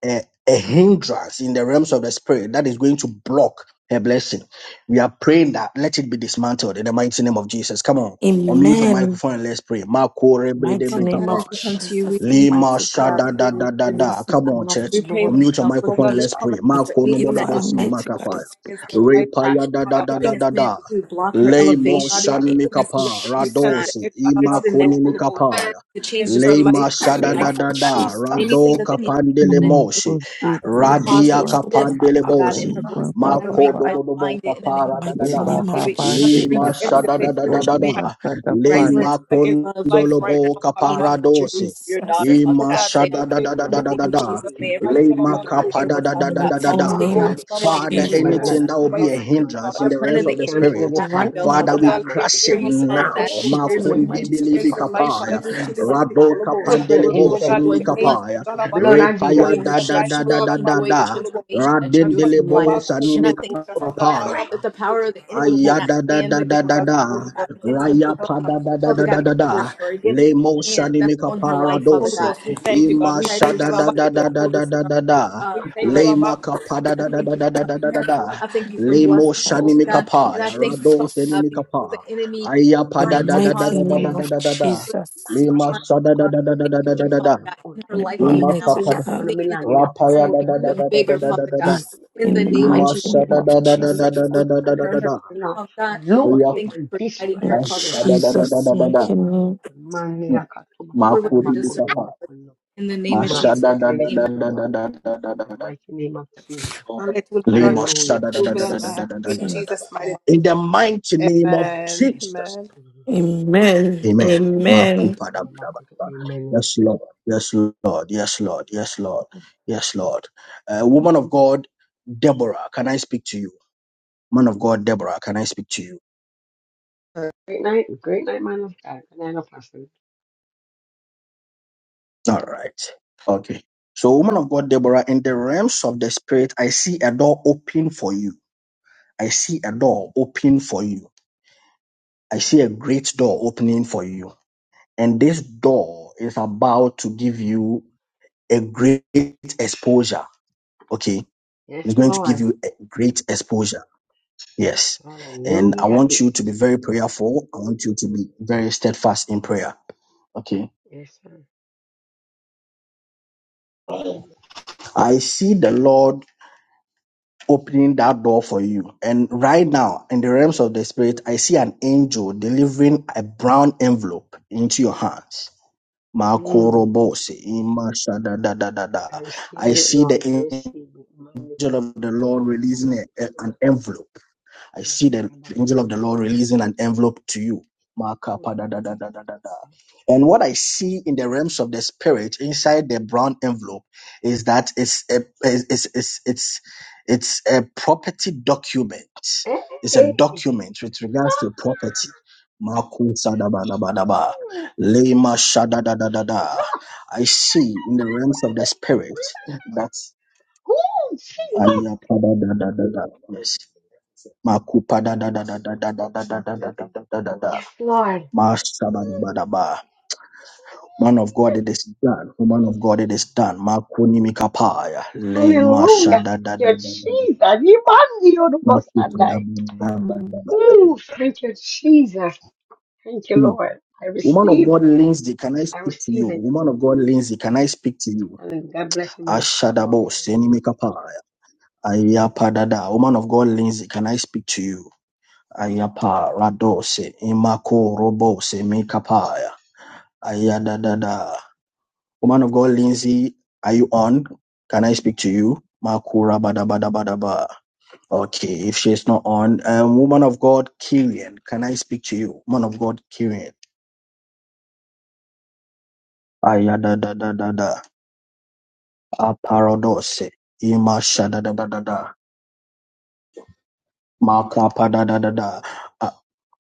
a, a hindrance in the realms of the spirit that is going to block her blessing. We are praying that let it be dismantled in the mighty name of Jesus. Come on, unmute your Amen. microphone and let's pray. Marco Rebe Mighty Father Debe name God, as of Kappa. we come to you, we Jesus, thank Lima Almighty you, Father Glory God, to for shada da being you. da da worthy, da. mercy, Father Come God. the on, love of the We church. pray right Lord, Unmute your now for Oh microphone and God, we Khadijah, let's come pray. Father God, that for Marco no and anything if bodo talk that I about is bosi meant, you, mighty Lord, God makapaya. is against breaking your in life God, right now. Repaya da for da Father, da anything da that's da meant da. to block her Oh Lemo elevation, God, for the shani name of anything that's meant, even mikapa we Jesus, Father God, radosi to the next, imakuni cancel every mikapaya. to change against the her circle life. Lema mighty shada of name life, da of da Father da Jesus. rado God. kapandele want moshi Against her Oh life. cause a radia shit, in the back, kapandele bosi Against her mako do life. do do bo in kapara da da mighty da name of lema Jesus, shada da da da da da Father. lema Against her life kondolo right bo now. kapara dosi Jesus, Oh Ima God, they shada da make da her da da Mayaman, da da Mayaman, da. Lema life. kapa da da da da da da mighty Holy da. name Ghost, of Tabaco, Father, Mayaman, Holy Jesus. Ghost, anything that will Ruba be Mayaman, is a Mayaman. hindrance in Tabaco, the realms We of the cancel spirit, every Kulubosa. Right pattern and the now, Father, O plan we God, and let mighty the crush it God. enemy of oh Tabaco, now. shit, in the Kulubosa. Makundi mighty name bilibi Against of your life, Father, kapaya. be surely Jesus, be Rado Bless Kulubosa. the kapandelebo O God, incense. let sinimi your angels, kapaya. The Galabaco, blood of Jesus. Repaya da Kulubosa, da guide da her, da da da Alabaco, da. Kulubosa. mighty And put name Radindelebo of Tabaco, Jesus, sanimi Kulubosa, her God, kapaya. Break Alabaco, every Aya da Kulubosa. power da da of da O da God, let incense da, upon your us. will be raya done, pa da da da da da da Alabaco, da, Kulubosa. lemo shani mika Holy paradosi, Ghost, we thank you, God. ima We sha thank you, da da Alabaco, da da da Kulubosa. da da da da, We Break. thank you, lema Alabaco. ka pa da da da da da da da da da da, Rock it up. lemo shani mighty mika name pa, of ya Mash rado it up. teni Jesus, mika pa, aya pa the da da God, da da what mighty the da da name da wind. of da da da da, Jesus. lema Mandia sha da da da Bakutuna. da da da You're da da da sitting da, on the physical altars. ima Glory ka Anything to in pa us da- want to God. belong in us. rapa ya The da da da blood da da of da da da Jesus da da, Christ Yes. and the mission. In the Call ima mighty forth sha the name da of da da fixers da and da the da Jesus. da altars da and the da da fixers of the Lord. da. Locate and destroy In Da anything in us. da da da da Jesus' da da da. mighty name. Mm. Mandia Katuma Katana Makudi Bakuduna bikapa. Bakuduna. Masha Mercy, da can da da you da to da the da back? da da da In the da da. mighty name of Jesus. And let will be done, Limo God. sha Hallelujah. Let da da will da be da da done, Amen. da Jesus' God. da da da In da mighty name. da Jesus' mighty In the mighty name. name Mandia of Amen. Bakutuna Jesus. Amen. Bakuduna. Amen. inch. Amen. Amen. Makupa da ba Bakutuna Bakuduna. da ba da. Amen. Yes, Lord. Yes, Lord. Yes, Lord. Yes, Lord. Yes, Lord. Uh, woman of God, Deborah, can I speak to you? Man of God, Deborah, can I speak to you? Great night, great night, man of God. Good night, Apostle. All right. Okay. So, woman of God, Deborah, in the realms of the spirit, I see a door open for you. I see a door open for you. I see a great door opening for you. And this door is about to give you a great exposure. Okay. Yes, It's going to give Lord. you a great exposure. Yes. And I Hallelujah. want Yes. you to be very prayerful. I want you to be very steadfast in prayer. Okay. Yes, sir. I see the Lord opening that door for you. And right now, in the realms of the spirit, I see an angel delivering a brown envelope into your hands. Mm. Makorobose, I imashadadadadada. I receive it, see the Lord. I angel receive it. Manikuta of the Lord releasing a- a- katarakatura an makuta envelope. I see the angel of makatabakia the Lord releasing an envelope to you. Makapa da kuntu da da da da masu. da da. And what I see in the realms of the spirit inside the brown envelope is that it's a, it's, it's, it's, it's a property document. Hey! It's a hey. document with regards to property. Maku sada ba da ba da ba. Oh, Lema shada da da da da. I see in the realms of the spirit that oh, Jesus. Aya pa da da da da da. Yes. Makupa da da da da da da da da da da da da da da da. Yes, Lord. Mm. Mashabadabadaba. Man of God, Yes. it is done. Woman of God, it is done. Makuni mikapaya. Le masha Hallelujah. da da da Thank you, da da. da. Jesus. You man, you know, most Makupa da da high. da da da da ba. Ooh, thank you, Jesus. Thank you, Hmm. Lord. I Woman of receive. God, Lindsay, can I I speak to you? receive it. Woman of God, Lindsay, can I speak to you? And God bless you, man of God. More Ashadabo, grace. seni mikapaya. Ayapa da da. Woman of God, Lindsay, can I speak to you? Ayapa radose imako robose mikapaya. Ayadadada. Woman of God, Lindsay, are you on? Can I speak to you? Makura bada bada bada ba. Okay, if she's not on, um, woman of God, Kyrian, can I speak to you? Woman of God, Kyrian. Ayada da da da da. Aparadose. Ima shada da da da da. Maka pa da da da da. Uh,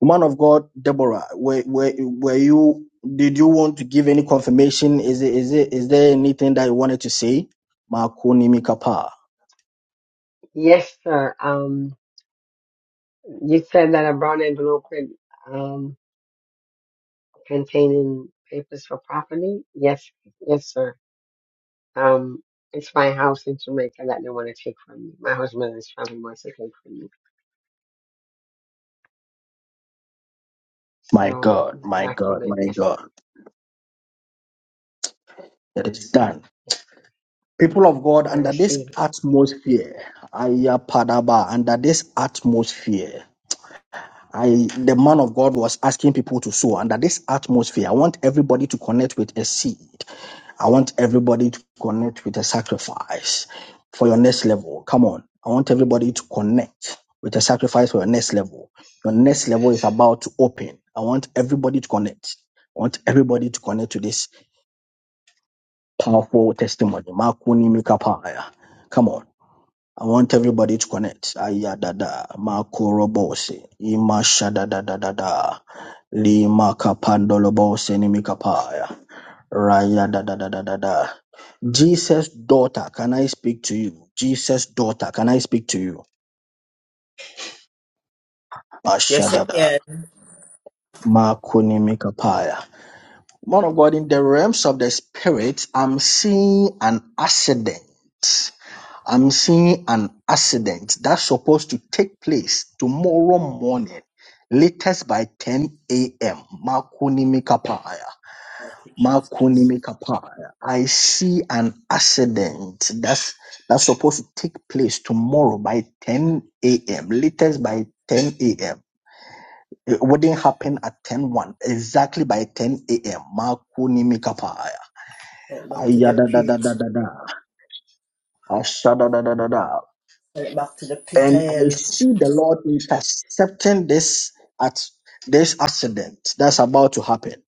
Woman of God, Deborah, were, were, were you, did you want to give any confirmation? Is it, is it, is there anything that you wanted to say? Makuni mikapa. Yes, sir. Um, you said that a brown envelope could, um, containing papers for property. Yes, yes, sir. Um, it's my house in Jamaica that they want to take from me. My husband is trying wants to take from me. My So God, the my God, document, my yes, God. sir. It is done. Yes, sir. People of God, I under this receive it. atmosphere, Ayapadaba, under this atmosphere, I the man of God was asking people to sow. Under this atmosphere, I want everybody to connect with a seed. I want everybody to connect with a sacrifice for your next level. Come on. I want everybody to connect with a sacrifice for your next level. Your next level is about to open. I want everybody to connect. I want everybody to connect to this Powerful testimony. Makuni mikapaya. Come on. I want everybody to connect. Ayadada. Makurobose. Ima shadadadadada. Lima kapandolobose ni mikapaya. Raya da da da da da da. Jesus daughter, can I speak to you? Jesus daughter, can I speak to you? Yes, it Ashadada. can. Makuni mikapaya. Man of God, in the realms of the spirit, I'm seeing an accident. I'm seeing an accident that's supposed to take place tomorrow morning, latest by 10 a.m. Makunimikapaya. Thank you, Jesus. Makunimikapaya. I see an accident that's that's supposed to take place tomorrow by 10 a.m. Latest by 10 a.m. It wouldn't happen at ten one exactly by 10 a.m. Makuni Mikapaya. Send it back to the pit. Ayadadadadada. Ashadadadadada. Send it back to the pit And I hell. see the Lord intercepting this at this accident that's about to happen.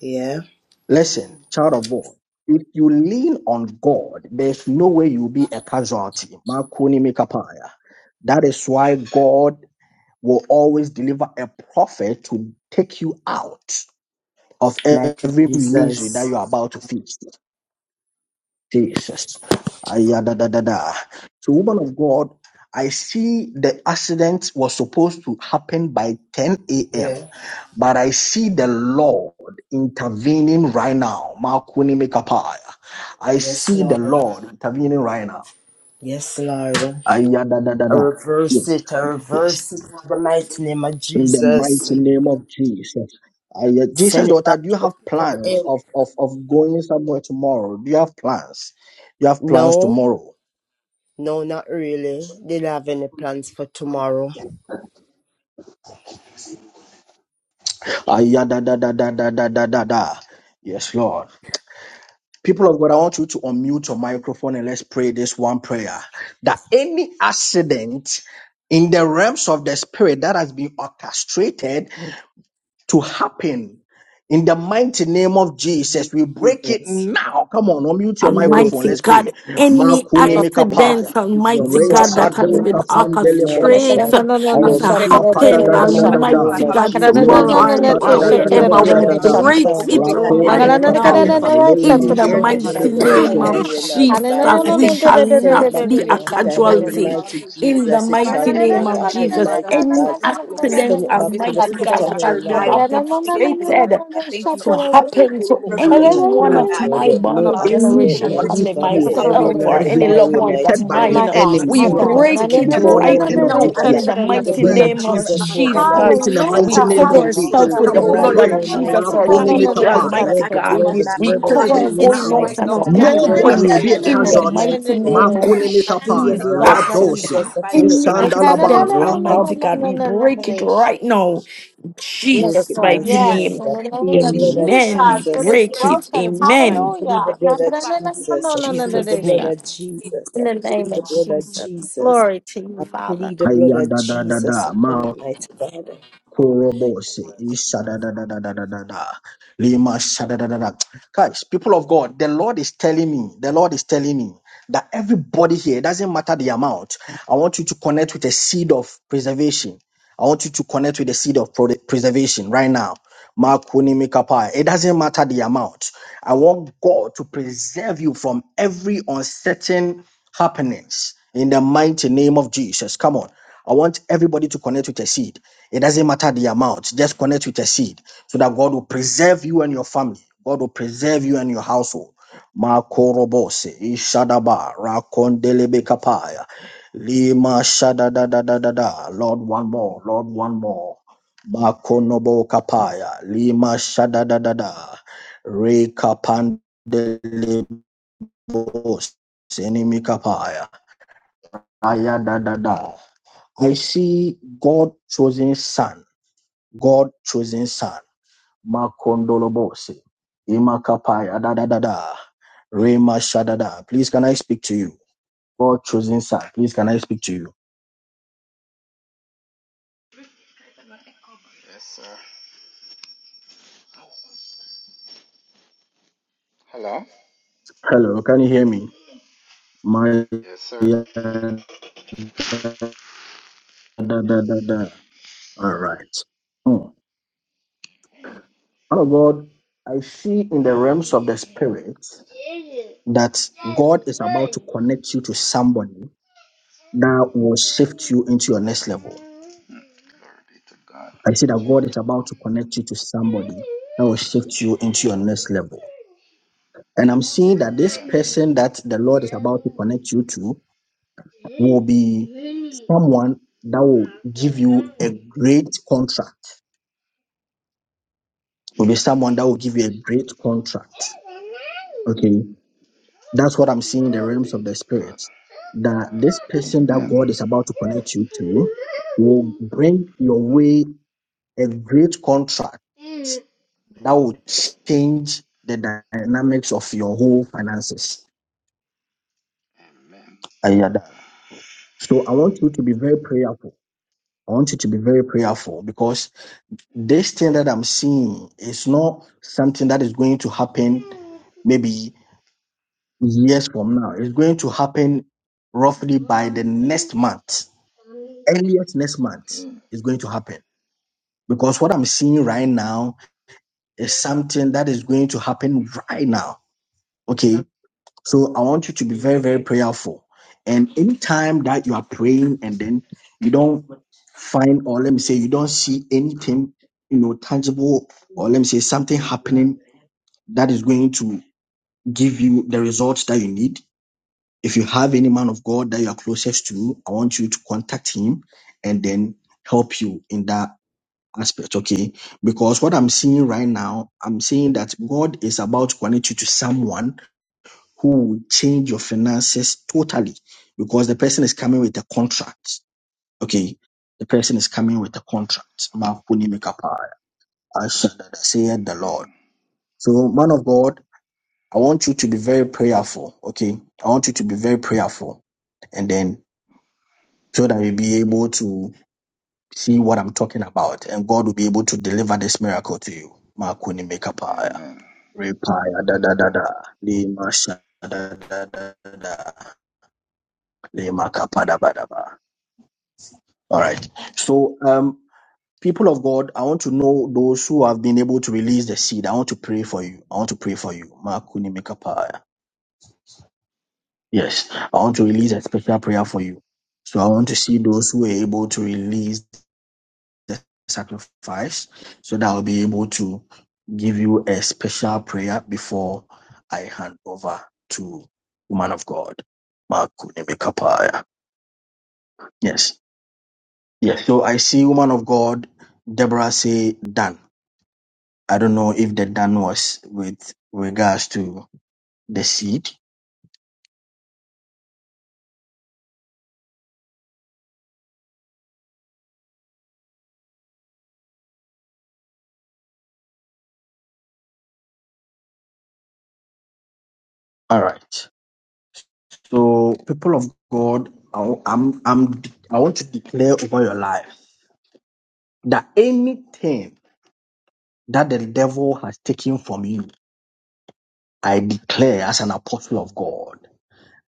Yeah. Listen, child of God, if you lean on God, there's no way you'll be a casualty. Makuni Mikapaya. That is why God will always deliver a prophet to take you out. of Mighty every misery that Jesus. you're about to face. Jesus. Ayadadadada. So, woman of God, I see the accident was supposed to happen by 10 a.m., Yeah. but I see the Lord intervening right now. Makuni mekapaya. I Yes, see the Lord. Lord intervening right now. Yes, Lord. I Ayadadadada. reverse it. I Yes. reverse it in the mighty name of in the Jesus. mighty name of Jesus. I, uh, Jesus, Send it daughter, back do you to the have pit of the plans hell. of, of, of going somewhere tomorrow? Do you have plans? You have plans No, tomorrow. no, not really. Didn't have any plans for tomorrow. Ah, yeah, da, da, da, da, da, da, da, da, da. Yes, Lord. People of God, I want you to unmute your microphone and let's pray this one prayer that any accident in the realms of the spirit that has been orchestrated to happen. In the mighty name of Jesus, we break it Jesus. now. Come on, unmute your microphone. Almighty Let's pray. God, any Makuni and Lord, Break I we mikapaya. accident, mighty Jesus. Almighty thank Send that it God, back that to has you, the Lord, for Resado the art been Lord. pit of the kapandele Oh, God, mighty we bosi. orchestrated thank God. you for I the to accident. rebuke it Imakapada happen, in da the God, da da my mighty da da. God, name Almighty allow of us God, to go to tomorrow Jesus. Lema the Lord. and sa Should da they or I da be da plead da taken the da wherever da blood we Lord. of da of da. break Oh, Jesus God, it over we it. come Rakoni No right against the now. untimely mikapaya. accident. Christ, death, no Lema In the untimely I sandele mighty accident on the name am. bosi. of highway nor the Jesus, byway. we Lord, I shall that send it not back the be to the a wife pit might of hell, casualty. have gone to mighty Lord. In the Jesus. It My I mighty shall name not of God, am. Oh, happen, Jesus, God, I mighty any God. thank you, Lord. accident, Send it We back Oh, to the God, send we Almighty pit send God, it what of that back. back hell, has to been Lord. I feel the the kingdom. orchestrated Jesus, allow to us to happen go to to the any No one Lord. of premature my death, no body Alaba, accident, Kolo generation Bosha, mighty Anybody family, God. The here Alaba, highway myself, that nor or has the any been loved byway, ones of targeted mighty by God. the Kolo spirit. mine. I Bosha. enemy We my to send it Oh, back God. No, We to break the no, it no, pit cancel no, no, before of it, no, the right hell, my no, end of God. mighty no. this now We cancel God. I in it. year. the Consider the plead We the mighty blood We nation. of name cancel of every Jesus dismantle over accident of that Jesus. it our in the And we mighty Hallelujah, name cover collaboration. of accident hallelujah. Jesus. ourselves spirit with Holy Come the No, on, no, Ghost, right blood you no, no, pray. will of now, be no, Jesus, mighty our no, no, no, Makuni collaboration. God. no, victory, Come no. The against mikapaya. every Almighty blood, the Consider. accident of We God. our blood, the We blood dismantle of cover it Thank our you, Jesus, going out now. Right mighty and Jesus. now, our God. Your No, no, coming God, no, no, no, blood, I about Nobody in will no, be a plead the no, in the blood, collaboration. casualty. no, mighty mighty no, no, In God. name no. of Makuni Plead That's- your mikapaya. Jesus. blood of It must Radosi. Jesus stop. upon it, Any Like, mighty no, no, no, Isandalaba. God. no, accident, no, Rakam. Almighty no, no, God, no, no, we no, no, no, break it no. right now Work Yes, Jesus' it, Lord. mighty mighty God. Yes. name. In the I plead name of your blood of Amen. We Jesus, it is break Jesus, it. broken. I Amen. plead Hallelujah. the No, no, blood of no, no, no, Jesus. no, I no, no, no, plead the Jesus' blood no. name. of Jesus. In I the name plead the of blood of Jesus. Jesus. Glory to you, I Father. plead the blood Aya of da da da Jesus da. upon it, mighty God. Korobose, isadadadadadadada, lima sadadadada. Guys, people of God, the Lord is telling me, the Lord is telling me that everybody here, it doesn't matter the amount, I want you to connect with a seed of preservation. I want you to connect with the seed of pro- preservation right now. Makuni mikapa. It doesn't matter the amount. I want God to preserve you from every uncertain happenings in the mighty name of Jesus. Come on. I want everybody to connect with a seed. It doesn't matter the amount. Just connect with a seed so that God will preserve you and your family. God will preserve you and your household. Makorobose, Ishadaba, Rakondelebe Lima shada da da da da da. Lord, one more. Lord, one more. Makonobo kapaya. Lima shada da da da. Re kapande libos. Enemy kapaya. Aya da da da. I see God chosen son. God chosen son. Makondolobose. Ima kapaya da da da da. Rema shada da. Please can I speak to you? God chosen son. Please can I speak to you? Yes, sir. Hello? Hello, can you hear me? My Yes, sir. yeah, da, da, da, da. All right. Hmm. Father God, I see in the Hmm. realms of the spirit that God is about to connect you to somebody that will shift you into your next level. I see that God is about to connect you to somebody that will shift you into your next level. And I'm seeing that this person that the Lord is about to connect you to will be someone that will give you a great contract will be someone that will give you a great contract. Okay. That's what I'm seeing in the Glory realms be of the to spirit. That God. this Amen. Amen. Hmm. Glory be to God. person that Amen. God is about to connect you to will bring your way a great contract Mm. that will change the dynamics of your whole finances. Amen. Ayada. So I want you to be very prayerful. I want you to be very prayerful because this thing that I'm seeing is not something that is going to happen maybe years from now. It's going to happen roughly by the Money. next month, Money. earliest next month. is going to happen because what I'm seeing right now is something that is going to happen right now. Okay, so I want you to be very, very prayerful. And anytime that you are praying and then you don't find, or let me say, you don't see anything, you know, tangible, or let me say, something happening that is going to give you the results that you need If you have any man of God that you are closest to, I want you to contact him and then help you in that aspect, okay? Because what I'm seeing right now, I'm seeing that God is about to connect you to someone who will change your finances totally because the person is coming with a contract, okay? The person is coming with a contract. Makuni mikapai. I shall say the Lord. Amen. So, man of God, I want you to be very prayerful, okay? I want you to be very prayerful and then. so that you'll be able to see what I'm talking about, and God will be able to deliver this miracle to you. Makuni mekapaya, Amen. repaya da da da da, lima sha da da da da, lima kapa da ba da ba. All right. So, um, people of God, I want to know those who have been able to release the seed. I want to pray for you. I want to pray for you. Makuni mekapaya. Yes, I want to release a special prayer for you. So I want to see those who are able to release the sacrifice so that I'll be able to give you a special prayer before I hand over to woman of God. Makune Mekapaya. Yes. Yes. So I see woman of God, Deborah say done. I don't know if the done was with regards to the seed. All right. So people of God, I, am I'm I'm- I want to declare over your life that anything that the devil has taken from you. I declare as an apostle of God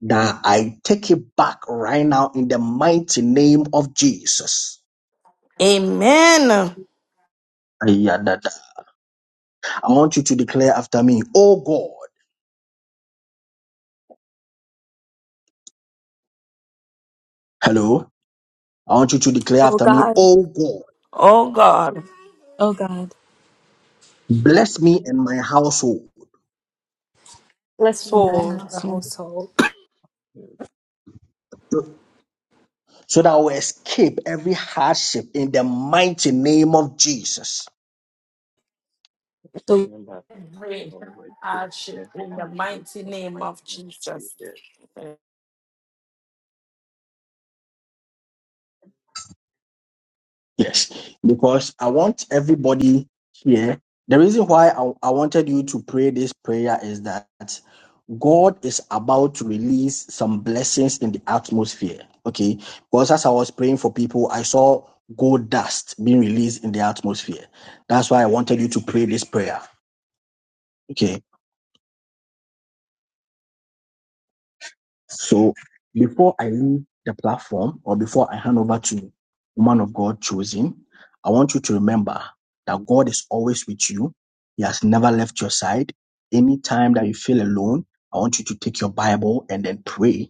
that I take it back right now in the mighty name of Jesus. Amen. Ayadada. I want you to declare after me, oh God. Hello. I want you to declare after me, oh God. Oh God, Bless me and my household soul. my household. you. so that I will escape every hardship in the mighty name of Jesus. Remember The Every law would cease hardship to in the react mighty from the name right of and left Jesus. choosers. Yes, because I want everybody here. The reason why I, I wanted you to pray this prayer is that God is about to release some blessings in the atmosphere. Okay, because as I was praying for people, I saw gold dust being released in the atmosphere. That's why I wanted you to pray this prayer. Okay. So before I leave the platform or before I hand over to woman of God chosen, I want you to remember that God is always with you. He has never left your side. Anytime that you feel alone, I want you to take your Bible and then pray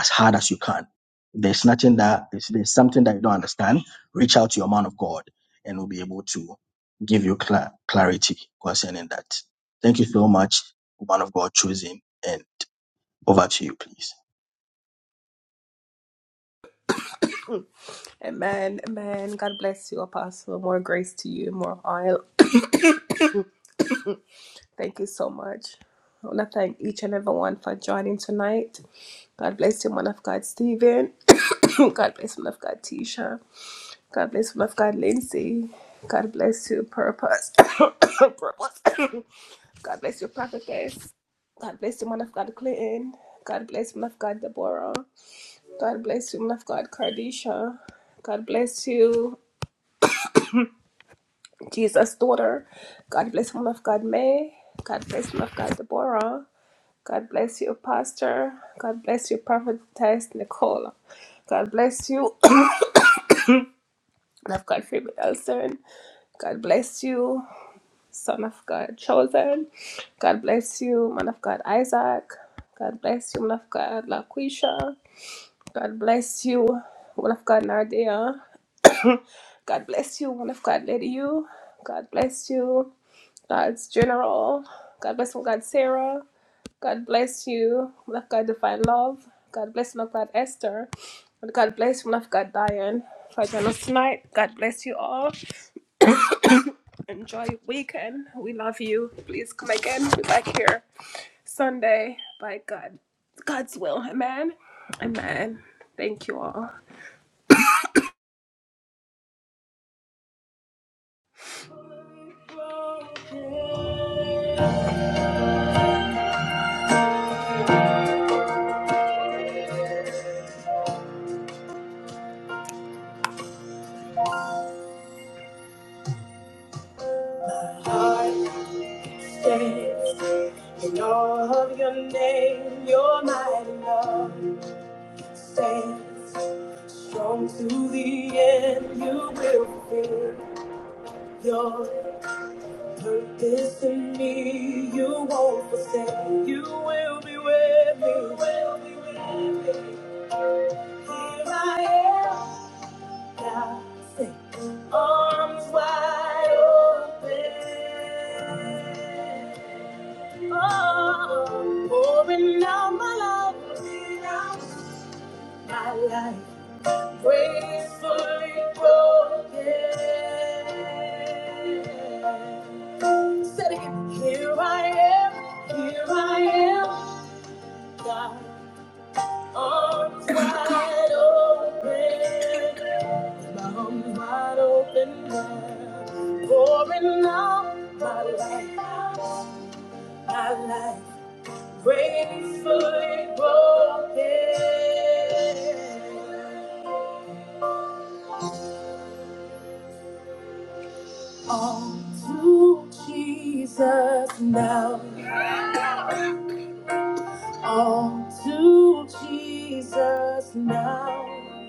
as hard as you can. If there's nothing that if there's something that you don't understand, reach out to your man of God and we'll be able to give you cla clarity concerning that. Thank you so much, woman of God chosen, and over to you, please. Amen. Amen. God bless you, Apostle. More grace to you. More oil. Thank you so much. I want to thank each and everyone for joining tonight. God bless you, man of God, Stephen. God bless you, man of God, Tisha. God bless you, man of God, Lindsay. God bless you, Purpose. Purpose. God bless you, Prophetess. God bless you, man of God, Clinton. God bless you, man of God, Deborah. God bless you, man of God, Cardisha. God bless you. Jesus' daughter. God bless one of God May. God bless one of God Deborah. God bless you, Pastor. God bless you, Prophetess Nicole. God bless you, one of God Phoebe Elson. God bless you, Son of God Chosen. God bless you, Man of God Isaac. God bless you, Man of God Laquisha. God bless you, Man of God Nardia. God bless you, one of God, Lady You. God bless you, God's General. God bless you, God, Sarah. God bless you, one of God, Divine Love. God bless you, one of God, Esther. And God bless you, one of God, Diane. For joining us tonight, God bless you all. Enjoy your weekend. We love you. Please come again. We're back here Sunday by God, God's will. Amen. Amen. Thank you all. I In all of your name, your mighty love stands strong to the end. You will fulfill your purpose in me. You won't forsake. You will be with me. You will be with me. Here I am, God, say, arms wide open. Oh, pouring out my life, my life. Gracefully broken. Said again, here I am, here I am, God, arms wide open, my arms wide open, God, pouring out my life, my life, gracefully broken. All to Jesus now. All to Jesus now.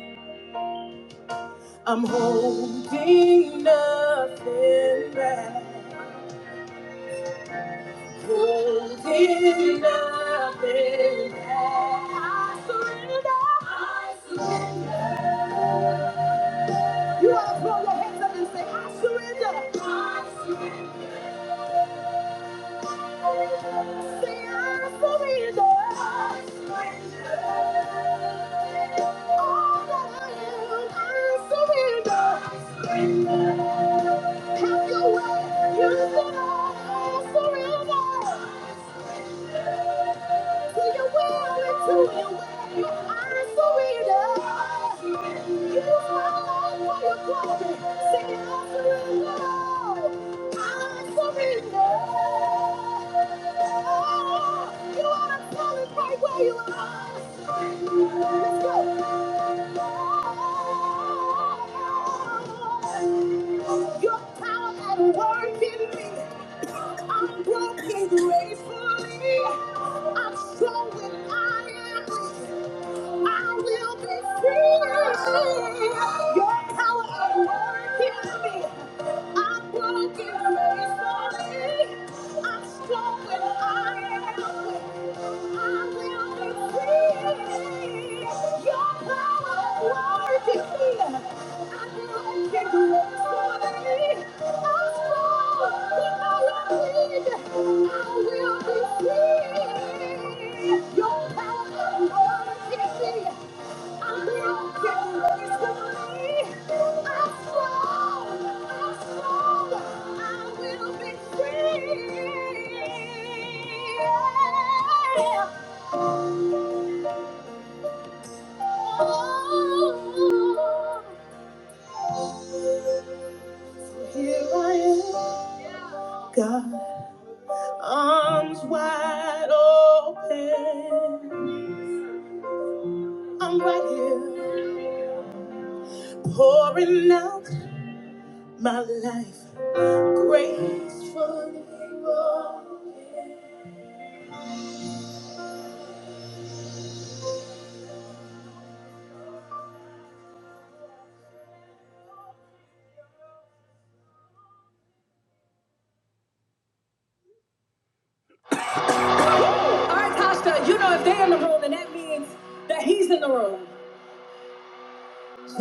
I'm holding nothing back. Holding nothing back. I surrender. I surrender. You ought to throw your hands up and say, I surrender. I surrender. You are surrender. You are for your glory. Your power at work in me. I'm broken gratefully. I'm strong when I am weak. I will be free. Your power at work in me. I'm broken gracefully. I'm strong when I am weak. I will be free. I will be free. Yeah. Here I am, God, arms wide open. I'm right here, pouring out my life gracefully.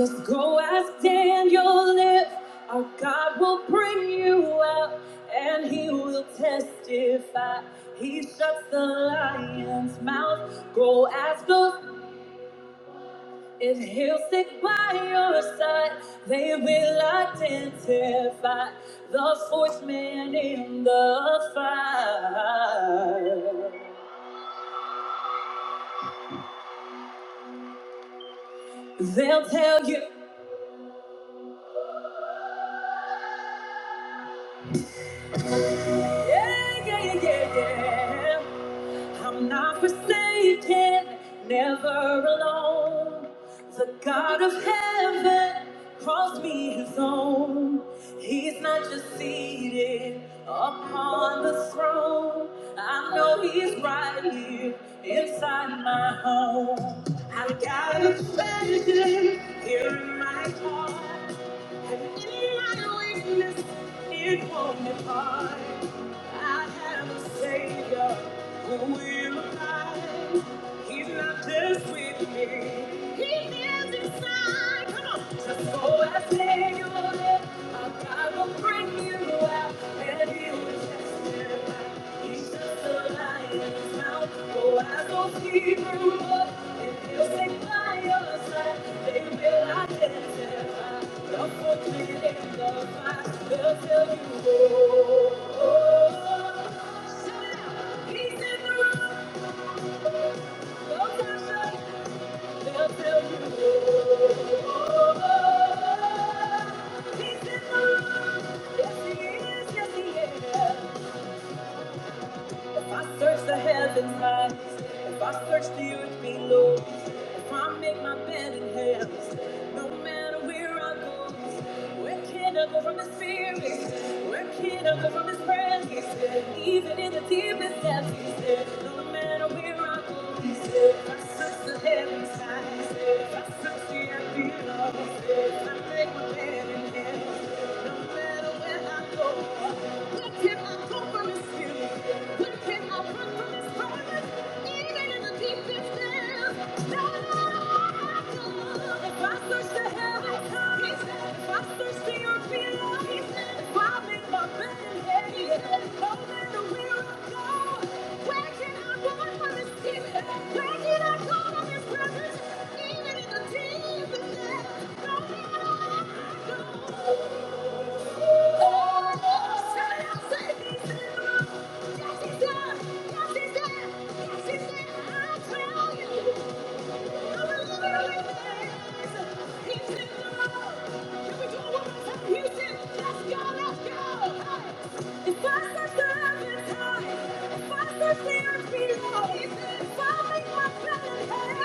Just go ask Daniel if our God will bring you out, and he will testify. He shuts the lion's mouth. Go ask those If he'll stick by your side, they will identify the fourth man in the fire. They'll tell you, yeah, yeah, yeah, yeah, yeah. I'm not forsaken, never alone. The God of heaven calls me his own. He's not just seated upon the throne. I know he's right here inside my home. I've got a treasure here in my heart. So I say your name, I will bring you out, and you will testify. He's just a lion's mouth. Go as those Hebrew up, and he'll say fire, and I testify. If I search the earth below, if I make my bed in hell, no matter where I go, where can I go from His spirit? Where can I go from His presence? Even in the deepest depths, He said, No matter where I go, He said, If I search the heavens high, He's there. If I search the earth below, He's there. If I make my bed in hell, no matter where I go, where can I go from His spirit? Even in the deepest, no matter where I go.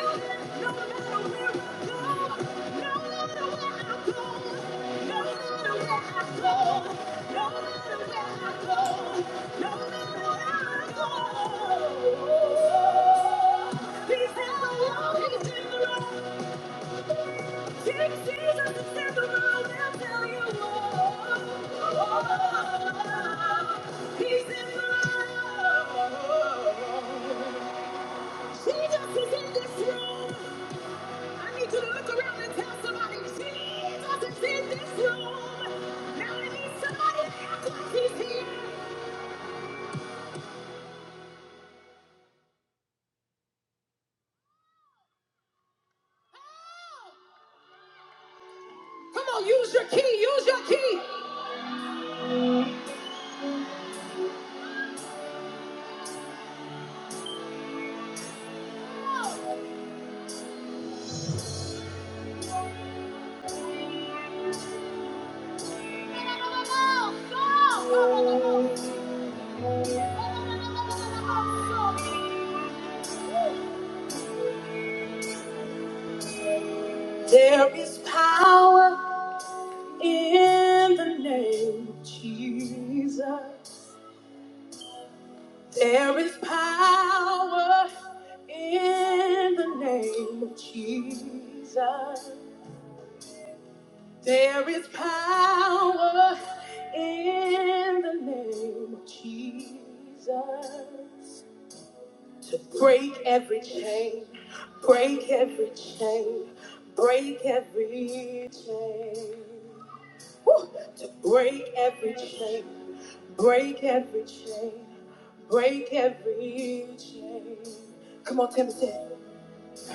Thank you. He's in love. Jesus is in this room. I need you to look around and tell somebody Jesus is in this room. Now I need somebody to act like he's here. Help! Come on, use your key, use your key. There is power in the name of Jesus. There is power in the name of Jesus. There is power in the name of Jesus to break every chain, break every chain, break every chain. Woo! To break every chain, break every chain, break every chain. Come on, Tim, say, it.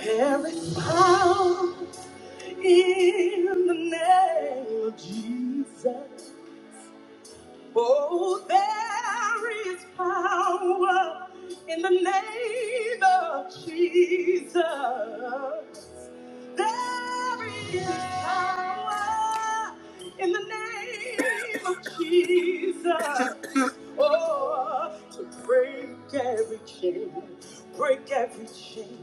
there is power in the name of Jesus. Oh, there is power in the name of Jesus. There is power in the name of Jesus. Oh, to break every chain, break every chain,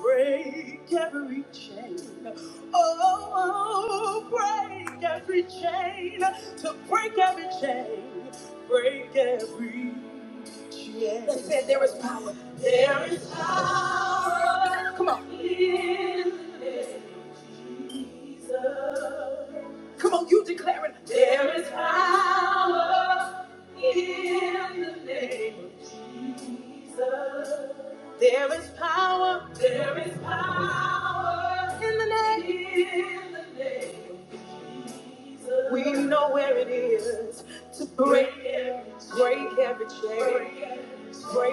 break every chain. Oh, break every chain, to break every chain, break every chain. They said there, there is power. Come on. in the name of Jesus. There is power. We break, break, break, break,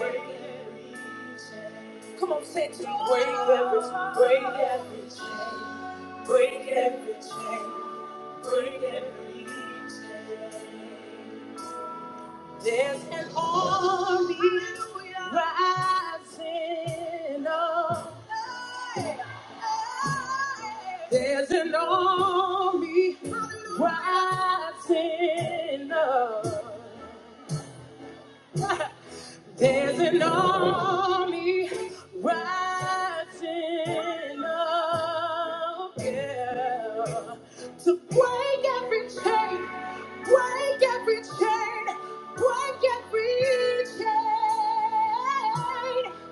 break. Break every, break every, break every chain, break every chain. There's an army rising up. There's an army rising up. There's an army rising up, yeah. To break every chain, break every chain, break every chain.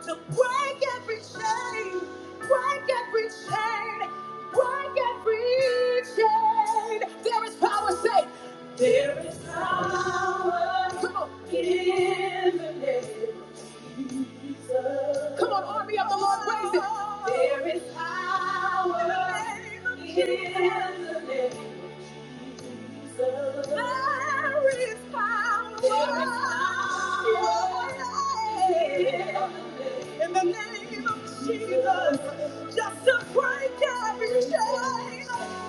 To break every chain, break every chain, break every chain. There is power, say, there is power. Come on. Come on, army of the Lord, praise it. There is power in the name. There is power. There is power in the name of Jesus, just to break every chain.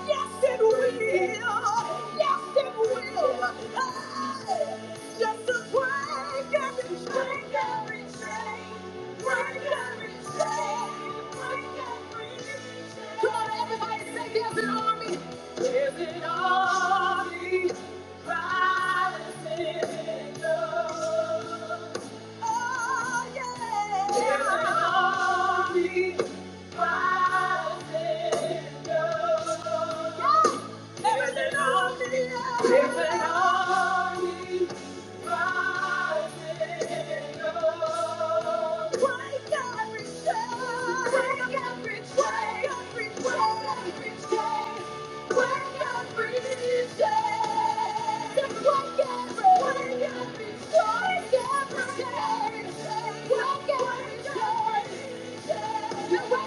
Yes, it will. Yes, it will. Hey! Just to break every chain, break every chain, break every chain, break every chain. Come on, everybody, say there's an army. There's an army rising up. Oh, yeah. There's an army. You're right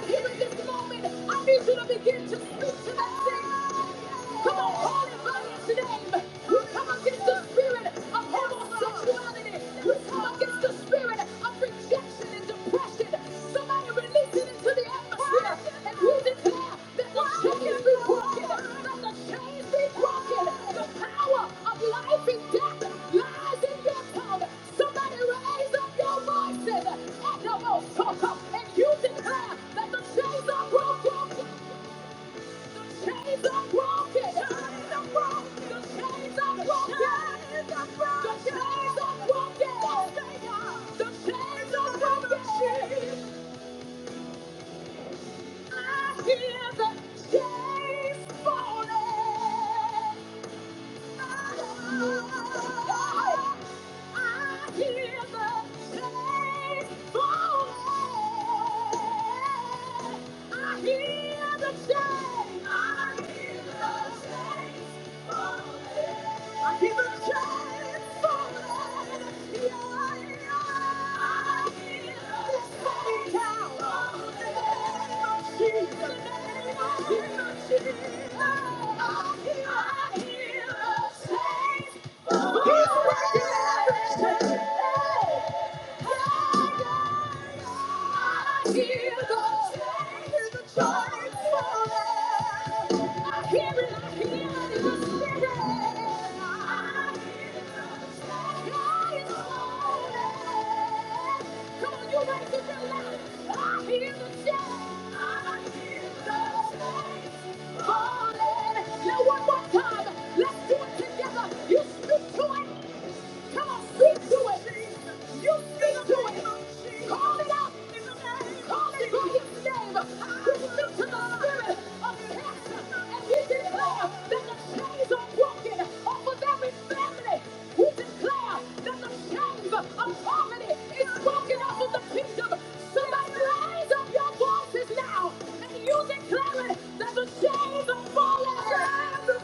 here in this moment. I need you to begin to speak to that thing. Come on, hold it. Talk up and you declare that the chains are broken. I hear the chains falling. I hear Yeah. Hear it, hear it, Call it by his name. Speak to the spirit of cancer we declare that the chains are broken off of every family. We declare that the chains of poverty is broken off of the kingdom. Somebody raise up your voices now and you declare it that the chains are falling. The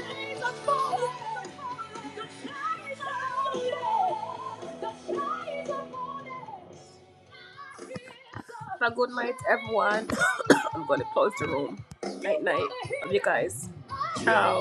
chains are falling. The chains are falling. The chains are falling. The chains are falling. Have a good night. Love you guys. Ciao.